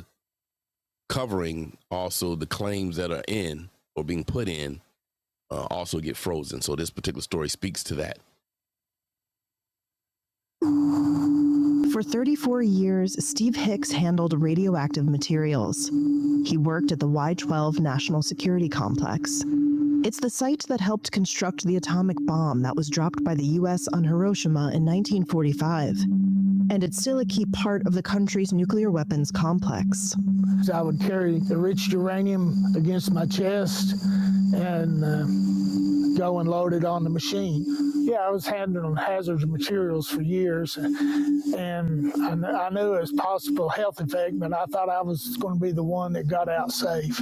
Speaker 2: covering also the claims that are in or being put in uh, also get frozen. So this particular story speaks to that. For 34 years, Steve Hicks handled radioactive, and it's still a key part of the country's nuclear weapons complex. So I would carry the enriched uranium against my chest and uh, go and load it on the machine. Yeah, I was handling hazardous materials for years, and I, knew it was possible health effect, but I thought I was going to be the one that got out safe,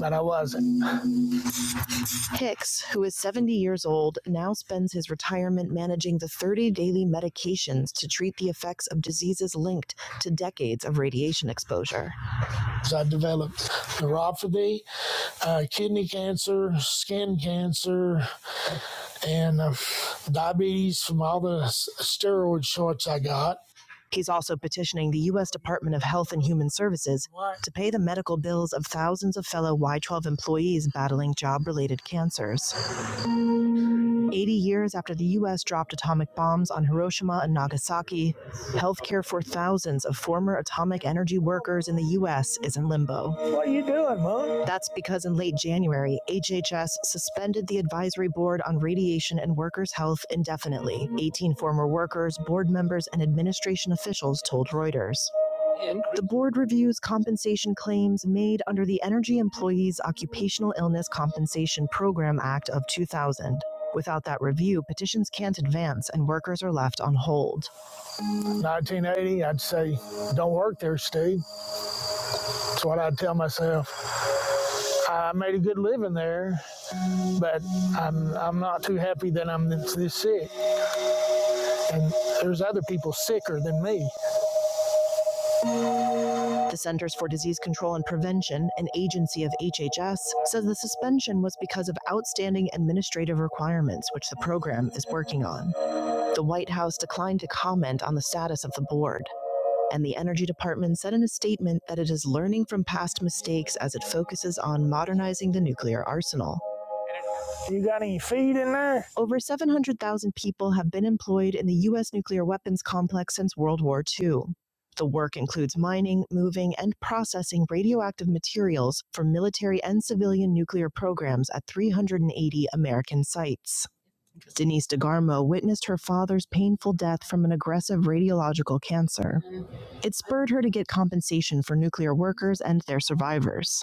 Speaker 2: but I wasn't. Hicks, who is 70 years old, now spends his retirement managing the 30 daily medications to treat the effects of diseases linked to decades of radiation exposure. He's also petitioning the U.S. Department of Health and Human Services to pay the medical bills of thousands of fellow Y12 employees battling job related cancers. 80 years after the U.S. dropped atomic bombs on Hiroshima and Nagasaki, healthcare for thousands of former atomic energy workers in the U.S. is in limbo. That's because in late January, HHS suspended the advisory board on radiation and workers' health indefinitely, 18 former workers, board members, and administration officials told Reuters. The board reviews compensation claims made under the Energy Employees Occupational Illness Compensation Program Act of 2000. Without that review, petitions can't advance and workers are left on hold. 1980, I'd say, don't work there, Steve. That's what I'd tell myself. I made a good living there, but I'm, I'm not too happy that I'm this, sick. And there's other people sicker than me. The Centers for Disease Control and Prevention, an agency of HHS, says the suspension was because of outstanding administrative requirements which the program is working on. The White House declined to comment on the status of the board, and the Energy Department said in a statement that it is learning from past mistakes as it focuses on modernizing the nuclear arsenal. Over 700,000 people have been employed in the U.S. nuclear weapons complex since World War II. The work includes mining, moving, and processing radioactive materials for military and civilian nuclear programs at 380 American sites. Denise DeGarmo witnessed her father's painful death from an aggressive radiological cancer. It spurred her to get compensation for nuclear workers and their survivors.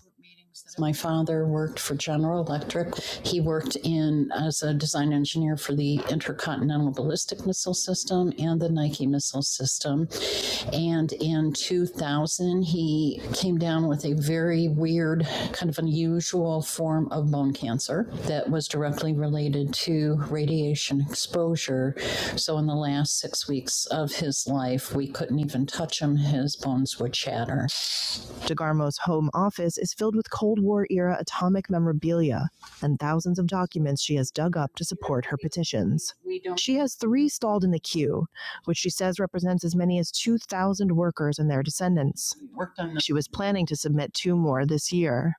Speaker 2: DeGarmo's home office is filled with Cold War era atomic memorabilia and thousands of documents she has dug up to support her petitions. She has three stalled in the queue, which she says represents as many as 2,000 workers and their descendants. She was planning to submit two more this year.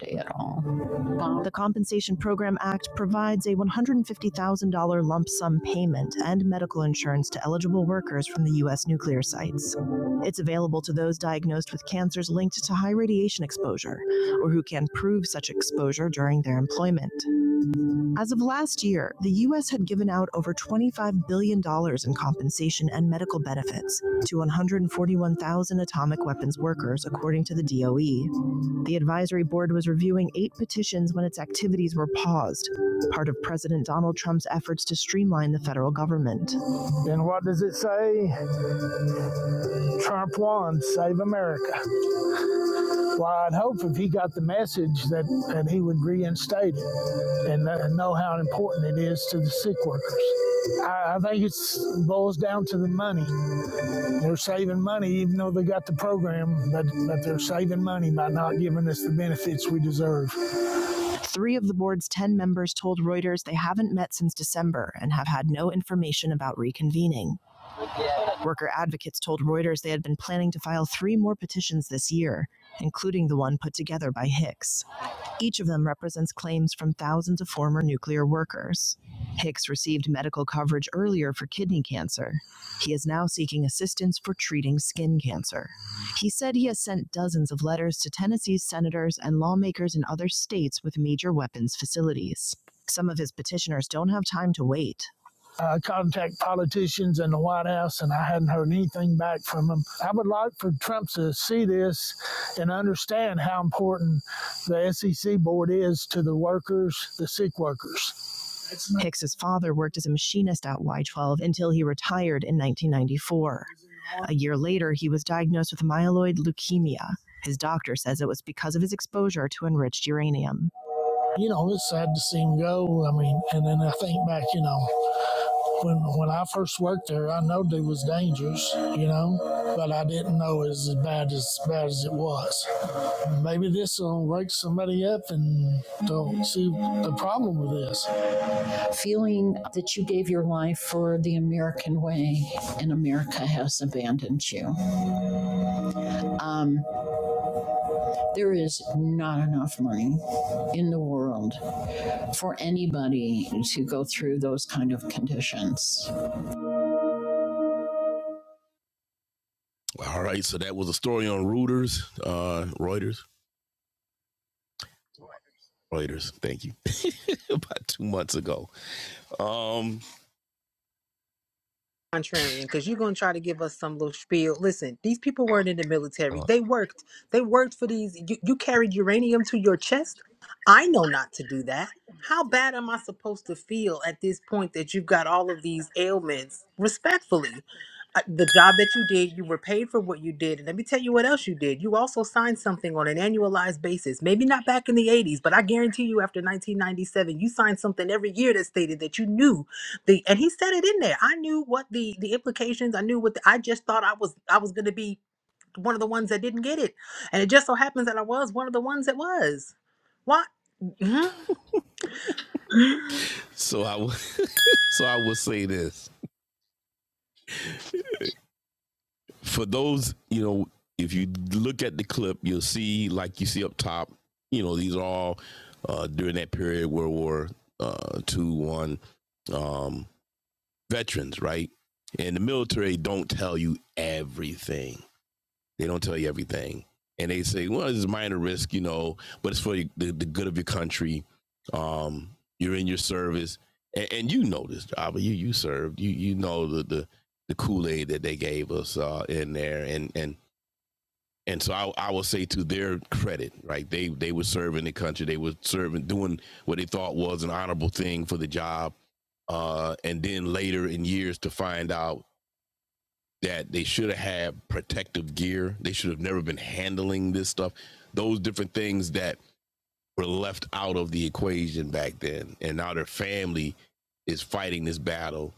Speaker 2: The COM Act medical insurance to eligible work from the USites. It's available to those diagnosed with cancers linked to high radiation exposure or who can prove such exposure during their employment. As of last year, the U.S. had given out over $25 billion dollars in compensation and medical benefits to 141,000 atomic weapons workers, according to the DOE. The advisory board was reviewing eight petitions when its activities were paused, part of President Donald Trump's efforts to streamline the federal government. And what does it say? Trump won, save America. Well, I'd hope if he got the message that, that he would reinstate it and, and know how important it is to the sick workers. I, I think it boils down to the money. They're saving money, even though they got the program, but, but they're saving money. Three of the board's 10 members told Reuters they haven't met since December and have had no information about reconvening. Worker advocates told Reuters they had been planning to file three more petitions this year, including the one put together by Hicks. Each of them represents claims from thousands of former nuclear workers. Hicks received medical coverage earlier for kidney cancer. He is now seeking assistance for treating skin cancer. He said he has sent dozens of letters to Tennessee's senators and lawmakers in other states with major weapons facilities. Some of his petitioners don't have time to wait. I contact politicians in the White House, and I hadn't heard anything back from them. I would like for Trump to see this and understand how important the SEC or it is to the workers. Hicks's father worked as a machinist at Y12 until he retired in 1994. A year later, he was diagnosed with myeloid leukemia. His doctor says it was because of his exposure to enriched uranium. You know, it's sad to see him go. I mean, and then I think back, you know, when when I first worked there, I know they was dangerous, you know, but I didn't know as feel the way in America has abandoned you. Um, There is not enough money in the world for anybody to go through those kind of conditions. All right, so that was a story on Reuters, uh, Reuters, Reuters. Thank you. About two months ago. Um,
Speaker 3: contrarian because you're gonna try to give us some little spiel. Listen, these people weren't in the military. They worked. They worked for these. You, you carried uranium to your chest. I know not to do that. How bad am I supposed to feel at this point that you've got all of these ailments? Respectfully, uh, the job that you did, you were paid for what you did. And let me tell you what else you did. You also signed something on an annualized basis. Maybe not back in the 80s, but I guarantee you after 1997, you signed something every year that stated that you knew the and he said it in there i knew what the the implications i knew what the, i just thought i was i was going to be one of the ones that didn't get it and it just so happens that i was one of the ones that was what Mhm.
Speaker 2: so I, w- so I will say this for those, you know, if you look at the clip, you'll see, like you see up top, you know, these are all uh, during that period World War uh, Two, One. Um, veterans, right? And the military don't tell you everything. They don't tell you everything. And they say, well, it's a minor risk, you know, but it's for the, the good of your country. Um, you're in your service. And, and you know this job, you you served. You you know the the, the Kool-Aid that they gave us uh, in there. And and and so I, I will say to their credit, right? They they were serving the country. They were serving, doing what they thought was an honorable thing for the job. Uh, and then later in years to find out that they should have had protective gear. They should have never been handling this stuff. Those different things that were left out of the equation back then. And now their family is fighting this battle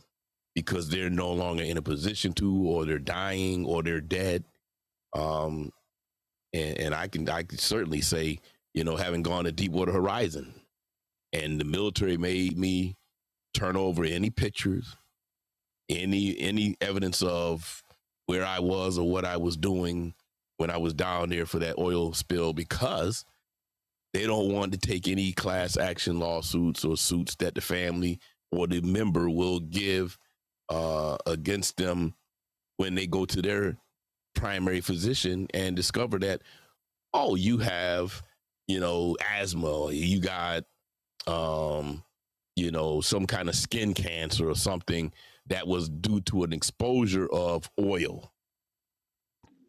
Speaker 2: because they're no longer in a position to, or they're dying, or they're dead. Um, and, and I can I can certainly say, you know, having gone to Deepwater Horizon, and the military made me turn over any pictures, any any evidence of where I was or what I was doing when I was down there for that oil spill because they don't want to take any class action lawsuits or suits that the family or the member will give uh, against them when they go to their primary physician and discover that oh you have you know asthma or you got um, you know, some kind of skin cancer or something that was due to an exposure of oil.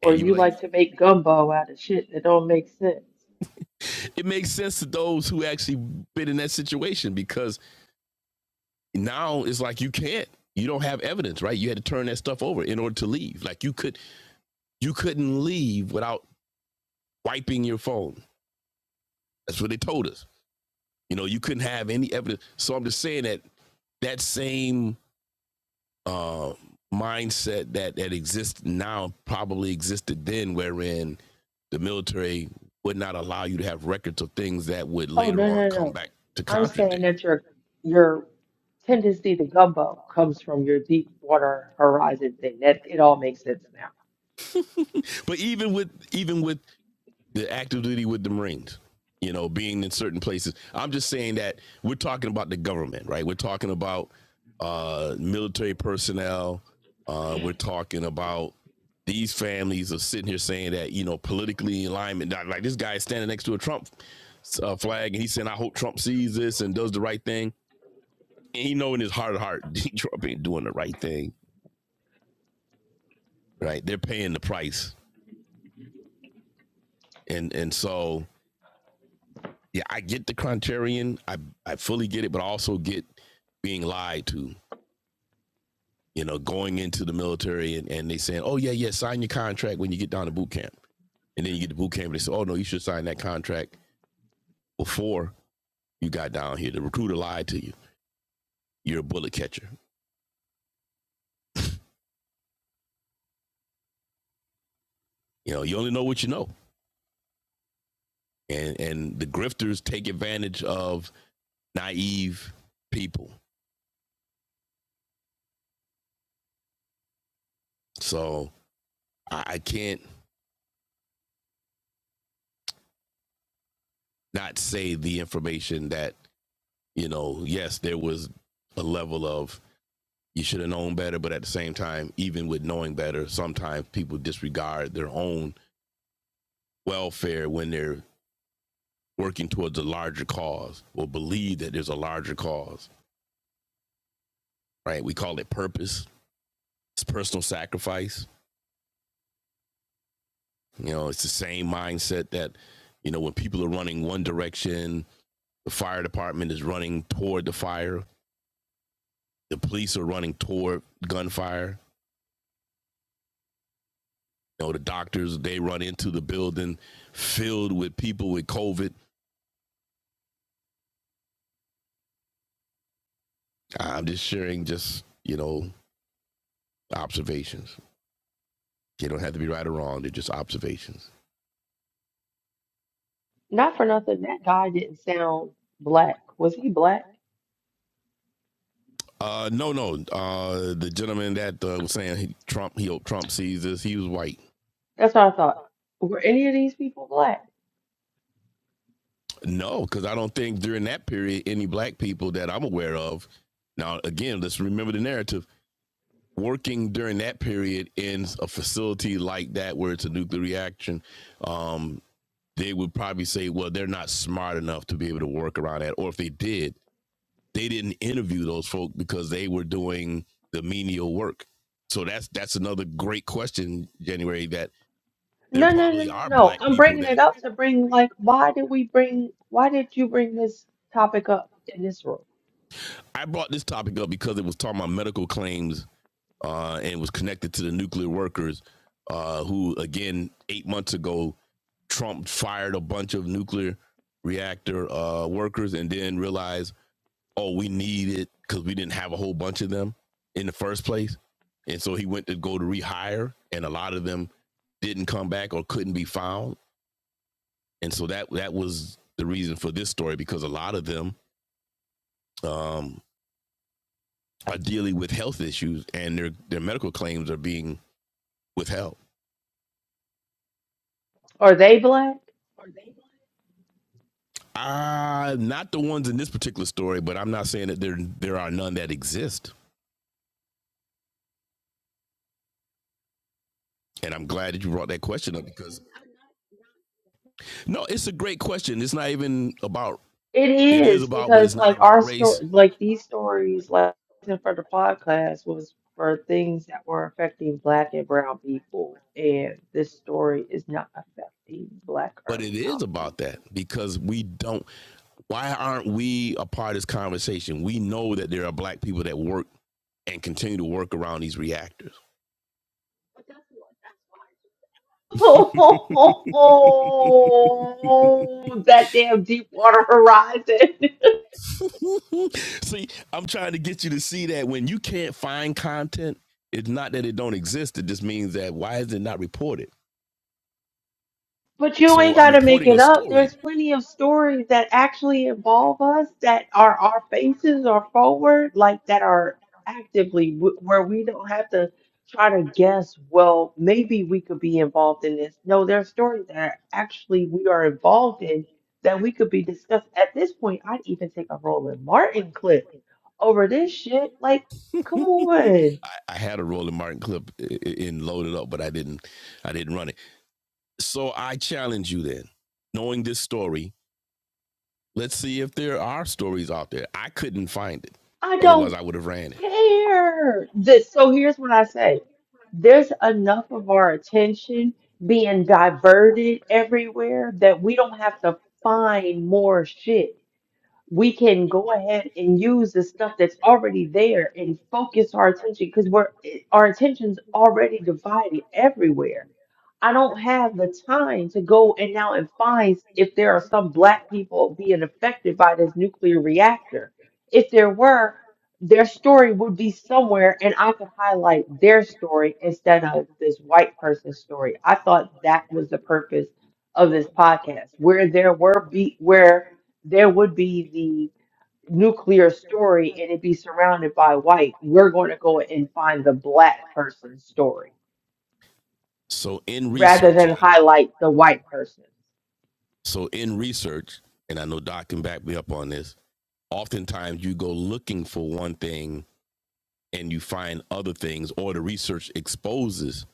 Speaker 1: Or
Speaker 2: And
Speaker 1: you like to make gumbo out of shit that don't make sense.
Speaker 2: it makes sense to those who actually been in that situation because now it's like you can't, you don't have evidence, right? You had to turn that stuff over in order to leave. Like you could, you couldn't leave without wiping your phone. That's what they told us. You know, you couldn't have any evidence. So I'm just saying that that same uh, mindset that that exists now probably existed then, wherein the military would not allow you to have records of things that would
Speaker 1: Oh
Speaker 2: later
Speaker 1: no
Speaker 2: on
Speaker 1: no
Speaker 2: come
Speaker 1: no.
Speaker 2: back to
Speaker 1: I'm
Speaker 2: contradict.
Speaker 1: saying that your your tendency to gumbo comes from your deep water horizon thing. That it all makes sense now.
Speaker 2: But even with even with the active duty with the Marines, you know, being in certain places. I'm just saying that we're talking about the government, right? We're talking about uh, military personnel. Uh, we're talking about these families are sitting here saying that, you know, politically alignment, like this guy is standing next to a Trump uh, flag and he's saying, I hope Trump sees this and does the right thing. And he know in his heart of heart, Trump ain't doing the right thing, right? They're paying the price. And, and so yeah, I get the contrarian. I I fully get it, but I also get being lied to. You know, going into the military and, and they saying, "Oh yeah, yeah, sign your contract when you get down to boot camp," and then you get to boot camp and they say, "Oh no, you should sign that contract before you got down here." The recruiter lied to you. You're a bullet catcher. You know, you only know what you know, and and the grifters take advantage of naive people. So I, I can't not say the information that you know. Yes, there was a level of you should have known better. But at the same time, even with knowing better, sometimes people disregard their own welfare when they're working towards a larger cause or believe that there's a larger cause, right? We call it purpose, it's personal sacrifice. You know, it's the same mindset that, you know, when people are running one direction, the fire department is running toward the fire, the police are running toward gunfire. You know, the doctors, they run into the building filled with people with COVID I'm just sharing just, you know, observations. They don't have to be right or wrong. They're just observations.
Speaker 1: Not for nothing, that guy didn't sound black. Was he black?
Speaker 2: Uh, no, no. Uh, the gentleman that uh, was saying he, Trump, he hoped Trump sees this. He was white.
Speaker 1: That's what I thought. Were any of these people black?
Speaker 2: No, because I don't think during that period any black people that I'm aware of. Now, again, let's remember the narrative. Working during that period in a facility like that, where it's a nuclear reaction, um, they would probably say, "Well, they're not smart enough to be able to work around that," or if they did, they didn't interview those folk because they were doing the menial work. So that's that's another great question, January. That there
Speaker 1: No, no, no,
Speaker 2: probably
Speaker 1: no,
Speaker 2: are
Speaker 1: no.
Speaker 2: black
Speaker 1: I'm
Speaker 2: people
Speaker 1: bringing it
Speaker 2: that
Speaker 1: up to bring like, why did we bring? Why did you bring this topic up in this room?
Speaker 2: I brought this topic up because it was talking about medical claims uh, and was connected to the nuclear workers, uh, who again eight months ago Trump fired a bunch of nuclear reactor uh, workers and then realized oh, we need it because we didn't have a whole bunch of them in the first place. And so he went to go to rehire, and a lot of them didn't come back or couldn't be found. And so that that was the reason for this story because a lot of them um, are dealing with health issues and their their medical claims are being withheld.
Speaker 1: Are they black?
Speaker 2: Uh, not the ones in this particular story, but I'm not saying that there there are none that exist. And I'm glad that you brought that question up because no, it's a great question. It's not even about
Speaker 1: It
Speaker 2: it is
Speaker 1: is
Speaker 2: about, but it's
Speaker 1: because
Speaker 2: not
Speaker 1: like
Speaker 2: about.
Speaker 1: our story, like these stories, like for the podcast was for things that were affecting black and brown people, and this story is not affecting black
Speaker 2: But
Speaker 1: or
Speaker 2: it
Speaker 1: brown
Speaker 2: is
Speaker 1: people.
Speaker 2: about that because we don't. Why aren't we a part of this conversation? We know that there are black people that work and continue to work around these reactors.
Speaker 1: Oh, that damn deep water horizon.
Speaker 2: see, I'm trying to get you to see that when you can't find content, it's not that it don't exist. It just means that why is it not reported?
Speaker 1: But you
Speaker 2: So
Speaker 1: ain't
Speaker 2: I'm
Speaker 1: got to make
Speaker 2: reporting. A, I,
Speaker 1: it
Speaker 2: am
Speaker 1: up. There's plenty of stories that actually involve us that are our faces are forward, like that are actively w- where we don't have to try to guess, well, maybe we could be involved in this. No, there are stories that are actually we are involved in that we could be discussed. At this point, I'd even take a Roland Martin clip over this shit. Like, come on.
Speaker 2: reporting ai had a Roland Martin clip i- in loaded up, but I didn't. I didn't run it. So I challenge you then, knowing this story, Let's see if there are stories out there. I couldn't find it.
Speaker 1: I don't
Speaker 2: Otherwise, I would have ran it.
Speaker 1: care. This, so here's what I say. There's enough of our attention being diverted everywhere that we don't have to find more shit. We can go ahead and use the stuff that's already there and focus our attention because we're our attention's already divided everywhere. I don't have the time to go and now and find if there are some black people being affected by this nuclear reactor. If there were, their story would be somewhere and I could highlight their story instead of this white person's story. I thought that was the purpose of this podcast, where there were be where there would be the nuclear story and it be surrounded by white. We're going to go and find the black person's story
Speaker 2: So in research,
Speaker 1: rather than highlight the white person.
Speaker 2: so in research, and I know Doc can back me up on this. Oftentimes, you go looking for one thing and you find other things, or the research exposes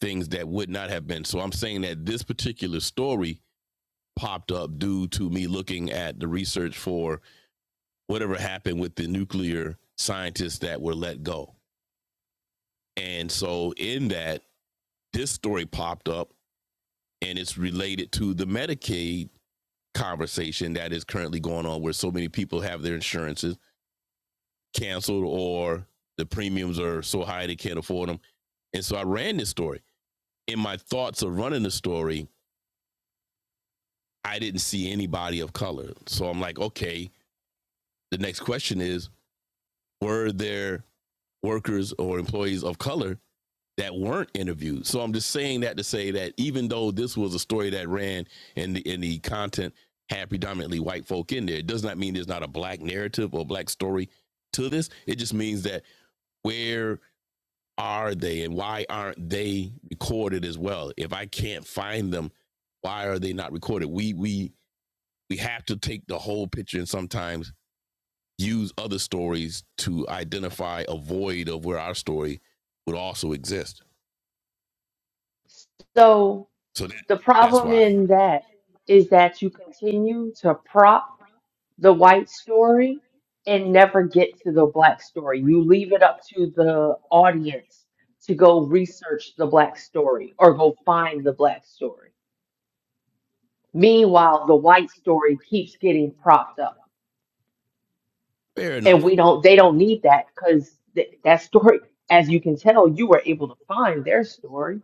Speaker 2: things that would not have been. So I'm saying that this particular story popped up due to me looking at the research for whatever happened with the nuclear scientists that were let go. And so in that, this story popped up and it's related to the Medicaid conversation that is currently going on, where so many people have their insurances canceled or the premiums are so high they can't afford them. And so I ran this story. In my thoughts of running the story, I didn't see anybody of color. So I'm like, okay, the next question is were there workers or employees of color that weren't interviewed. So I'm just saying that to say that even though this was a story that ran and the, and the content had predominantly white folk in there, it does not mean there's not a black narrative or black story to this. It just means that where are they and why aren't they recorded as well? If I can't find them, why are they not recorded? We we we have to take the whole picture and sometimes use other stories to identify a void of where our story would also exist.
Speaker 1: So
Speaker 2: So that,
Speaker 1: the
Speaker 2: that's
Speaker 1: problem
Speaker 2: why
Speaker 1: in that is that you continue to prop the white story and never get to the black story. You leave it up to the audience to go research the black story or go find the black story. Meanwhile, the white story keeps getting propped up.
Speaker 2: Fair enough.
Speaker 1: And we don't they don't need that cuz that story as you can tell you were able to find their story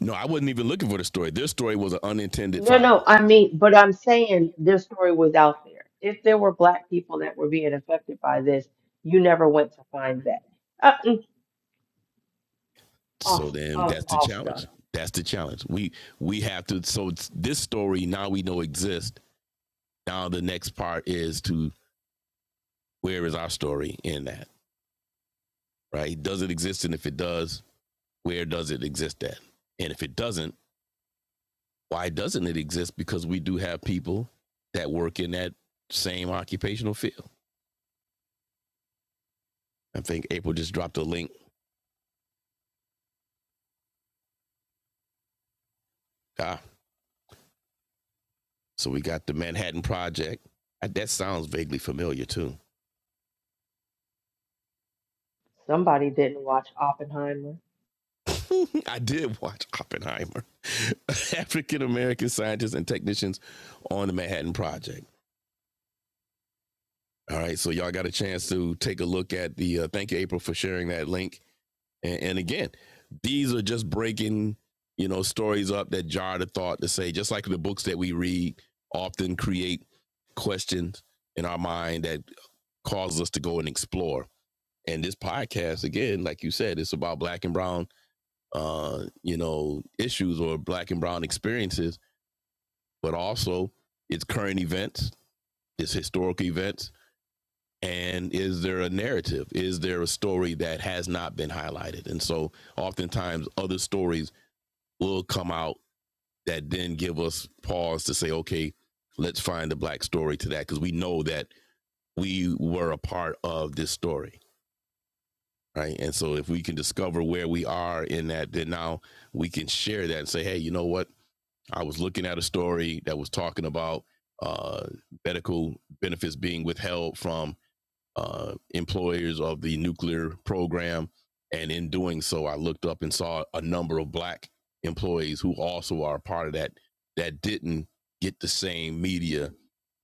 Speaker 2: No, I wasn't even looking for the story. This story was an unintended
Speaker 1: No,
Speaker 2: find.
Speaker 1: no, I mean, but I'm saying this story was out there. If there were black people that were being affected by this, you never went to find that. Uh,
Speaker 2: So
Speaker 1: off,
Speaker 2: then
Speaker 1: off,
Speaker 2: that's the
Speaker 1: all stuff.
Speaker 2: challenge. That's the challenge. We we have to so this story now we know exists. Now the next part is to where is our story in that? Right? Does it exist? And if it does, where does it exist at? And if it doesn't, why doesn't it exist? Because we do have people that work in that same occupational field. I think April just dropped a link. Ah, so we got the Manhattan Project. Uh, That sounds vaguely familiar too.
Speaker 1: Somebody didn't watch Oppenheimer.
Speaker 2: I did watch Oppenheimer, African American scientists and technicians on the Manhattan Project. All right, so y'all got a chance to take a look at the. Uh, thank you, April, for sharing that link. And, and again, these are just breaking, you know, stories up that jar the thought to say, just like the books that we read often create questions in our mind that causes us to go and explore. And this podcast, again, like you said, it's about black and brown uh, you know, issues or black and brown experiences, but also it's current events, it's historical events, and is there a narrative? Is there a story that has not been highlighted? And so oftentimes other stories will come out that then give us pause to say, okay, let's find the black story to that because we know that we were a part of this story. Right. And so if we can discover where we are in that, then now we can share that and say, hey, you know what? I was looking at a story that was talking about uh, medical benefits being withheld from uh, employers of the nuclear program. And in doing so, I looked up and saw a number of black employees who also are a part of that that didn't get the same media.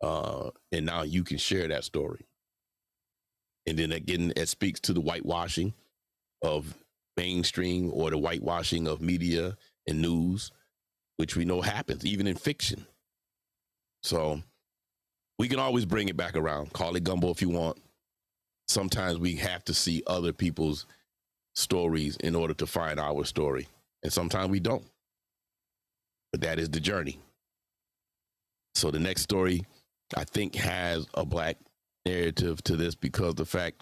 Speaker 2: Uh, and now you can share that story. And then again, it speaks to the whitewashing of mainstream or the whitewashing of media and news, which we know happens even in fiction. So we can always bring it back around. Call it gumbo if you want. Sometimes we have to see other people's stories in order to find our story. And sometimes we don't, but that is the journey. So the next story, I think, has a black narrative to this because the fact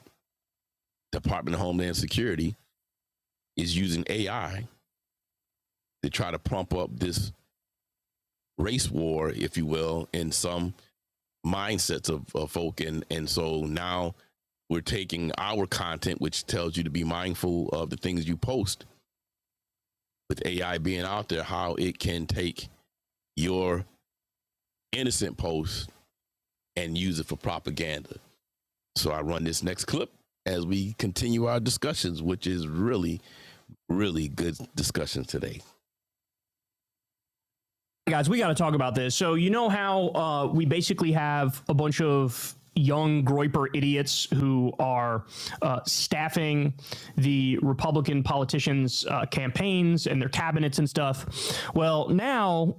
Speaker 2: Department of Homeland Security is using AI to try to pump up this race war, if you will, in some mindsets of, of folk. And, and so now we're taking our content, which tells you to be mindful of the things you post with AI being out there, how it can take your innocent post and use it for propaganda. So I run this next clip as we continue our discussions, which is really, really good discussion today. Hey guys, we got to talk about this. So you know how uh, we basically have a bunch of young Groiper idiots who are uh, staffing the Republican politicians' uh, campaigns and their cabinets and stuff. Well, now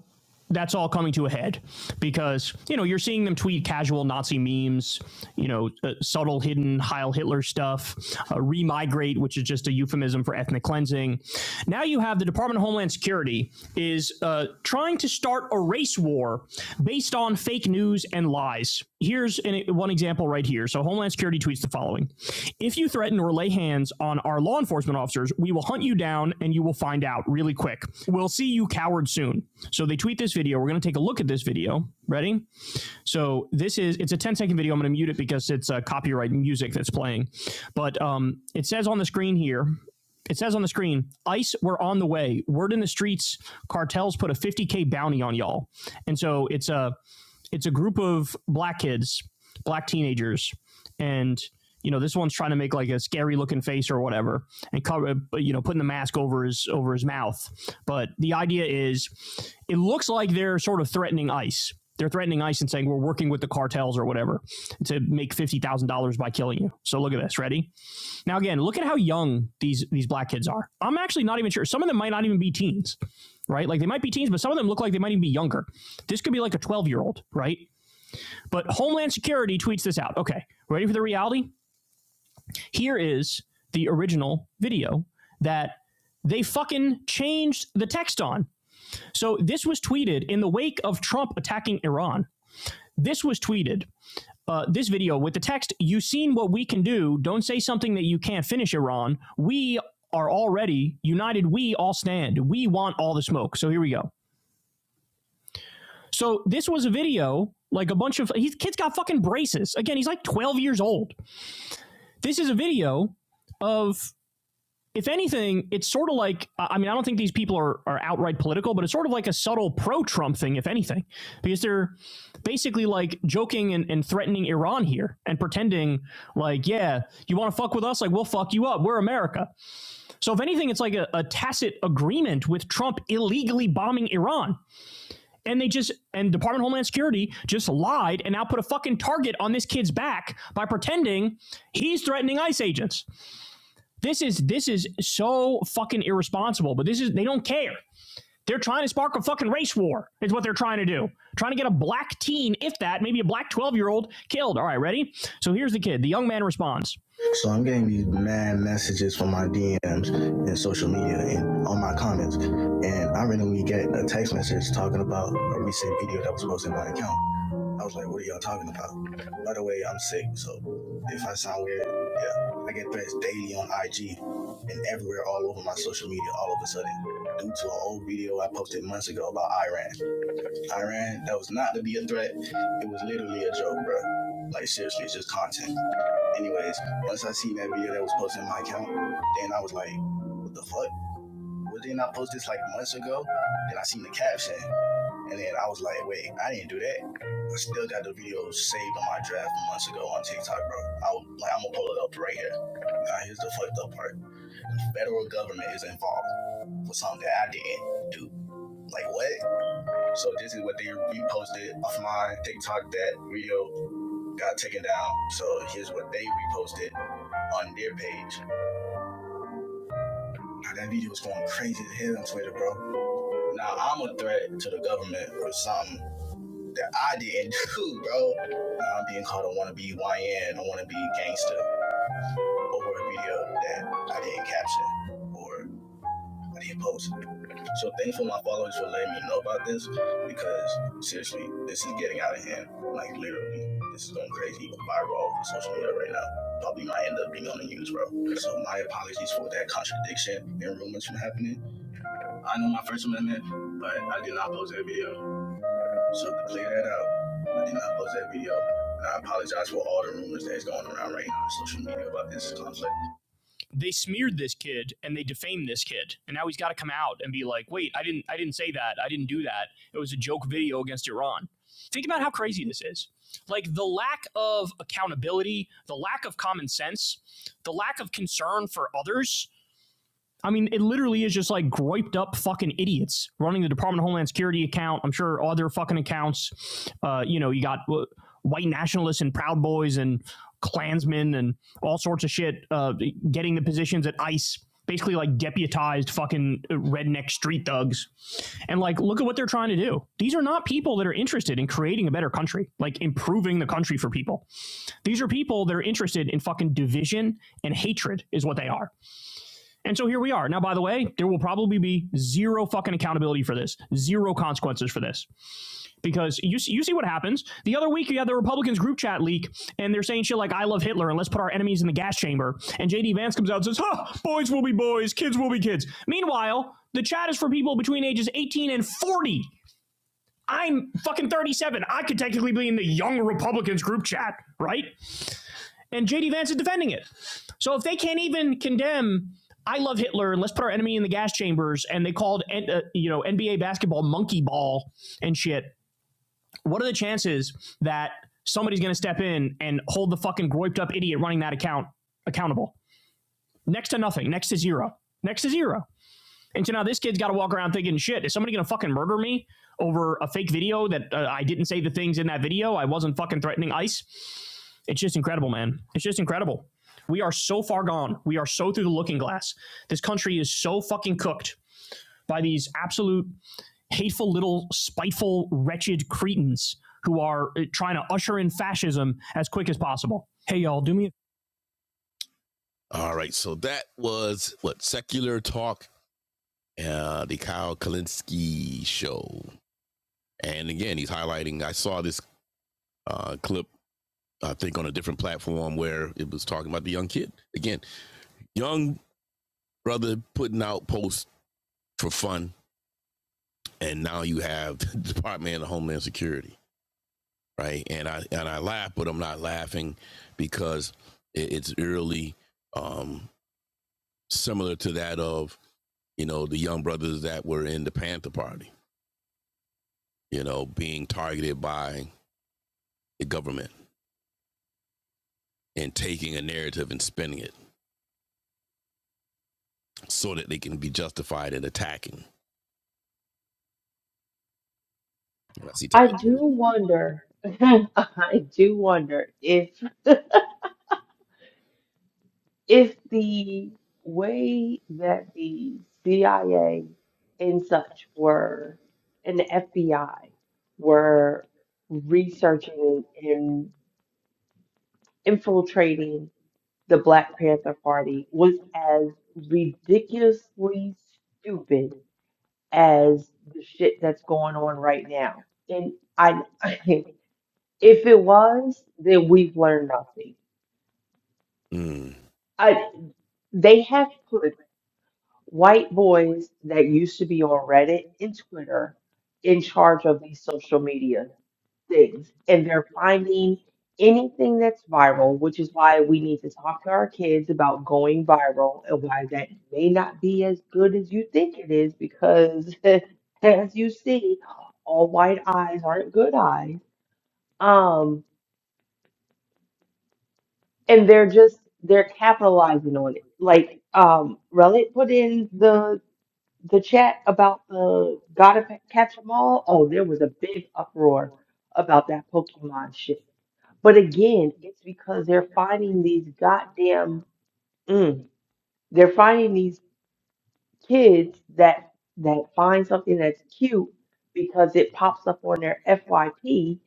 Speaker 2: that's all coming to a head because you know you're seeing them tweet casual Nazi memes, you know, uh, subtle hidden Heil Hitler stuff, uh, remigrate, which is just a euphemism for ethnic cleansing. Now you have the Department of Homeland Security is uh, trying to start a race war based on fake news and lies. Here's an, one example right here. So Homeland Security tweets the following: if you threaten or lay hands on our law enforcement officers, we will hunt you down and you will find out really quick. We'll see you coward soon. So they tweet this video. We're going to take a look at this video. Ready? So this is it's a ten-second video. I'm going to mute it because it's uh, copyright music that's playing. But um, it says on the screen here. It says on the screen, ICE, we're on the way. Word in the streets, cartels put a 50K bounty on y'all. And so it's a it's a group of black kids, black teenagers, and you know this one's trying to make like a scary looking face or whatever, and cover uh, you know putting the mask over his over his mouth. But the idea is, it looks like they're sort of threatening ICE. They're threatening ICE and saying we're working with the cartels or whatever to make fifty thousand dollars by killing you. So look at this. Ready? Now again, look at how young these these black kids are. I'm actually not even sure. Some of them might not even be teens right? Like they might be teens, but some of them look like they might even be younger. This could be like a 12 year old, right? But Homeland Security tweets this out. Okay, ready for the reality? Here is the original video that they fucking changed the text on. So this was tweeted in the wake of Trump attacking Iran. This was tweeted. Uh, this video with the text, you have seen what we can do. Don't say something that you can't finish, Iran. We are already united. We all stand. We want all the smoke. So here we go. So this was a video, like a bunch of, his kid's got fucking braces. Again, he's like 12 years old. This is a video of, if anything, it's sort of like, I mean, I don't think these people are, are outright political, but it's sort of like a subtle pro Trump thing, if anything, because they're basically like joking and, and threatening Iran here and pretending like, yeah, you want to fuck with us? Like, we'll fuck you up. We're America. So, if anything, it's like a, a tacit agreement with Trump illegally bombing Iran. And they just, and Department of Homeland Security just lied and now put a fucking target on this kid's back by pretending he's threatening ICE agents. This is this is so fucking irresponsible. But this is they don't care. They're trying to spark a fucking race war. Is what they're trying to do. Trying to get a black teen, if that, maybe a black twelve year old killed. All right, ready? So here's the kid. The young man responds. So I'm getting these mad messages from my DMs and social media and on my comments. And I randomly get a text message talking about a recent video that was posted on my account. I was like, what are y'all talking about? By the way, I'm sick, so if I sound weird, yeah. I get threats daily on IG and everywhere all over my social media all of a sudden due to an old video I posted months ago about Iran. Iran, that was not to be a threat. It was literally a joke, bro. Like, seriously, it's just content. Anyways, once I seen that video that was posted in my account, then I was like, what the fuck? Was they not post this like months ago? Then I seen the caption. And then I was like, wait, I didn't do that. I still got the video saved on my draft months ago on TikTok, bro. I was, like, I'm gonna pull it up right here. Now here's the fucked up part: the federal government is involved for something that I didn't do. Like what? So this is what they reposted off my TikTok. That video got taken down. So here's what they reposted on their page. Now that video was going crazy as hell on Twitter, bro. Now I'm a threat to the government or something that I didn't do, bro. Now I'm being called a wannabe YN, a wannabe gangster over a video that I didn't caption or I didn't post. So thankful my followers for letting me know about this because seriously, this is getting out of hand. Like literally, this is going crazy viral all over social media right now. Probably might end up being on the news, bro. So my apologies for that contradiction and rumors from happening. I know my First Amendment, but I did not post that video. So to clear that out, I did not post that video. And I apologize for all the rumors that's going around right now on social media about this. They smeared this kid and they defamed this kid, and now he's got to come out and be like, "Wait, I didn't, I didn't say that. I didn't do that. It was a joke video against Iran." Think about how crazy this is. Like the lack of accountability, the lack of common sense, the lack of concern for others I mean, it literally is just like griped up fucking idiots running the Department of Homeland Security account. I'm sure other fucking accounts. Uh, you know, you got uh, white nationalists and Proud Boys and Klansmen and all sorts of shit uh, getting the positions at ICE, basically like deputized fucking redneck street thugs. And like, look at what they're trying to do. These are not people that are interested in creating a better country, like improving the country for people. These are people that are interested in fucking division and hatred, is what they are. And so here we are. Now, by the way, there will probably be zero fucking accountability for this, zero consequences for this. Because you see, you see what happens. The other week, you had the Republicans group chat leak, and they're saying shit like, I love Hitler, and let's put our enemies in the gas chamber. And JD Vance comes out and says, huh, boys will be boys, kids will be kids. Meanwhile, the chat is for people between ages 18 and 40. I'm fucking 37. I could technically be in the young Republicans group chat, right? and JD Vance is defending it. So if they can't even condemn I love Hitler and let's put our enemy in the gas chambers and they called uh, you know NBA basketball monkey ball and shit, what are the chances that somebody's going to step in and hold the fucking groiped up idiot running that account accountable? Next to nothing, next to zero. Next to zero. And so now this kid's got to walk around thinking, shit, is somebody going to fucking murder me over a fake video that uh, I didn't say the things in that video? I wasn't fucking threatening ICE. It's just incredible, man. It's just incredible. We are so far gone. We are so through the looking glass. This country is so fucking cooked by these absolute hateful little spiteful wretched cretins who are uh, trying to usher in fascism as quick as possible. Hey y'all, do me a All right. So that was what secular talk uh, the Kyle Kalinske show. And again, he's highlighting. I saw this uh, clip, I think, on a different platform where it was talking about the young kid. Again, young brother putting out posts for fun, and now you have the Department of Homeland Security, right? And I and I laugh, but I'm not laughing because it, it's eerily um, similar to that of you know the young brothers that were in the Panther Party, you know, being targeted by the government and taking a narrative and spinning it so that they can be justified in attacking. And I see
Speaker 1: I
Speaker 2: Tyler.
Speaker 1: do wonder. I do wonder if if the way that the CIA and such were and the FBI were researching and infiltrating the Black Panther Party was as ridiculously stupid as the shit that's going on right now. And I, if it was, then we've learned nothing.
Speaker 2: Mm,
Speaker 1: I, they have put white boys that used to be on Reddit and Twitter in charge of these social media. things and they're finding anything that's viral, which is why we need to talk to our kids about going viral and why that may not be as good as you think it is because as you see, all white eyes aren't good eyes. Um and they're just they're capitalizing on it. Like um Relic put in the the chat about the gotta catch 'em all. Oh, there was a big uproar about that Pokemon shit But again, it's because they're finding these goddamn mm, they're finding these kids that that find something that's cute because it pops up on their FYP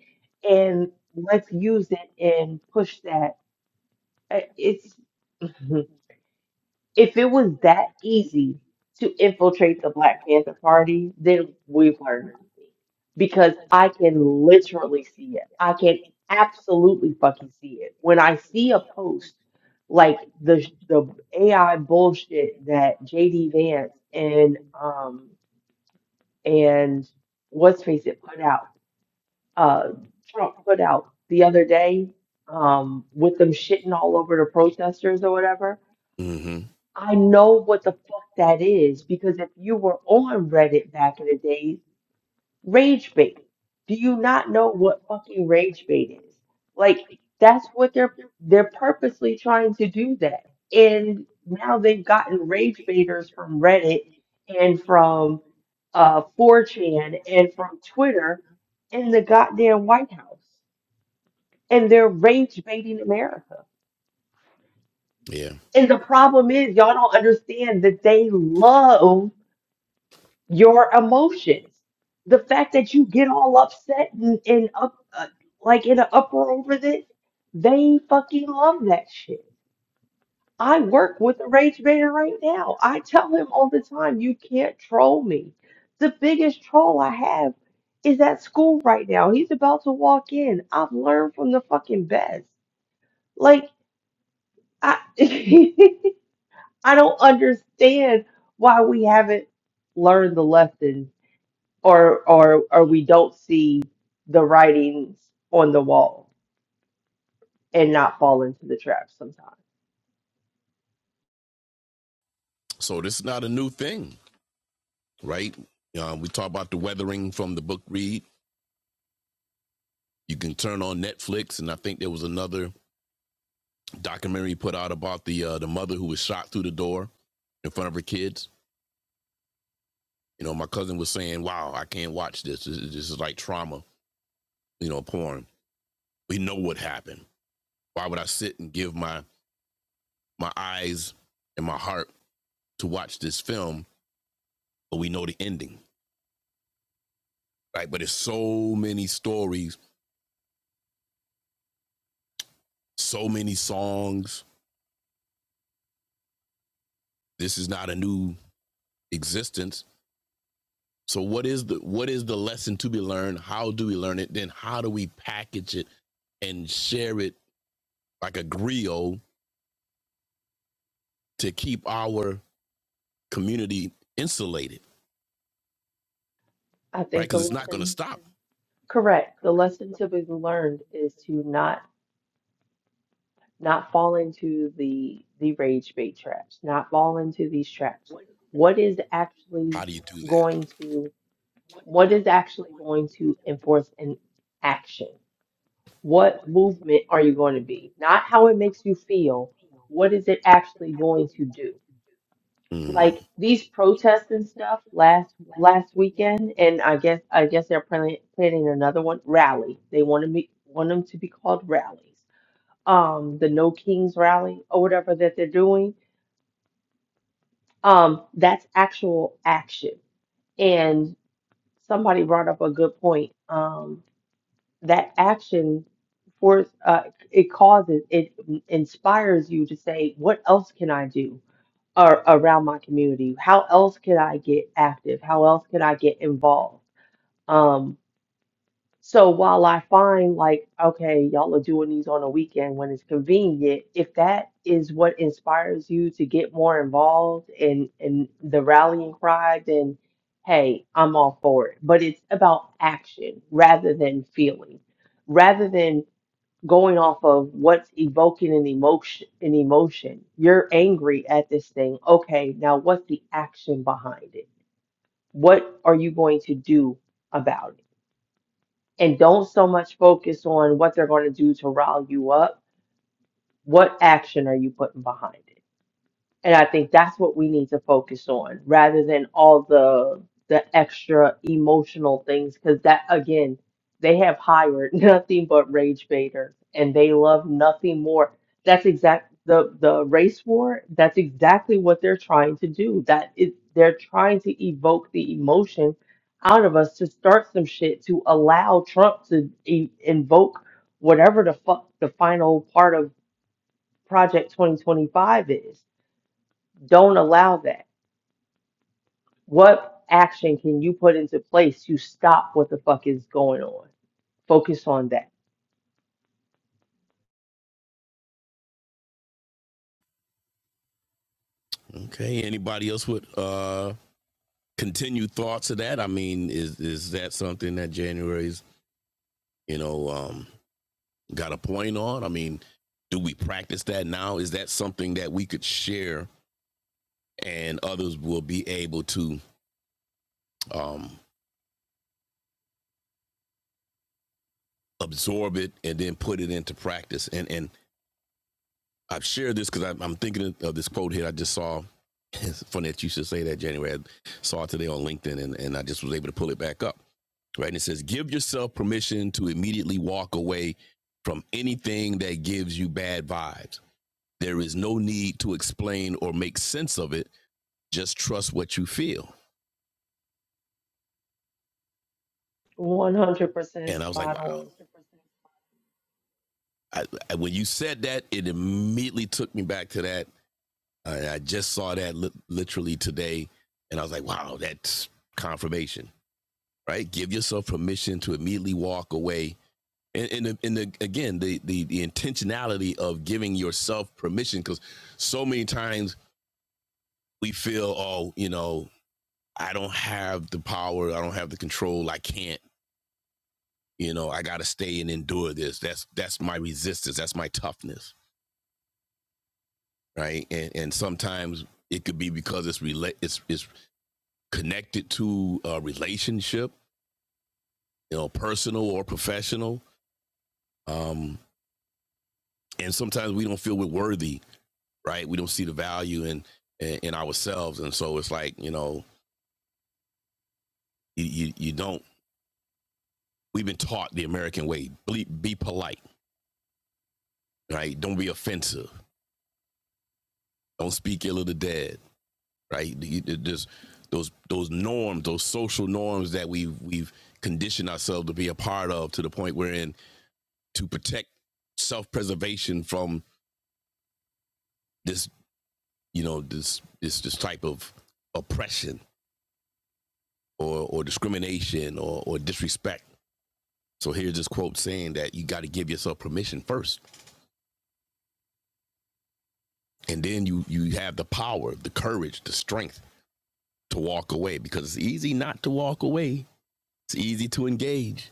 Speaker 1: and let's use it and push that. Uh, It's If it was that easy to infiltrate the Black Panther Party, then we've learned nothing. Because I can literally see it. I can absolutely fucking see it. When I see a post like the the AI bullshit that JD Vance and um and what's face it put out uh Trump put out the other day um with them shitting all over the protesters or whatever
Speaker 2: hmm
Speaker 1: I know what the fuck that is because if you were on Reddit back in the day, rage bait. Do you not know what fucking rage bait is? Like that's what they're they're purposely trying to do that. And now they've gotten rage baiters from Reddit and from uh 4chan and from Twitter in the goddamn White House. And they're rage baiting America.
Speaker 2: Yeah.
Speaker 1: And the problem is y'all don't understand that they love your emotions. The fact that you get all upset and, and up, uh, like in an uproar over this, they fucking love that shit. I work with a rage bait right now. I tell him all the time, you can't troll me. The biggest troll I have is at school right now. He's about to walk in. I've learned from the fucking best. Like I, I don't understand why we haven't learned the lesson or or or we don't see the writings on the wall and not fall into the trap sometimes.
Speaker 2: So this is not a new thing, right? Um, we talk about the weathering from the book read. You can turn on Netflix, and I think there was another documentary put out about the uh, the mother who was shot through the door in front of her kids. You know, my cousin was saying, "Wow, I can't watch this. This, this is like trauma." You know, porn. We know what happened. Why would I sit and give my my eyes and my heart to watch this film, but we know the ending, right? But it's so many stories, so many songs. This is not a new existence. So what is the what is the lesson to be learned? How do we learn it? Then how do we package it and share it like a griot to keep our community insulated,
Speaker 1: I
Speaker 2: right?
Speaker 1: think the
Speaker 2: Because it's not going
Speaker 1: lesson correct. The lesson typically learned is to not not fall into the the rage bait traps, not fall into these traps. What is actually
Speaker 2: How do you do that?
Speaker 1: going to what is actually going to enforce an action? What movement are you going to be? Not how it makes you feel. What is it actually going to do?
Speaker 2: Mm,
Speaker 1: like these protests and stuff last last weekend, and I guess I guess they're planning planning another one rally. They want to be want them to be called rallies. Um, the No Kings rally or whatever that they're doing. Um, that's actual action. And somebody brought up a good point. Um, that action for uh, it causes it inspires you to say, what else can I do? ar- around my community? How else could I get active? How else could I get involved? Um, so while I find like, okay, y'all are doing these on a weekend when it's convenient, if that is what inspires you to get more involved in in the rallying cry, then hey, I'm all for it. But it's about action rather than feeling, rather than going off of what's evoking an emotion an emotion you're angry at this thing okay now what's the action behind it what are you going to do about it and don't so much focus on what they're going to do to rile you up what action are you putting behind it And I think that's what we need to focus on rather than all the the extra emotional things because that again, they have hired nothing but rage baiters and they love nothing more. That's exact the the race war, that's exactly what they're trying to do. That is they're trying to evoke the emotion out of us to start some shit to allow Trump to e- invoke whatever the fuck the final part of Project 2025 is don't allow that. What action can you put into place to stop what the fuck is going on? Focus on that.
Speaker 2: okay. Anybody else with uh, continued thoughts of that? I mean, is is that something that January's you know um, got a point on? I mean, do we practice that now? Is that something that we could share and others will be able to um, absorb it and then put it into practice? And and I've shared this because I'm, thinking of this quote here I just saw. It's funny that you should say that, January. I saw it today on LinkedIn and, and I just was able to pull it back up. Right. And it says, give yourself permission to immediately walk away from anything that gives you bad vibes. There is no need to explain or make sense of it just trust what you feel.
Speaker 1: One hundred percent
Speaker 2: And I was like,
Speaker 1: spot
Speaker 2: wow.
Speaker 1: on.
Speaker 2: I, I, when you said that, it immediately took me back to that. I, I just saw that li- literally today, and I was like, wow, that's confirmation, right? Give yourself permission to immediately walk away. And, and, the- and the, again, the, the, the intentionality of giving yourself permission, because so many times we feel, oh, you know, I don't have the power, I don't have the control, I can't. you know i gotta stay and endure this that's that's my resistance that's my toughness right and and sometimes it could be because it's relate it's, it's connected to a relationship you know personal or professional um and sometimes we don't feel we're worthy right we don't see the value in in, in ourselves and so it's like you know you, you you don't we've been taught the american way be, be polite right don't be offensive don't speak ill of the dead right? Just those those norms, those social norms that we've we've conditioned ourselves to be a part of, to the point we're in to protect self preservation from this, you know, this this this type of oppression or or discrimination or or disrespect. So here's this quote saying that you got to give yourself permission first, and then you you have the power, the courage, the strength to walk away because it's easy not to walk away. It's easy to engage.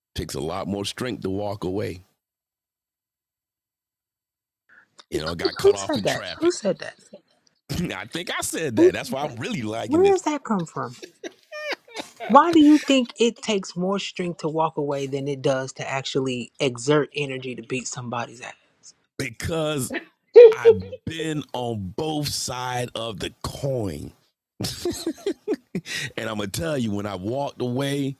Speaker 2: It Takes a lot more strength to walk away You know, got
Speaker 3: who
Speaker 2: cut off
Speaker 3: said
Speaker 2: in
Speaker 3: that
Speaker 2: traffic.
Speaker 3: who said that
Speaker 2: I think I said
Speaker 3: who
Speaker 2: that. That's
Speaker 3: said
Speaker 2: why I'm
Speaker 3: that
Speaker 2: really liking
Speaker 3: where
Speaker 2: this
Speaker 3: does that come from why do you think it takes more strength to walk away than it does to actually exert energy to beat somebody's ass
Speaker 2: because I've been on both side of the coin. and I'm gonna tell you, when I walked away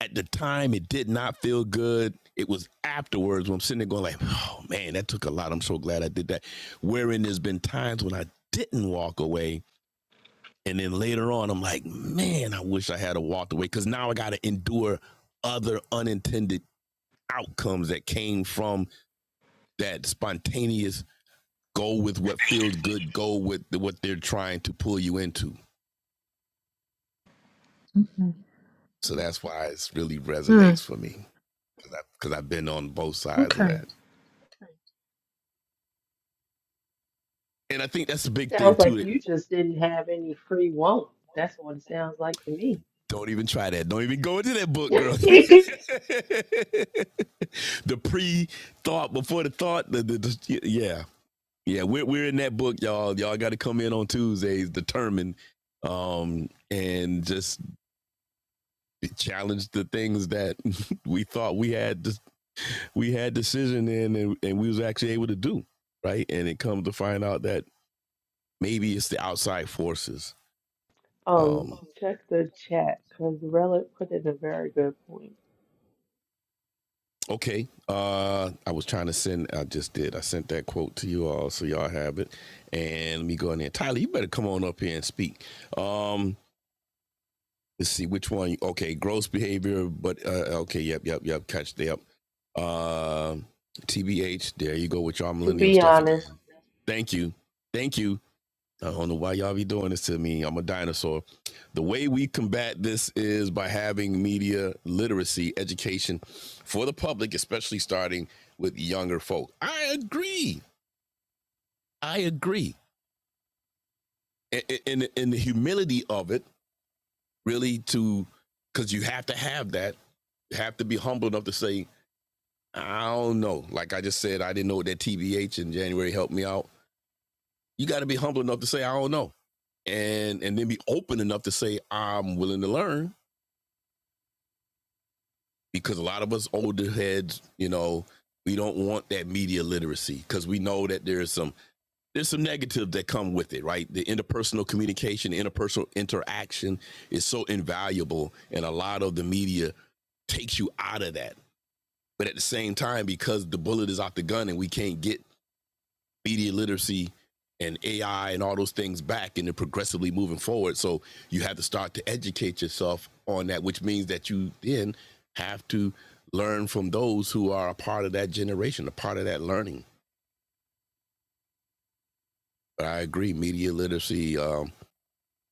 Speaker 2: at the time, it did not feel good. It was afterwards when I'm sitting there going like, "Oh man, that took a lot." I'm so glad I did that. Wherein there's been times when I didn't walk away, and then later on, I'm like, "Man, I wish I had a walked away," because now I got to endure other unintended outcomes that came from that spontaneous go with what feels good, go with the, what they're trying to pull you into. So that's why it really
Speaker 3: Hmm.
Speaker 2: resonates for me because I've been on both sides of
Speaker 3: Okay.
Speaker 2: that. And I think that's the big thing
Speaker 1: Sounds like
Speaker 2: too.
Speaker 1: you just didn't have any free won't. That's what it sounds like to me.
Speaker 2: Don't even try that. Don't even go into that book, girl. the pre thought before the thought. The, the, the, yeah, yeah. We're we're in that book, y'all. Y'all got to come in on Tuesdays, determined, um, and just challenged the things that we thought we had we had decision in and, and we was actually able to do right and it comes to find out that maybe it's the outside forces
Speaker 1: Um,
Speaker 2: um
Speaker 1: check the chat because Relic put in a very good point.
Speaker 2: okay uh i was trying to send i just did i sent that quote to you all so y'all have it and let me go in there tyler you better come on up here and speak um Let's see which one. Okay, gross behavior, but uh, okay, yep, yep, yep. Catch the up. Uh, TBH, there you go with your
Speaker 1: To
Speaker 2: millennial
Speaker 1: be
Speaker 2: stuff
Speaker 1: honest,
Speaker 2: again. Thank you, thank you. I don't know why y'all be doing this to me. I'm a dinosaur. The way we combat this is by having media literacy education for the public, especially starting with younger folk. I agree. I agree. And, and, and the humility of it, really, to because you have to have that have to be humble enough to say, I don't know. Like I just said, I didn't know what that TBH in January helped me out. You got to be humble enough to say, I don't know. And and then be open enough to say, I'm willing to learn because a lot of us older heads, you know, we don't want that media literacy because we know that there's some there's some negative that come with it, right? The interpersonal communication, the interpersonal interaction is so invaluable, and a lot of the media takes you out of that. But at the same time, because the bullet is out the gun and we can't get media literacy and AI and all those things back and they're progressively moving forward. So you have to start to educate yourself on that, which means that you then have to learn from those who are a part of that generation, a part of that learning. But I agree, media literacy um,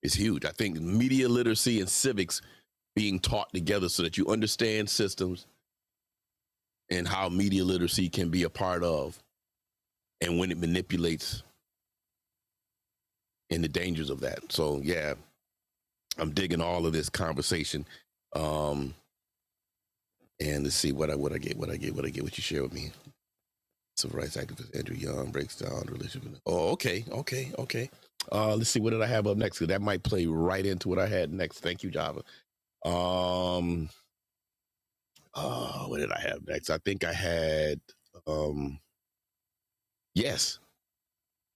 Speaker 2: is huge. I think media literacy and civics being taught together so that you understand systems and how media literacy can be a part of and when it manipulates and the dangers of that. So yeah, I'm digging all of this conversation. Um, and let's see what I what I get, what I get, what I get, what you share with me. Civil rights activist Andrew Young breaks down religion. Oh, okay, okay, okay. Uh, let's see what did I have up next? Cause that might play right into what I had next. Thank you, Java. Um, uh, what did I have next? I think I had um, yes.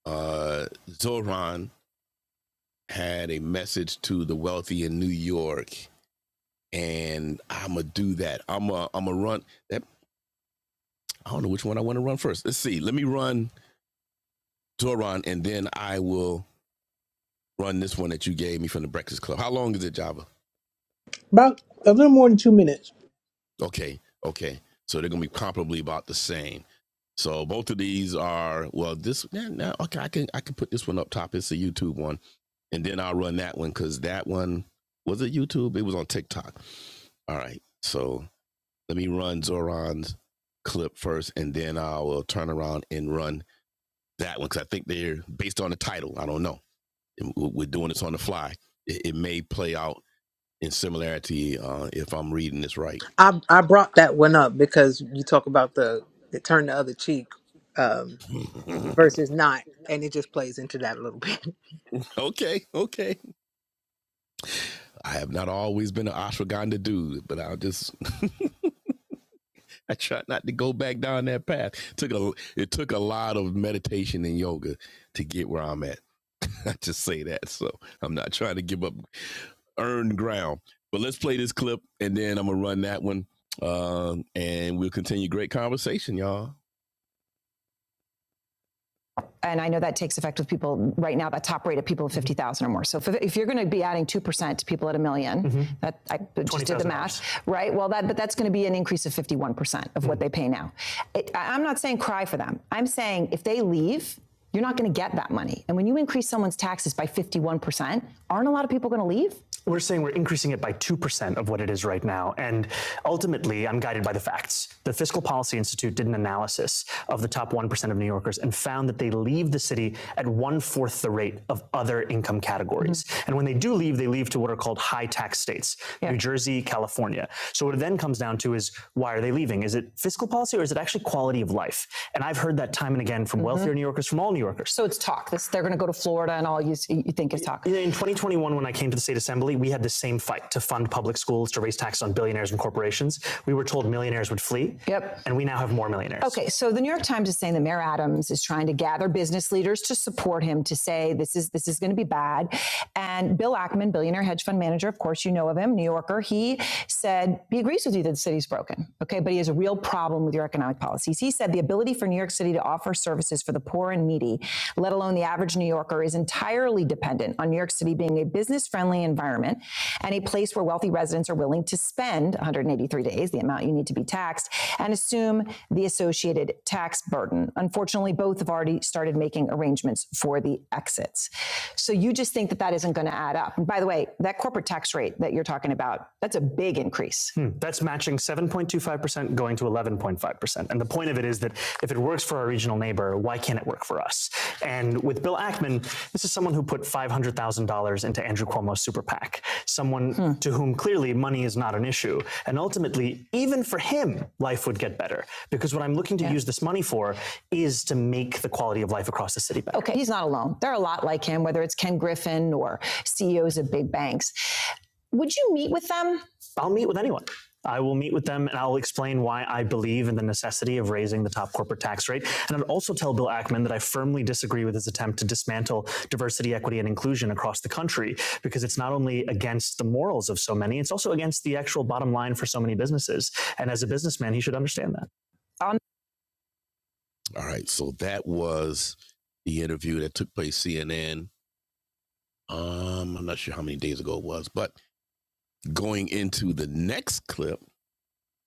Speaker 2: Uh, Zoran had a message to the wealthy in New York, and I'm gonna do that. I'm a I'm a run that I don't know which one I want to run first. Let's see. Let me run Doron, and then I will run this one that you gave me from the Breakfast Club. How long is it, Java? Okay, okay. So they're gonna be comparably about the same. So both of these are well. This yeah, no, okay. I can I can put this one up top. It's a YouTube one, and then I'll run that one because that one was it YouTube. It was on TikTok. All right. So let me run Zoran's clip first, and then I will turn around and run that one because I think they're based on the title. I don't know. we're doing this on the fly. It, it may play out in similarity uh, if I'm reading this right.
Speaker 3: I I brought that one up because you talk about the, the turn the other cheek um, versus not, and it just plays into that a little bit.
Speaker 2: Okay, okay. I have not always been an ashwagandha dude, but I'll just I try not to go back down that path. It Took a it took a lot of meditation and yoga to get where I'm at. I just say that, so I'm not trying to give up earned ground. But let's play this clip, and then I'm gonna run that one, uh, and we'll continue great conversation, y'all. people 50,000 cash, be an increase of 51%. and cry for them. I'm saying if they leave, going to get one's taxes by 51%. We're going to do personal policy did an analysis of the top round that they leave one fourth the rate of other income categories. Mm-hmm. And when they do leave, they what are called high tax states. Yeah. New Jersey, why are they leaving? Life. In 2021, when I came to the state assembly, we had the same fight to fund public schools, to raise taxes on billionaires and corporations. We were told millionaires would flee. Yep. And we now have more millionaires. Okay, so the New York Times is saying that Merriam is trying to gab. This is and Bill said be broken. Okay, but he has a real problem with your economic policy. offer for the poor, let alone the average New Yorker, is entirely dependent on New York City being a business friendly environment and a place where wealthy residents are willing to spend 183 days, the amount you need to be taxed, and assume the associated tax burden. Unfortunately, both have already started making arrangements for it to add up. And by the way, that corporate tax rate that you're talking about, that's a big increase. Hmm. This is someone who put $500 in hmm. the shoe. And ultimately, even for him, life would get better. Because what I'm looking to yeah. use this money for I'll meet with anyone. I will meet with them and I'll explain why I believe in the necessity of raising the top corporate tax rate. And I'll also tell Bill Ackman that I firmly disagree with his attempt to dismantle diversity, equity, and inclusion across the country because it's not only against the morals of so many, it's also against the actual bottom line for so many businesses. And as a businessman, he should understand that. All right. So that was the interview that took place CNN. Um, I'm not sure how many days ago it was, but going into the next clip,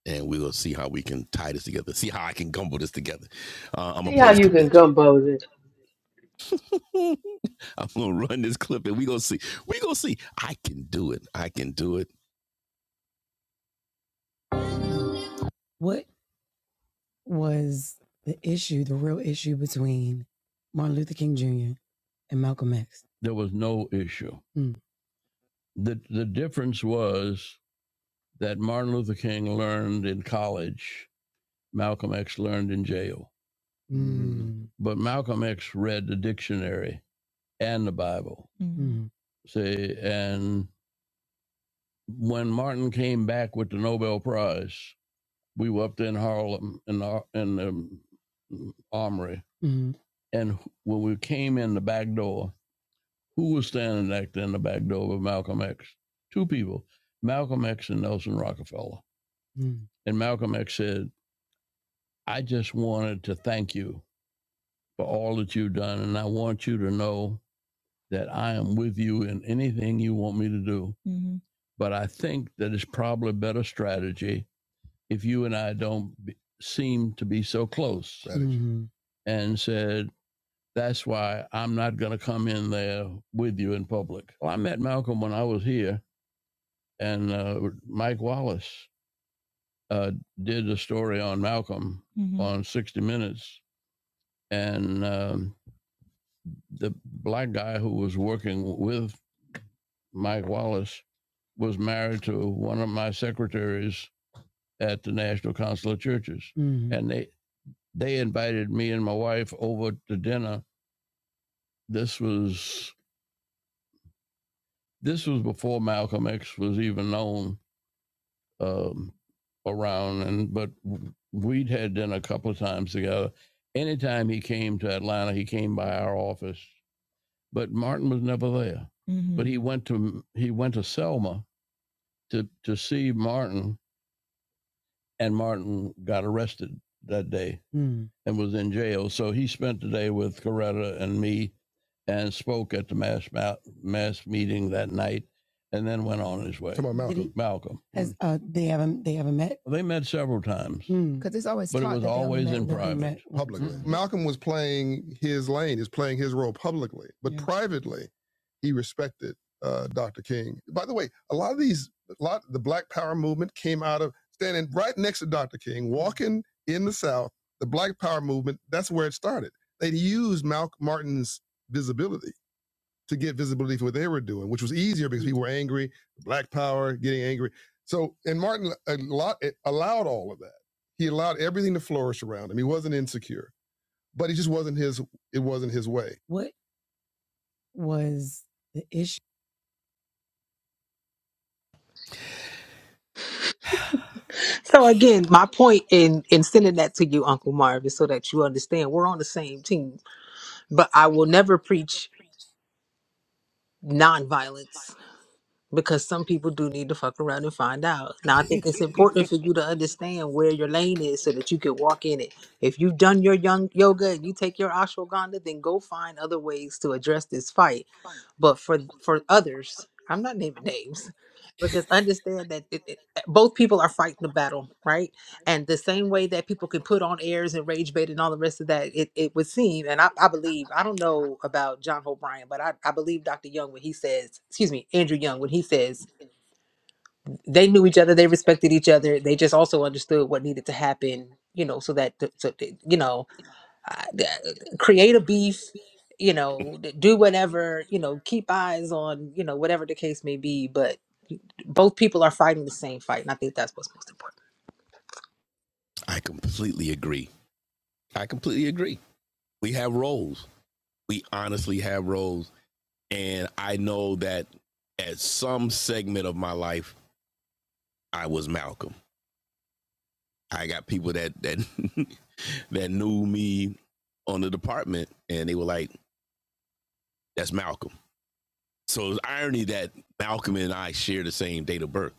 Speaker 2: and we will see how we can tie this together. See how I can gumble this together. Uh, I'm gonna
Speaker 1: see
Speaker 2: play
Speaker 1: how
Speaker 2: this
Speaker 1: you
Speaker 2: clip
Speaker 1: can
Speaker 2: that job.
Speaker 1: gumbo this.
Speaker 2: I'm gonna run this clip, and we gonna see. We gonna see. I can do it. I can do it. What was the issue? The real issue between Martin Luther King Jr. and Malcolm X? There was no issue. Hmm. the The difference was that Martin Luther King learned in college. Malcolm X learned in jail. Mm. Malcolm read the dictionary and the Bible. Mm. when Martin came back with the Nobel Prize, we were up there in Harlem in the, in the mm, armory. Mhm. And when we came in the back, Nelson, for all that I am with you in anything you want me to do. But I think that it's probably a better strategy if you and I don't be, seem to be so close. Right. And said, that's why I'm not going to come in there with you in public. Well, I met Malcolm when I was here, and uh, Mike Wallace did a story on Malcolm on 60 Minutes. And um, the black guy who was working with Mike Wallace was married to one of my secretaries at the National Council of Churches. Mhm. And they, they invited me and my wife over to dinner. This was this was before Malcolm X was even known um, around, and but we'd had dinner a couple of times together. Anytime he came to Atlanta, he came by our office, but Martin was never there. Mm-hmm. But he went to he went to Selma to, to see Martin, and Martin got arrested that day and was in jail. So he spent the day with Coretta and me and spoke at the mass ma- mass meeting that night, and then went on his way. Come on, Malcolm. he- Malcolm. Has always But it was always in private. met. publicly. Mhm. Malcolm was playing his lane, is playing his role publicly, Yeah. privately, he respected uh, Dr. King. By the way, a lot of these, a lot the Black Power movement came out of standing right next to Dr. King, walking in the South. The Black Power movement, that's where it started. They used Malcolm Martin's visibility to get visibility for what they were doing, which was easier because people were angry, black power, getting angry. So, and Martin a lot allowed all of that. He allowed everything to flourish around him. He wasn't insecure, but he just wasn't his. It wasn't his way.
Speaker 3: So again, my point in in sending that to you, Uncle Marv, is so that you understand we're on the same team. But I will never preach nonviolence because some people do need to fuck around and find out. Now, I think it's important for you to understand where your lane is so that you can walk in it. If you've done your young yoga and you take your ashwagandha, then go find other ways to address this fight but for for others i'm not naming names but just understand that it, it, eh, both people are fighting the battle right and the same way that people can put on airs and rage bait and all the rest of that it, it would seem and I, I believe i don't know about john o'brien but I, I believe dr young when he says excuse me andrew young when he says they knew each other they respected each other they just also understood what needed to happen you know so that so you know uh, th- create a beef you know d- do whatever you know keep eyes on you know whatever the case may be but both people are fighting the same fight and i think that's what's most important
Speaker 2: I completely agree. I completely agree. We have roles. We honestly have roles. And I know that at some segment of my life, I was Malcolm. I got people that that that knew me on the department and they were like, that's Malcolm. So it's irony that Malcolm and I share the same date of birth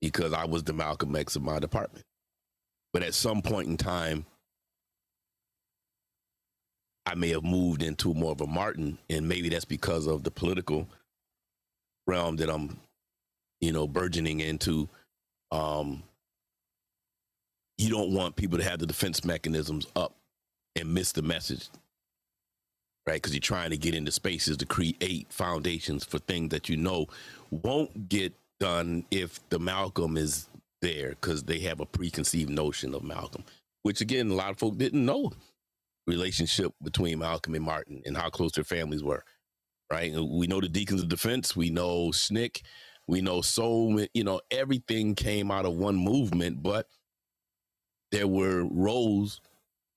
Speaker 2: because I was the Malcolm X of my department. But at some point in time, I may have moved into more of a Martin, and maybe that's because of the political realm that I'm, you know, burgeoning into. Um, you don't want people to have the defense mechanisms up and miss the message right? Because you're trying to get into spaces to create foundations for things that you know won't get done if the Malcolm is there, because they have a preconceived notion of Malcolm, which again, a lot of folk didn't know relationship between Malcolm and Martin and how close their families were, right? We know the Deacons of Defense, we know SNCC, we know so you know everything came out of one movement, but there were roles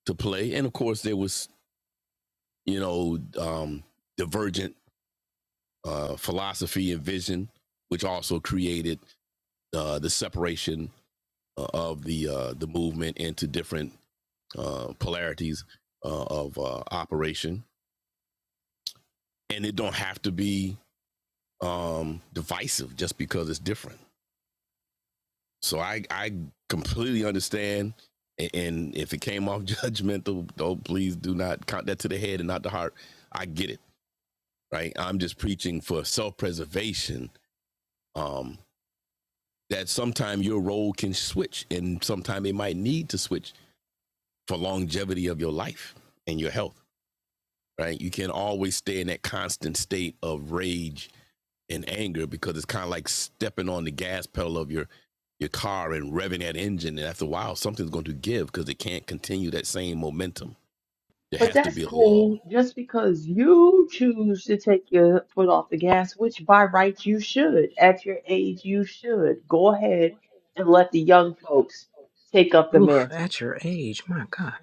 Speaker 2: to play, and of course there was you know um, divergent uh, philosophy and vision, which also created uh, the separation uh, of the uh, the movement into different uh, polarities uh, of uh, operation. And it don't have to be um, divisive just because it's different. So I I completely understand. And if it came off judgmental, don't please do not count that to the head and not the heart. I get it, right? I'm just preaching for self preservation um, that sometime your role can switch and sometime it might need to switch for longevity of your life and your health right you can't always stay in that constant state of rage and anger because it's kind of like stepping on the gas pedal of your your car and revving that engine and after a while something's going to give because it can't continue that same momentum there
Speaker 1: But
Speaker 2: has to
Speaker 1: that's
Speaker 2: be a,
Speaker 1: cool. Just because you choose to take your foot off the gas, which by rights you should, at your age you should, go ahead and let the young folks take up the
Speaker 3: Oof,
Speaker 1: mantle.
Speaker 3: at your age my god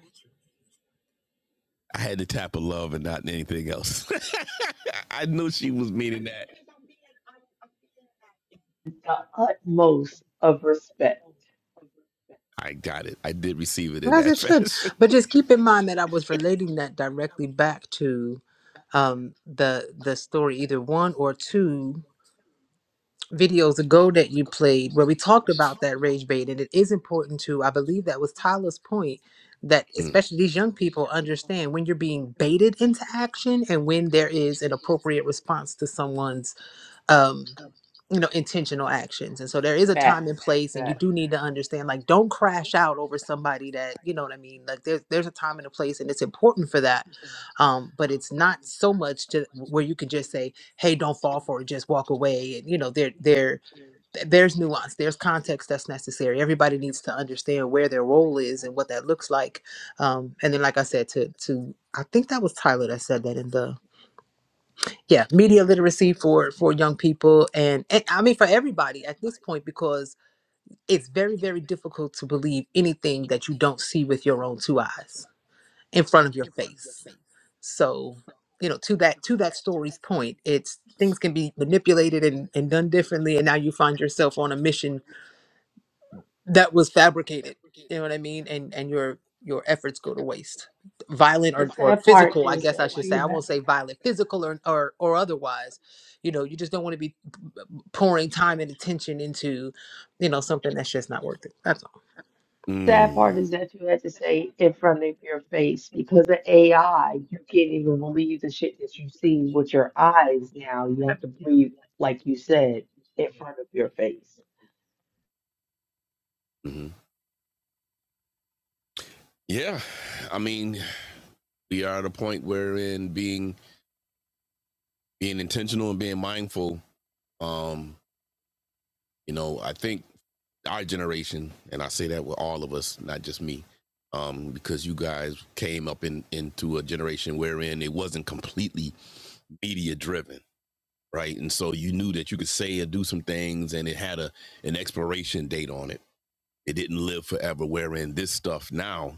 Speaker 2: i had to tap a love and not anything else i knew she was meaning that
Speaker 1: The utmost of respect.
Speaker 2: i got it i did receive it in
Speaker 3: as
Speaker 2: that
Speaker 3: it should
Speaker 2: fashion
Speaker 3: but just keep in mind that i was relating that directly back to um the the story either one or two videos ago that you played where we talked about that rage bait and it is important to i believe that was tyler's point that
Speaker 2: Mm,
Speaker 3: especially these young people understand when you're being baited into action and when there is an appropriate response to someone's um you know intentional actions and so there is a time and
Speaker 1: Facts.
Speaker 3: place and you
Speaker 1: Facts.
Speaker 3: do need to understand like don't crash out over somebody that you know what i mean like there's there's a time and a place and it's important for that um but it's not so much to where you can just say hey don't fall for it just walk away and you know they're they're th- there's nuance there's context that's necessary everybody needs to understand where their role is and what that looks like um, and then like i said to to i think that was tyler that said that in the yeah media literacy for for young people and, and i mean for everybody at this point because it's very very difficult to believe anything that you don't see with your own two eyes in front of your face so you know to that to that story's point it's things can be manipulated and, and done differently and now you find yourself on a mission that was fabricated you know what i mean and and your your efforts go to waste violent
Speaker 1: The
Speaker 3: or, or
Speaker 1: sad part
Speaker 3: physical i
Speaker 1: is
Speaker 3: guess i
Speaker 1: that
Speaker 3: should say
Speaker 1: you
Speaker 3: i won't say violent physical or, or or otherwise you know you just don't want to be pouring time and attention into you know something that's just not worth it that's all
Speaker 1: Sad
Speaker 2: mm,
Speaker 1: part is that you had to say in front of your face because of AI, you can't even believe the shit that you see with your eyes now. You have to believe, like you said, in front of your face.
Speaker 2: mm. Yeah, I mean, we are at a point wherein being being intentional and being mindful. Um, you know, I think our generation, and I say that with all of us, not just me, um, because you guys came up in into a generation wherein it wasn't completely media driven, right? And so you knew that you could say or do some things, and it had a an expiration date on it. It didn't live forever. Wherein this stuff now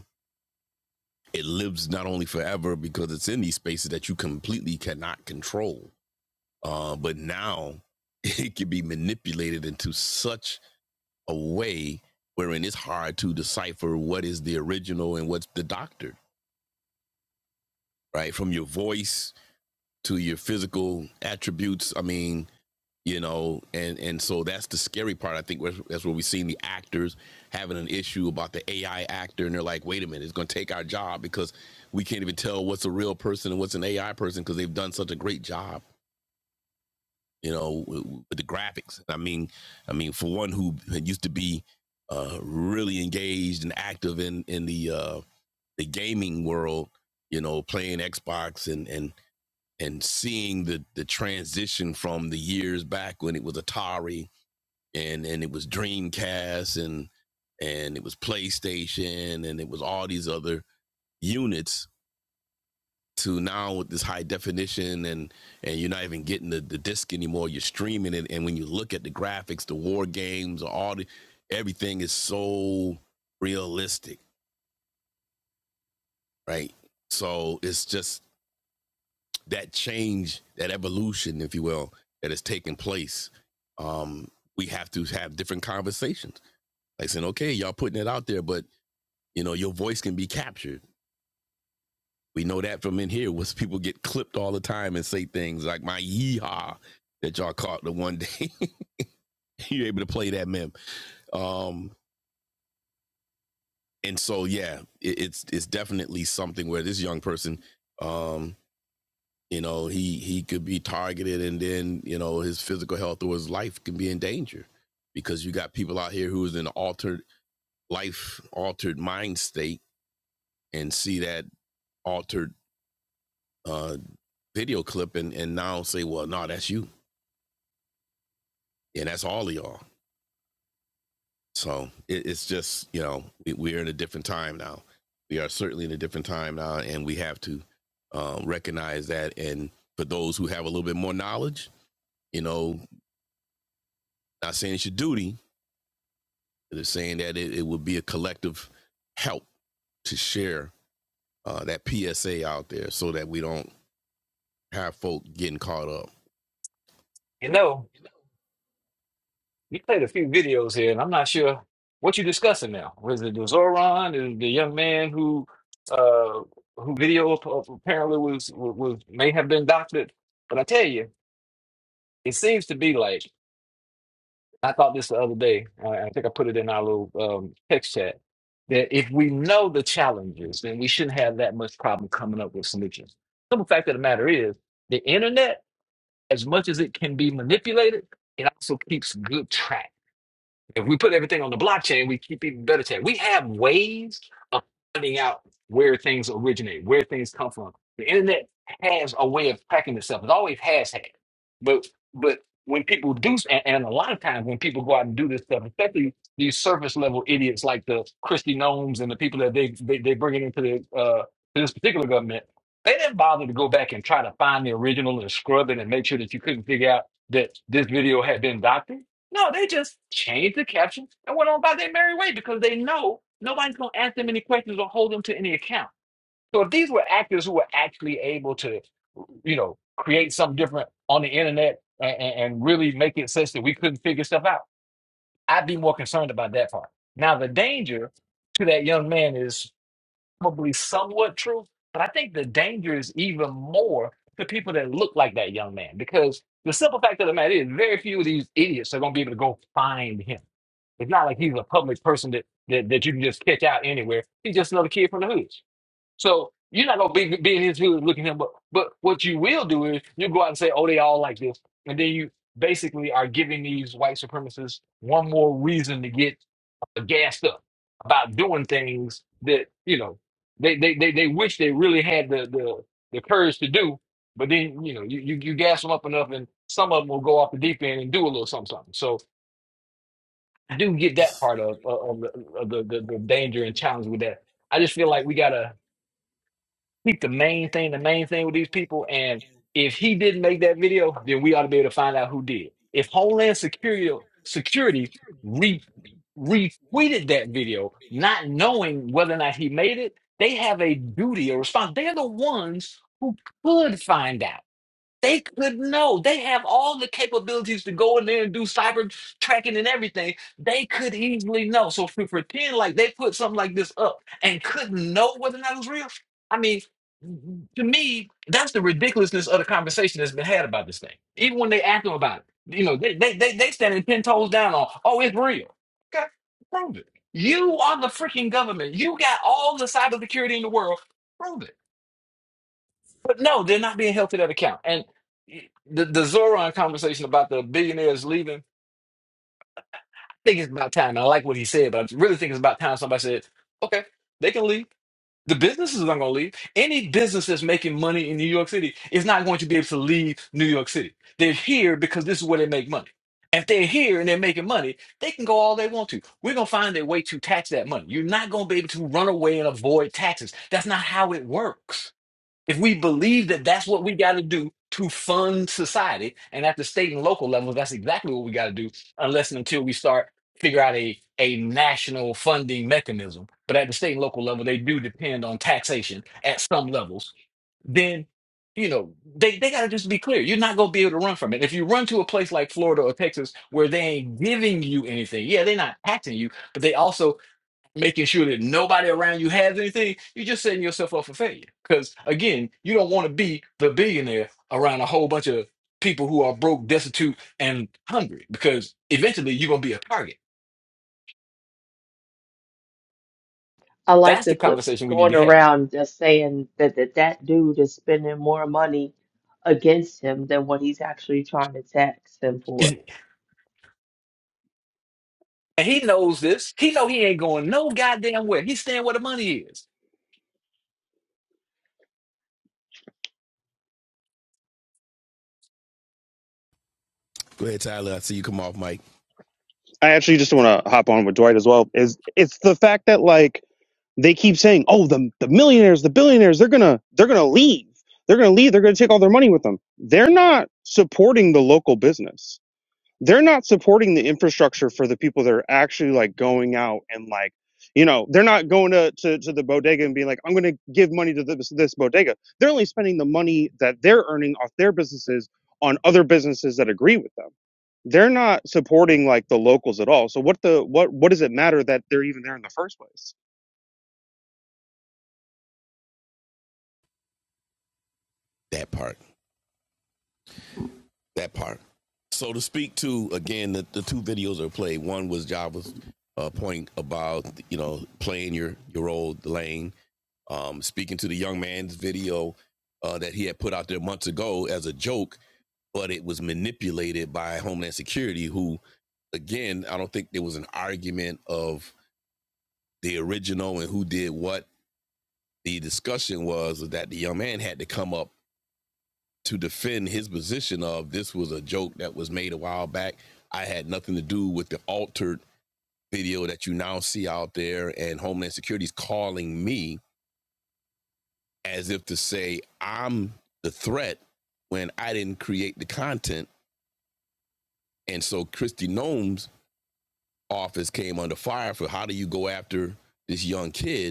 Speaker 2: it lives not only forever because it's in these spaces that you completely cannot control, uh, but now it can be manipulated into such a way wherein it's hard to decipher what is the original and what's the doctored, right? From your voice to your physical attributes. I mean, you know and and so that's the scary part i think that's where we've seen the actors having an issue about the ai actor and they're like wait a minute it's going to take our job because we can't even tell what's a real person and what's an ai person because they've done such a great job you know with, with the graphics i mean i mean for one who used to be uh really engaged and active in in the uh the gaming world you know playing xbox and and and seeing the the transition from the years back when it was atari and and it was Dreamcast and and it was PlayStation and it was all these other units to now with this high definition and and you're not even getting the, the disc anymore you're streaming it and when you look at the graphics the war games all the everything is so realistic right so it's just that change that evolution if you will that has taken place um we have to have different conversations like saying okay y'all putting it out there but You know, your voice can be captured. We know that from in here was people get clipped all the time and say things like my yeehaw that y'all caught the one day you're able to play that meme. Um, and so yeah, it, it's it's definitely something where this young person, um, you know, he he could be targeted, and then you know his physical health or his life can be in danger because you got people out here who is in an altered life, altered mind state, and see that altered uh, video clip and, and now say, well, no, that's you. And that's all of y'all. So it, it's just, you know, we, we're in a different time now. We are certainly in a different time now. And we have to um, recognize that. And for those who have a little bit more knowledge, you know, not saying it's your duty, but it's saying that it, it would be a collective help to share uh, that PSA out there so that we don't have folk getting caught up.
Speaker 6: You know, you played a few videos here, and I'm not sure what you're discussing now. Was it the Zoran, the the young man who, uh, who video app- apparently was, was was- may have been doctored? But I tell you, it seems to be like. I thought this the other day. I I think I put it in our little um, text chat that if we know the challenges, then we shouldn't have that much problem coming up with solutions. Simple fact of the matter is, the internet, as much as it can be manipulated, it also keeps good track. If we put everything on the blockchain, we keep even better tech. We have ways of finding out where things originate, where things come from. The internet has a way of tracking itself. It always has had. But but when people do, and, and a lot of times when people go out and do this stuff, especially these surface level idiots like the Christy Gnomes and the people that they they, they bring it into the uh, to this particular government, they didn't bother to go back and try to find the original and scrub it and make sure that you couldn't figure out that this video had been doctored no, they just changed the caption and went on by their merry way because they know nobody's going to ask them any questions or hold them to any account. So if these were actors who were actually able to, you know, create something different on the internet and, and really make it such that we couldn't figure stuff out, I'd be more concerned about that part. Now, the danger to that young man is probably somewhat true, but I think the danger is even more to people that look like that young man because the simple fact of the matter is very few of these idiots are going to be able to go find him it's not like he's a public person that, that, that you can just catch out anywhere. He's just another kid from the hood. So you're not gonna be, be in his hood looking at him. But but what you will do is you go out and say, "Oh, they all like this," and then you basically are giving these white supremacists one more reason to get uh, gassed up about doing things that you know they they they, they wish they really had the, the the courage to do, but then you know you, you you gas them up enough, and some of them will go off the deep end and do a little something something. So I do get that part of, of, of the, of the, the the danger and challenge with that. I just feel like we gotta keep the main thing, the main thing with these people. And if he didn't make that video, then we ought to be able to find out who did. If Homeland Security Security re, retweeted that video, not knowing whether or not he made it, they have a duty, a response. They're the ones who could find out. They could know. They have all the capabilities to go in there and do cyber tracking and everything. They could easily know. So if we pretend like they put something like this up and couldn't know whether or not it was real, I mean, to me, that's the ridiculousness of the conversation that's been had about this thing. Even when they ask them about it, you know, they they they, they standing ten toes down on, oh, it's real. Okay, prove it. You are the freaking government. You got all the cybersecurity in the world. Prove it. But no, they're not being held to that account. And the, the Zoran conversation about the billionaires leaving, I think it's about time. I like what he said, but I really think it's about time somebody said, okay, they can leave. The businesses aren't going to leave. Any business that's making money in New York City is not going to be able to leave New York City. They're here because this is where they make money. If they're here and they're making money, they can go all they want to. We're going to find a way to tax that money. You're not going to be able to run away and avoid taxes. That's not how it works. If we believe that that's what we got to do to fund society, and at the state and local levels, that's exactly what we got to do, unless and until we start figure out a, a national funding mechanism. But at the state and local level, they do depend on taxation at some levels. Then, you know, they, they got to just be clear. You're not going to be able to run from it. If you run to a place like Florida or Texas where they ain't giving you anything, yeah, they're not taxing you, but they also making sure that nobody around you has anything, you're just setting yourself up for failure. Because again, you don't want to be the billionaire around a whole bunch of people who are broke, destitute, and hungry. Because eventually, you're gonna be a target.
Speaker 1: I like
Speaker 6: That's
Speaker 1: the
Speaker 6: the
Speaker 1: clip that's
Speaker 6: conversation we need to
Speaker 1: going
Speaker 6: be having.
Speaker 1: around just saying that that, that dude is spending more money against him than what he's actually trying to tax him for.
Speaker 6: and he knows this. He know he ain't going no goddamn where. He's staying where the money is.
Speaker 2: Go ahead, Tyler. I see you come off, Mike.
Speaker 8: I actually just want to hop on with Dwight as well. Is it's the fact that like they keep saying, "Oh, the the millionaires, the billionaires, they're gonna they're gonna leave. They're gonna leave. They're gonna take all their money with them." They're not supporting the local business. They're not supporting the infrastructure for the people that are actually like going out and like you know they're not going to to, to the bodega and being like, "I'm gonna give money to this this bodega." They're only spending the money that they're earning off their businesses on other businesses that agree with them they're not supporting like the locals at all. So what the what what does it matter that they're even there in the first place?
Speaker 2: That part. that part. So to speak to again, the, the two videos are played. One was Java's uh, point about you know playing your your old lane. Um, speaking to the young man's video uh, that he had put out there months ago as a joke, but it was manipulated by Homeland Security, who again, I don't think there was an argument of the original and who did what. The discussion was that the young man had to come up to defend his position of this was a joke that was made a while back. I had nothing to do with the altered video that you now see out there, and Homeland Security's calling me as if to say I'm the threat when I didn't create the content. And so Christy Gnome's office came under fire for how do you go after this young kid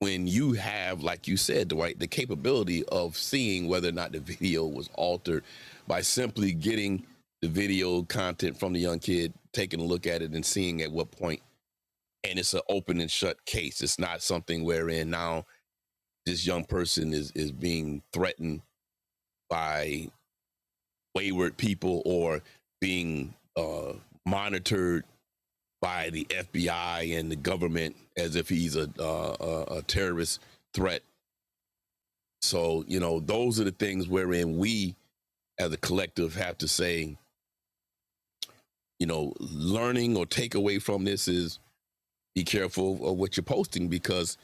Speaker 2: when you have, like you said, Dwight, the capability of seeing whether or not the video was altered by simply getting the video content from the young kid, taking a look at it and seeing at what point. And it's an open and shut case. It's not something wherein now this young person is is being threatened by wayward people or being uh, monitored by the FBI and the government as if he's a uh, a, a terrorist threat So, you know, those are the things wherein we as a collective have to say, you know, learning or take away from this is be careful of what you're posting because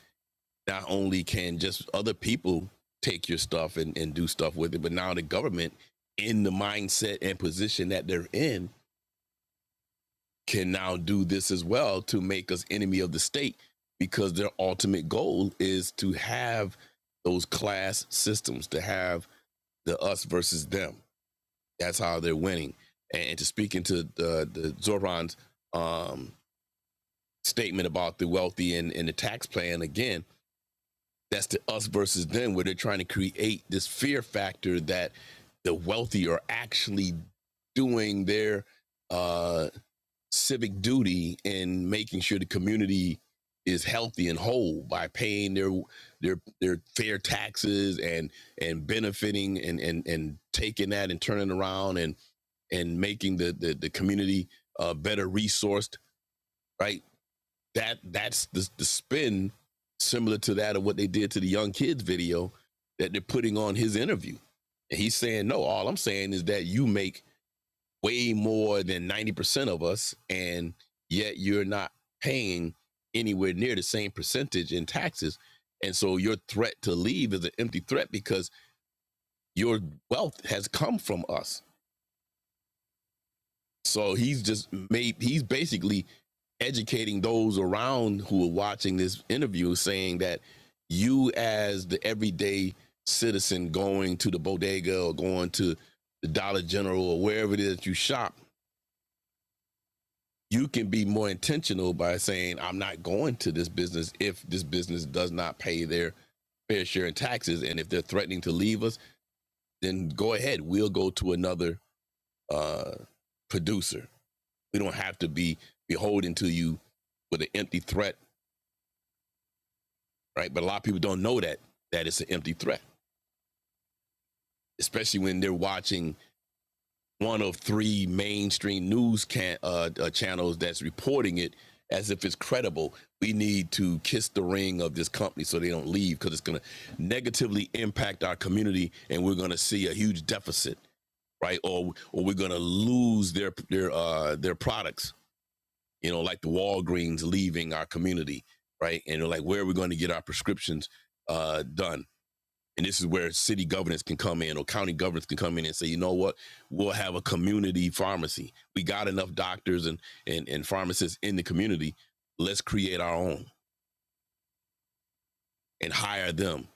Speaker 2: not only can just other people take your stuff and, and do stuff with it, but now the government in the mindset and position that they're in can now do this as well to make us enemy of the state because their ultimate goal is to have those class systems, to have the us versus them That's how they're winning. And, to speak into the, the Zoran's um, statement about the wealthy and, and the tax plan again, that's the us versus them, where they're trying to create this fear factor that the wealthy are actually doing their uh, civic duty in making sure the community is healthy and whole by paying their their their fair taxes and and benefiting and and and taking that and turning around and and making the the, the community uh, better resourced, right? That that's the, the spin similar to that of what they did to the young kids video that they're putting on his interview. And he's saying, no, all I'm saying is that you make way more than 90% of us, and yet you're not paying anywhere near the same percentage in taxes. And so your threat to leave is an empty threat because your wealth has come from us. So he's just made he's basically educating those around who are watching this interview saying that you as the everyday citizen going to the bodega or going to the Dollar General or wherever it is that you shop, you can be more intentional by saying, I'm not going to this business if this business does not pay their fair share in taxes. And if they're threatening to leave us, then go ahead. We'll go to another uh, producer We don't have to be beholden to you with an empty threat, right? But a lot of people don't know that that it's an empty threat, especially when they're watching one of three mainstream news can, uh, uh, channels that's reporting it as if it's credible. We need to kiss the ring of this company so they don't leave because it's going to negatively impact our community, and we're going to see a huge deficit, right? Or or we're going to lose their their uh, their products you know, like the Walgreens leaving our community, right? And they're like, where are we going to get our prescriptions uh, done? And this is where city governance can come in or county governance can come in and say, you know what, we'll have a community pharmacy. We got enough doctors and and, and pharmacists in the community. Let's create our own and hire them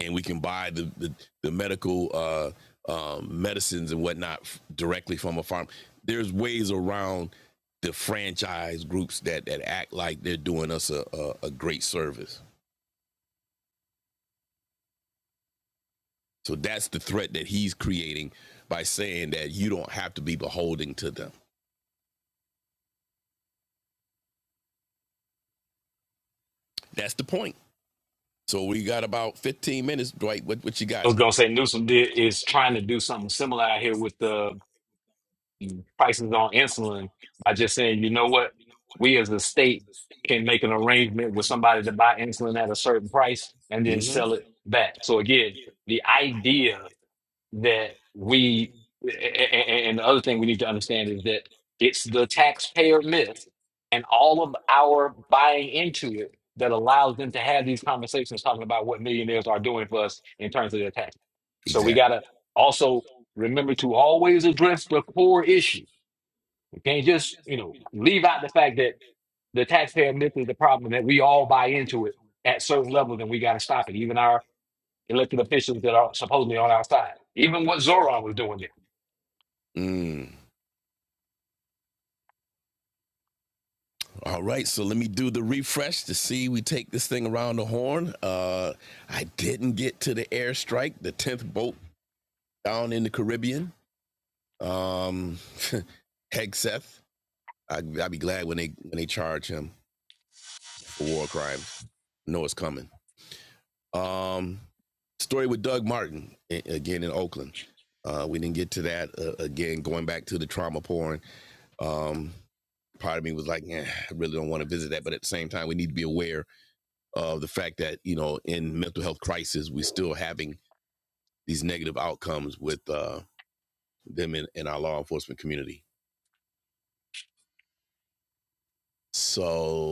Speaker 2: and we can buy the the, the medical uh, um, medicines and whatnot f- directly from a farm. There's ways around the franchise groups that that act like they're doing us a, a, a great service. So that's the threat that he's creating by saying that you don't have to be beholding to them. That's the point. So we got about 15 minutes, Dwight. What what you
Speaker 6: I
Speaker 2: got?
Speaker 6: was gonna say Newsom did is trying to do something similar out here with the. prices on insulin by just saying, you know what, we as a state can make an arrangement with somebody to buy insulin at a certain price and then
Speaker 2: Mm-hmm.
Speaker 6: sell it back. So again, the idea that we a- a- a- and the other thing we need to understand is that it's the taxpayer myth and all of our buying into it that allows them to have these conversations talking about what millionaires are doing for us in terms of their tax. So
Speaker 2: Exactly.
Speaker 6: we gotta also remember to always address the core issue you can't just, you know, leave out the fact that the taxpayer myth is the problem that we all buy into it at certain levels and we got to stop it. Even our elected officials that are supposedly on our side. Even what Zoran was doing there.
Speaker 2: Mm. All right, so let me do the refresh to see we take this thing around the horn. Uh, I didn't get to the airstrike, the tenth boat down in the Caribbean. Um, Hegseth, I, I'd be glad when they when they charge him for war crimes. I know it's coming. Um, story with Doug Martin again in Oakland. Uh, we didn't get to that uh, again. Going back to the trauma porn. Um, part of me was like, yeah, I really don't want to visit that, but at the same time, we need to be aware of uh, the fact that you know in mental health crisis we're still having these negative outcomes with uh, them in, in our law enforcement community so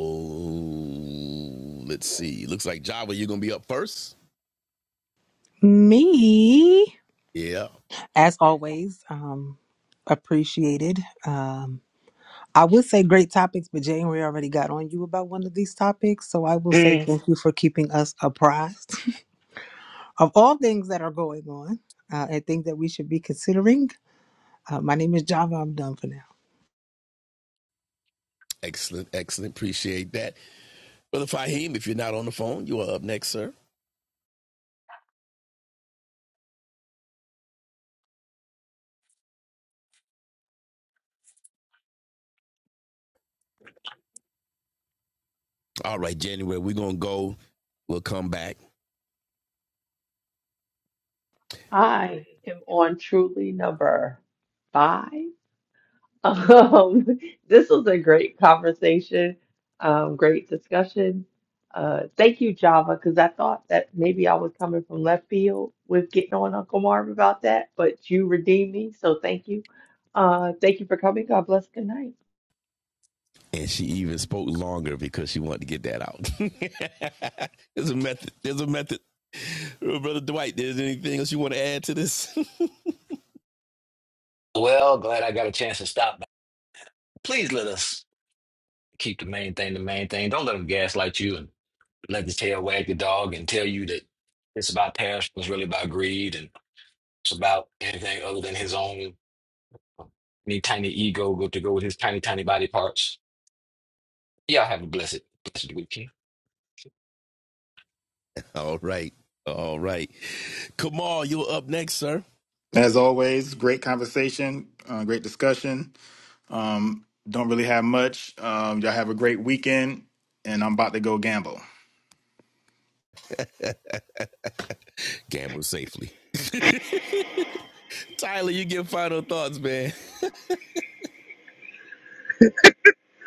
Speaker 2: let's see looks like java you're gonna be up first
Speaker 3: Me?
Speaker 2: yeah
Speaker 3: as always, um, appreciated. Um, I would say great topics, but January already got on you about one of these topics. So I will say
Speaker 6: Mm.
Speaker 3: thank you for keeping us apprised of all things that are going on uh, and things that we should be considering. Uh, my name is Java. I'm done for now.
Speaker 2: excellent excellent appreciate that brother fahim if you're not on the phone you are up next sir all right january we're gonna go we'll come back
Speaker 1: I am on truly number five. Um, this was a great conversation, um, great discussion. Uh, thank you, Java, because I thought that maybe I was coming from left field with getting on Uncle Marv about that, but you redeemed me, so thank you. Uh, thank you for coming. God bless. Good night.
Speaker 2: and she even spoke longer because she wanted to get that out. there's a method. There's a method. Brother Dwight, there's anything else you want to add to this?
Speaker 6: Well, glad I got a chance to stop. by. Please let us keep the main thing the main thing. Don't let them gaslight you and let the tail wag the dog and tell you that it's about tariffs, it's really about greed and it's about anything other than his own uh, any tiny ego go to go with his tiny, tiny body parts. Y'all have a blessed, blessed weekend.
Speaker 2: All right. All right. Kamal, you're up next, sir.
Speaker 5: As
Speaker 2: As
Speaker 5: always,
Speaker 2: always,
Speaker 5: great conversation, uh, great discussion. Um, don't really have much. Um, y'all have a great weekend, and I'm about to go gamble.
Speaker 2: Gamble safely. Tyler, you get final thoughts, man.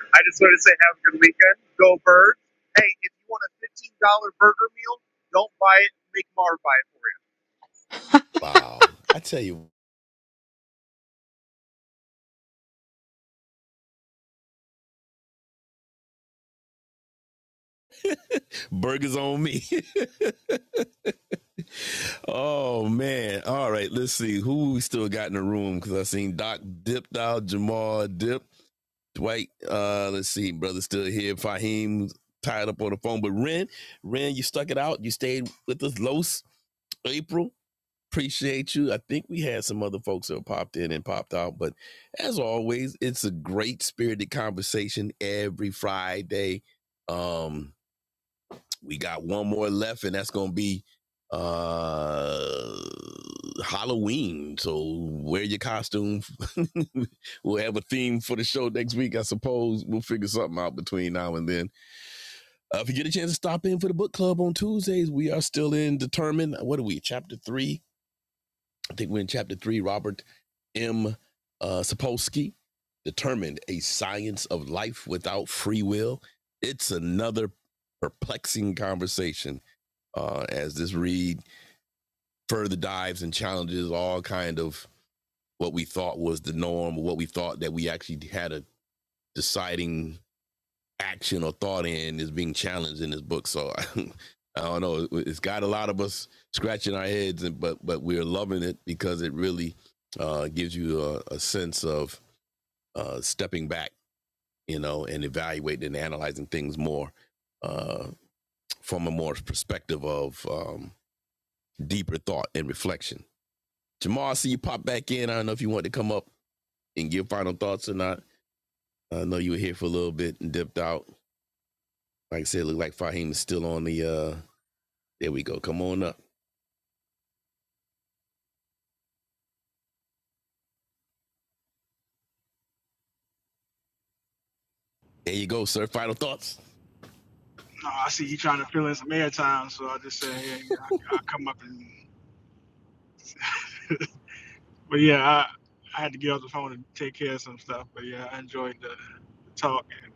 Speaker 8: I just want to say have a good weekend. Go birds. Hey, if you want a fifteen dollar burger meal, don't buy it. Make Mar buy it.
Speaker 2: Wow. I tell you, Burgers on me. oh man. All right. Let's see who we still got in the room because I seen Doc dipped out, Jamal dipped, Dwight, uh, let's see, brother still here. Fahim tied up on the phone, but Ren, Ren, you stuck it out. You stayed with us, Los April. Appreciate you. I think we had some other folks that popped in and popped out, but as always, it's a great spirited conversation every Friday. Um, we got one more left, and that's gonna be uh Halloween. So wear your costume. we'll have a theme for the show next week, I suppose. We'll figure something out between now and then. Uh, if you get a chance to stop in for the book club on Tuesdays, we are still in determined. What are we? Chapter three. I think we're in chapter three. Robert M. Uh, Sapolsky determined a science of life without free will. It's another perplexing conversation uh, as this read further dives and challenges all kind of what we thought was the norm, what we thought that we actually had a deciding action or thought in is being challenged in this book. So I, I don't know. It's got a lot of us scratching our heads, and but but we're loving it because it really uh, gives you a, a sense of uh, stepping back, you know, and evaluating and analyzing things more uh, from a more perspective of um, deeper thought and reflection. Jamal, I see you pop back in. I don't know if you want to come up and give final thoughts or not. I know you were here for a little bit and dipped out. Like I said, it looked like Fahim is still on the. uh There we go. Come on up. There you go, sir. Final thoughts.
Speaker 4: No, I see you trying to fill in some airtime, so I just said, hey, I, I'll come up and. but yeah, I, I had to get off the phone and take care of some stuff. But yeah, I enjoyed the, the talk and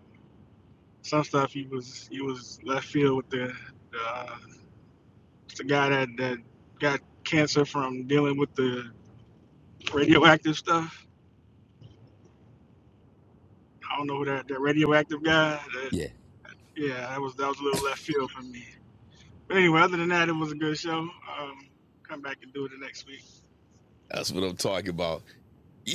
Speaker 4: some stuff. he was he was left field with the the, uh, the guy that that got cancer from dealing with the radioactive stuff. I don't know who that that radioactive guy. That
Speaker 2: Yeah.
Speaker 4: yeah, that was that was a little left field for me. But anyway, other than that, it was a good show. Um, come back and do it the next week.
Speaker 2: That's what I'm talking about.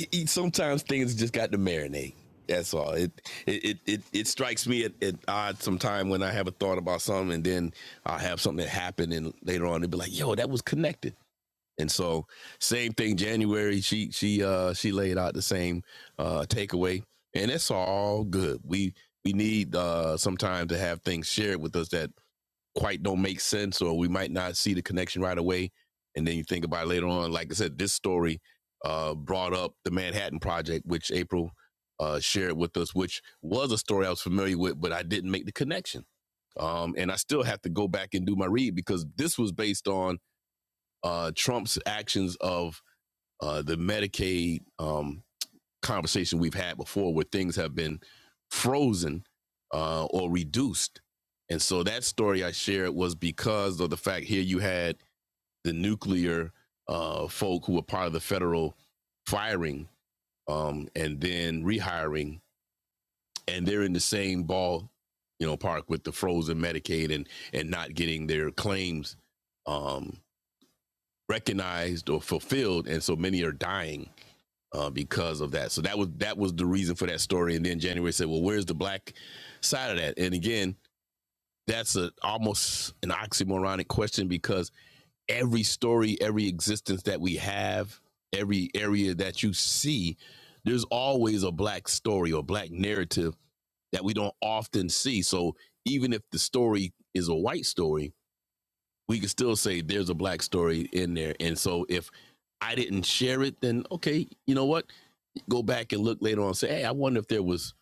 Speaker 2: E, e, Sometimes things just got to marinate. That's all. It it it it, strikes me at, at odds sometime when I have a thought about something, and then I'll have something that happen, and later on, they'll be like, "Yo, that was connected." And so same thing January she she uh she laid out the same uh takeaway and it's all good. We we need uh sometimes to have things shared with us that quite don't make sense or we might not see the connection right away and then you think about it later on like I said this story uh brought up the Manhattan project which April uh shared with us which was a story I was familiar with but I didn't make the connection. Um and I still have to go back and do my read because this was based on uh Trump's actions of uh, the Medicaid um, conversation we've had before, where things have been frozen uh, or reduced. And so that story I shared was because of the fact here you had the nuclear uh, folk who were part of the federal firing um, and then rehiring, and they're in the same ball, you know, park with the frozen Medicaid and and not getting their claims um, recognized or fulfilled, and so many are dying uh, because of that. So that was that was the reason for that story. And then January said, "Well, where's the black side of that?" And again, that's a almost an oxymoronic question because every story, every existence that we have, every area that you see, there's always a black story or black narrative that we don't often see. So even if the story is a white story, we can still say there's a black story in there. And so if I didn't share it, then okay, you know what? go back and look later on and say, hey, I wonder if there was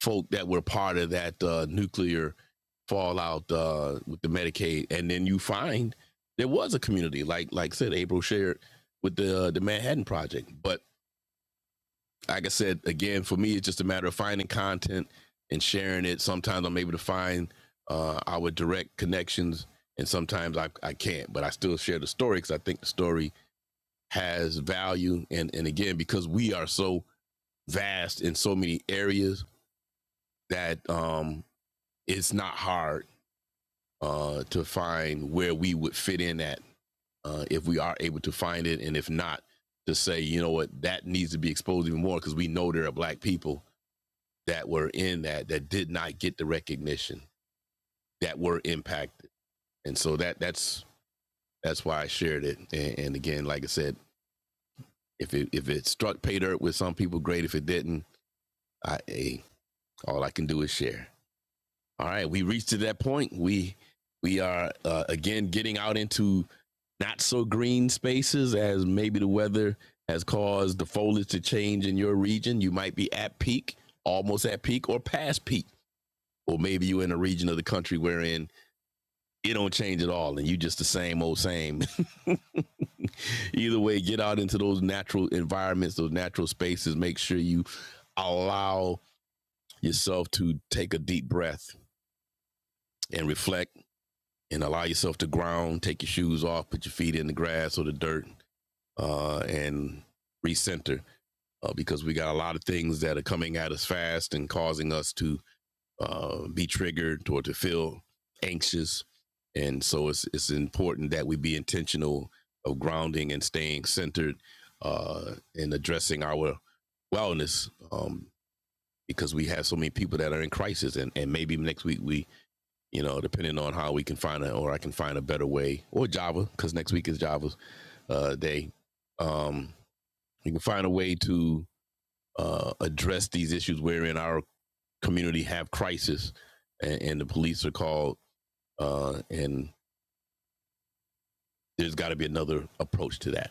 Speaker 2: folk that were part of that uh, nuclear fallout uh, with the Medicaid, and then you find there was a community, like like I said, April shared with the uh, the Manhattan Project. But like I said, again, for me, it's just a matter of finding content and sharing it. Sometimes I'm able to find uh, our direct connections, and sometimes I, I can't. But I still share the story because I think the story has value, and and again, because we are so vast in so many areas that um, it's not hard uh, to find where we would fit in at uh, if we are able to find it, and if not, to say you know what that needs to be exposed even more because we know there are black people that were in that that did not get the recognition that were impacted, and so that that's that's why I shared it. And, and again, like I said, if it if it struck pay dirt with some people, great. If it didn't, I hey, all I can do is share. All right, we reached to that point. We we are uh, again getting out into not so green spaces as maybe the weather has caused the foliage to change in your region. You might be at peak, almost at peak, or past peak, or maybe you're in a region of the country wherein it don't change at all, and you just the same old same. Either way, get out into those natural environments, those natural spaces. Make sure you allow yourself to take a deep breath and reflect and allow yourself to ground, take your shoes off, put your feet in the grass or the dirt, uh, and recenter uh, because we got a lot of things that are coming at us fast and causing us to uh, be triggered or to feel anxious. And so it's, it's important that we be intentional of grounding and staying centered uh, and addressing our wellness um, because we have so many people that are in crisis. And, and maybe next week we you know, depending on how we can find it, or I can find a better way, or Java, because next week is Java uh, day. Um, we can find a way to uh, address these issues wherein our community have crisis, and, and the police are called, uh, and there's got to be another approach to that.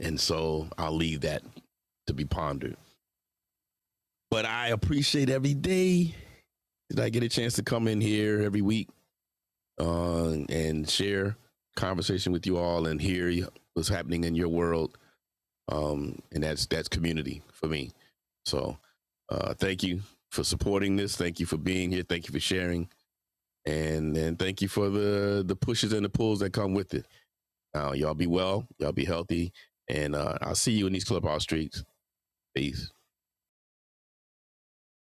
Speaker 2: And so I'll leave that to be pondered. But I appreciate every day that I get a chance to come in here every week uh, and share conversation with you all and hear what's happening in your world um, and that's that's community for me. So uh, thank you for supporting this. Thank you for being here. Thank you for sharing, and and thank you for the the pushes and the pulls that come with it. Uh, y'all be well. Y'all be healthy, and uh, I'll see you in these clubhouse streets. Peace.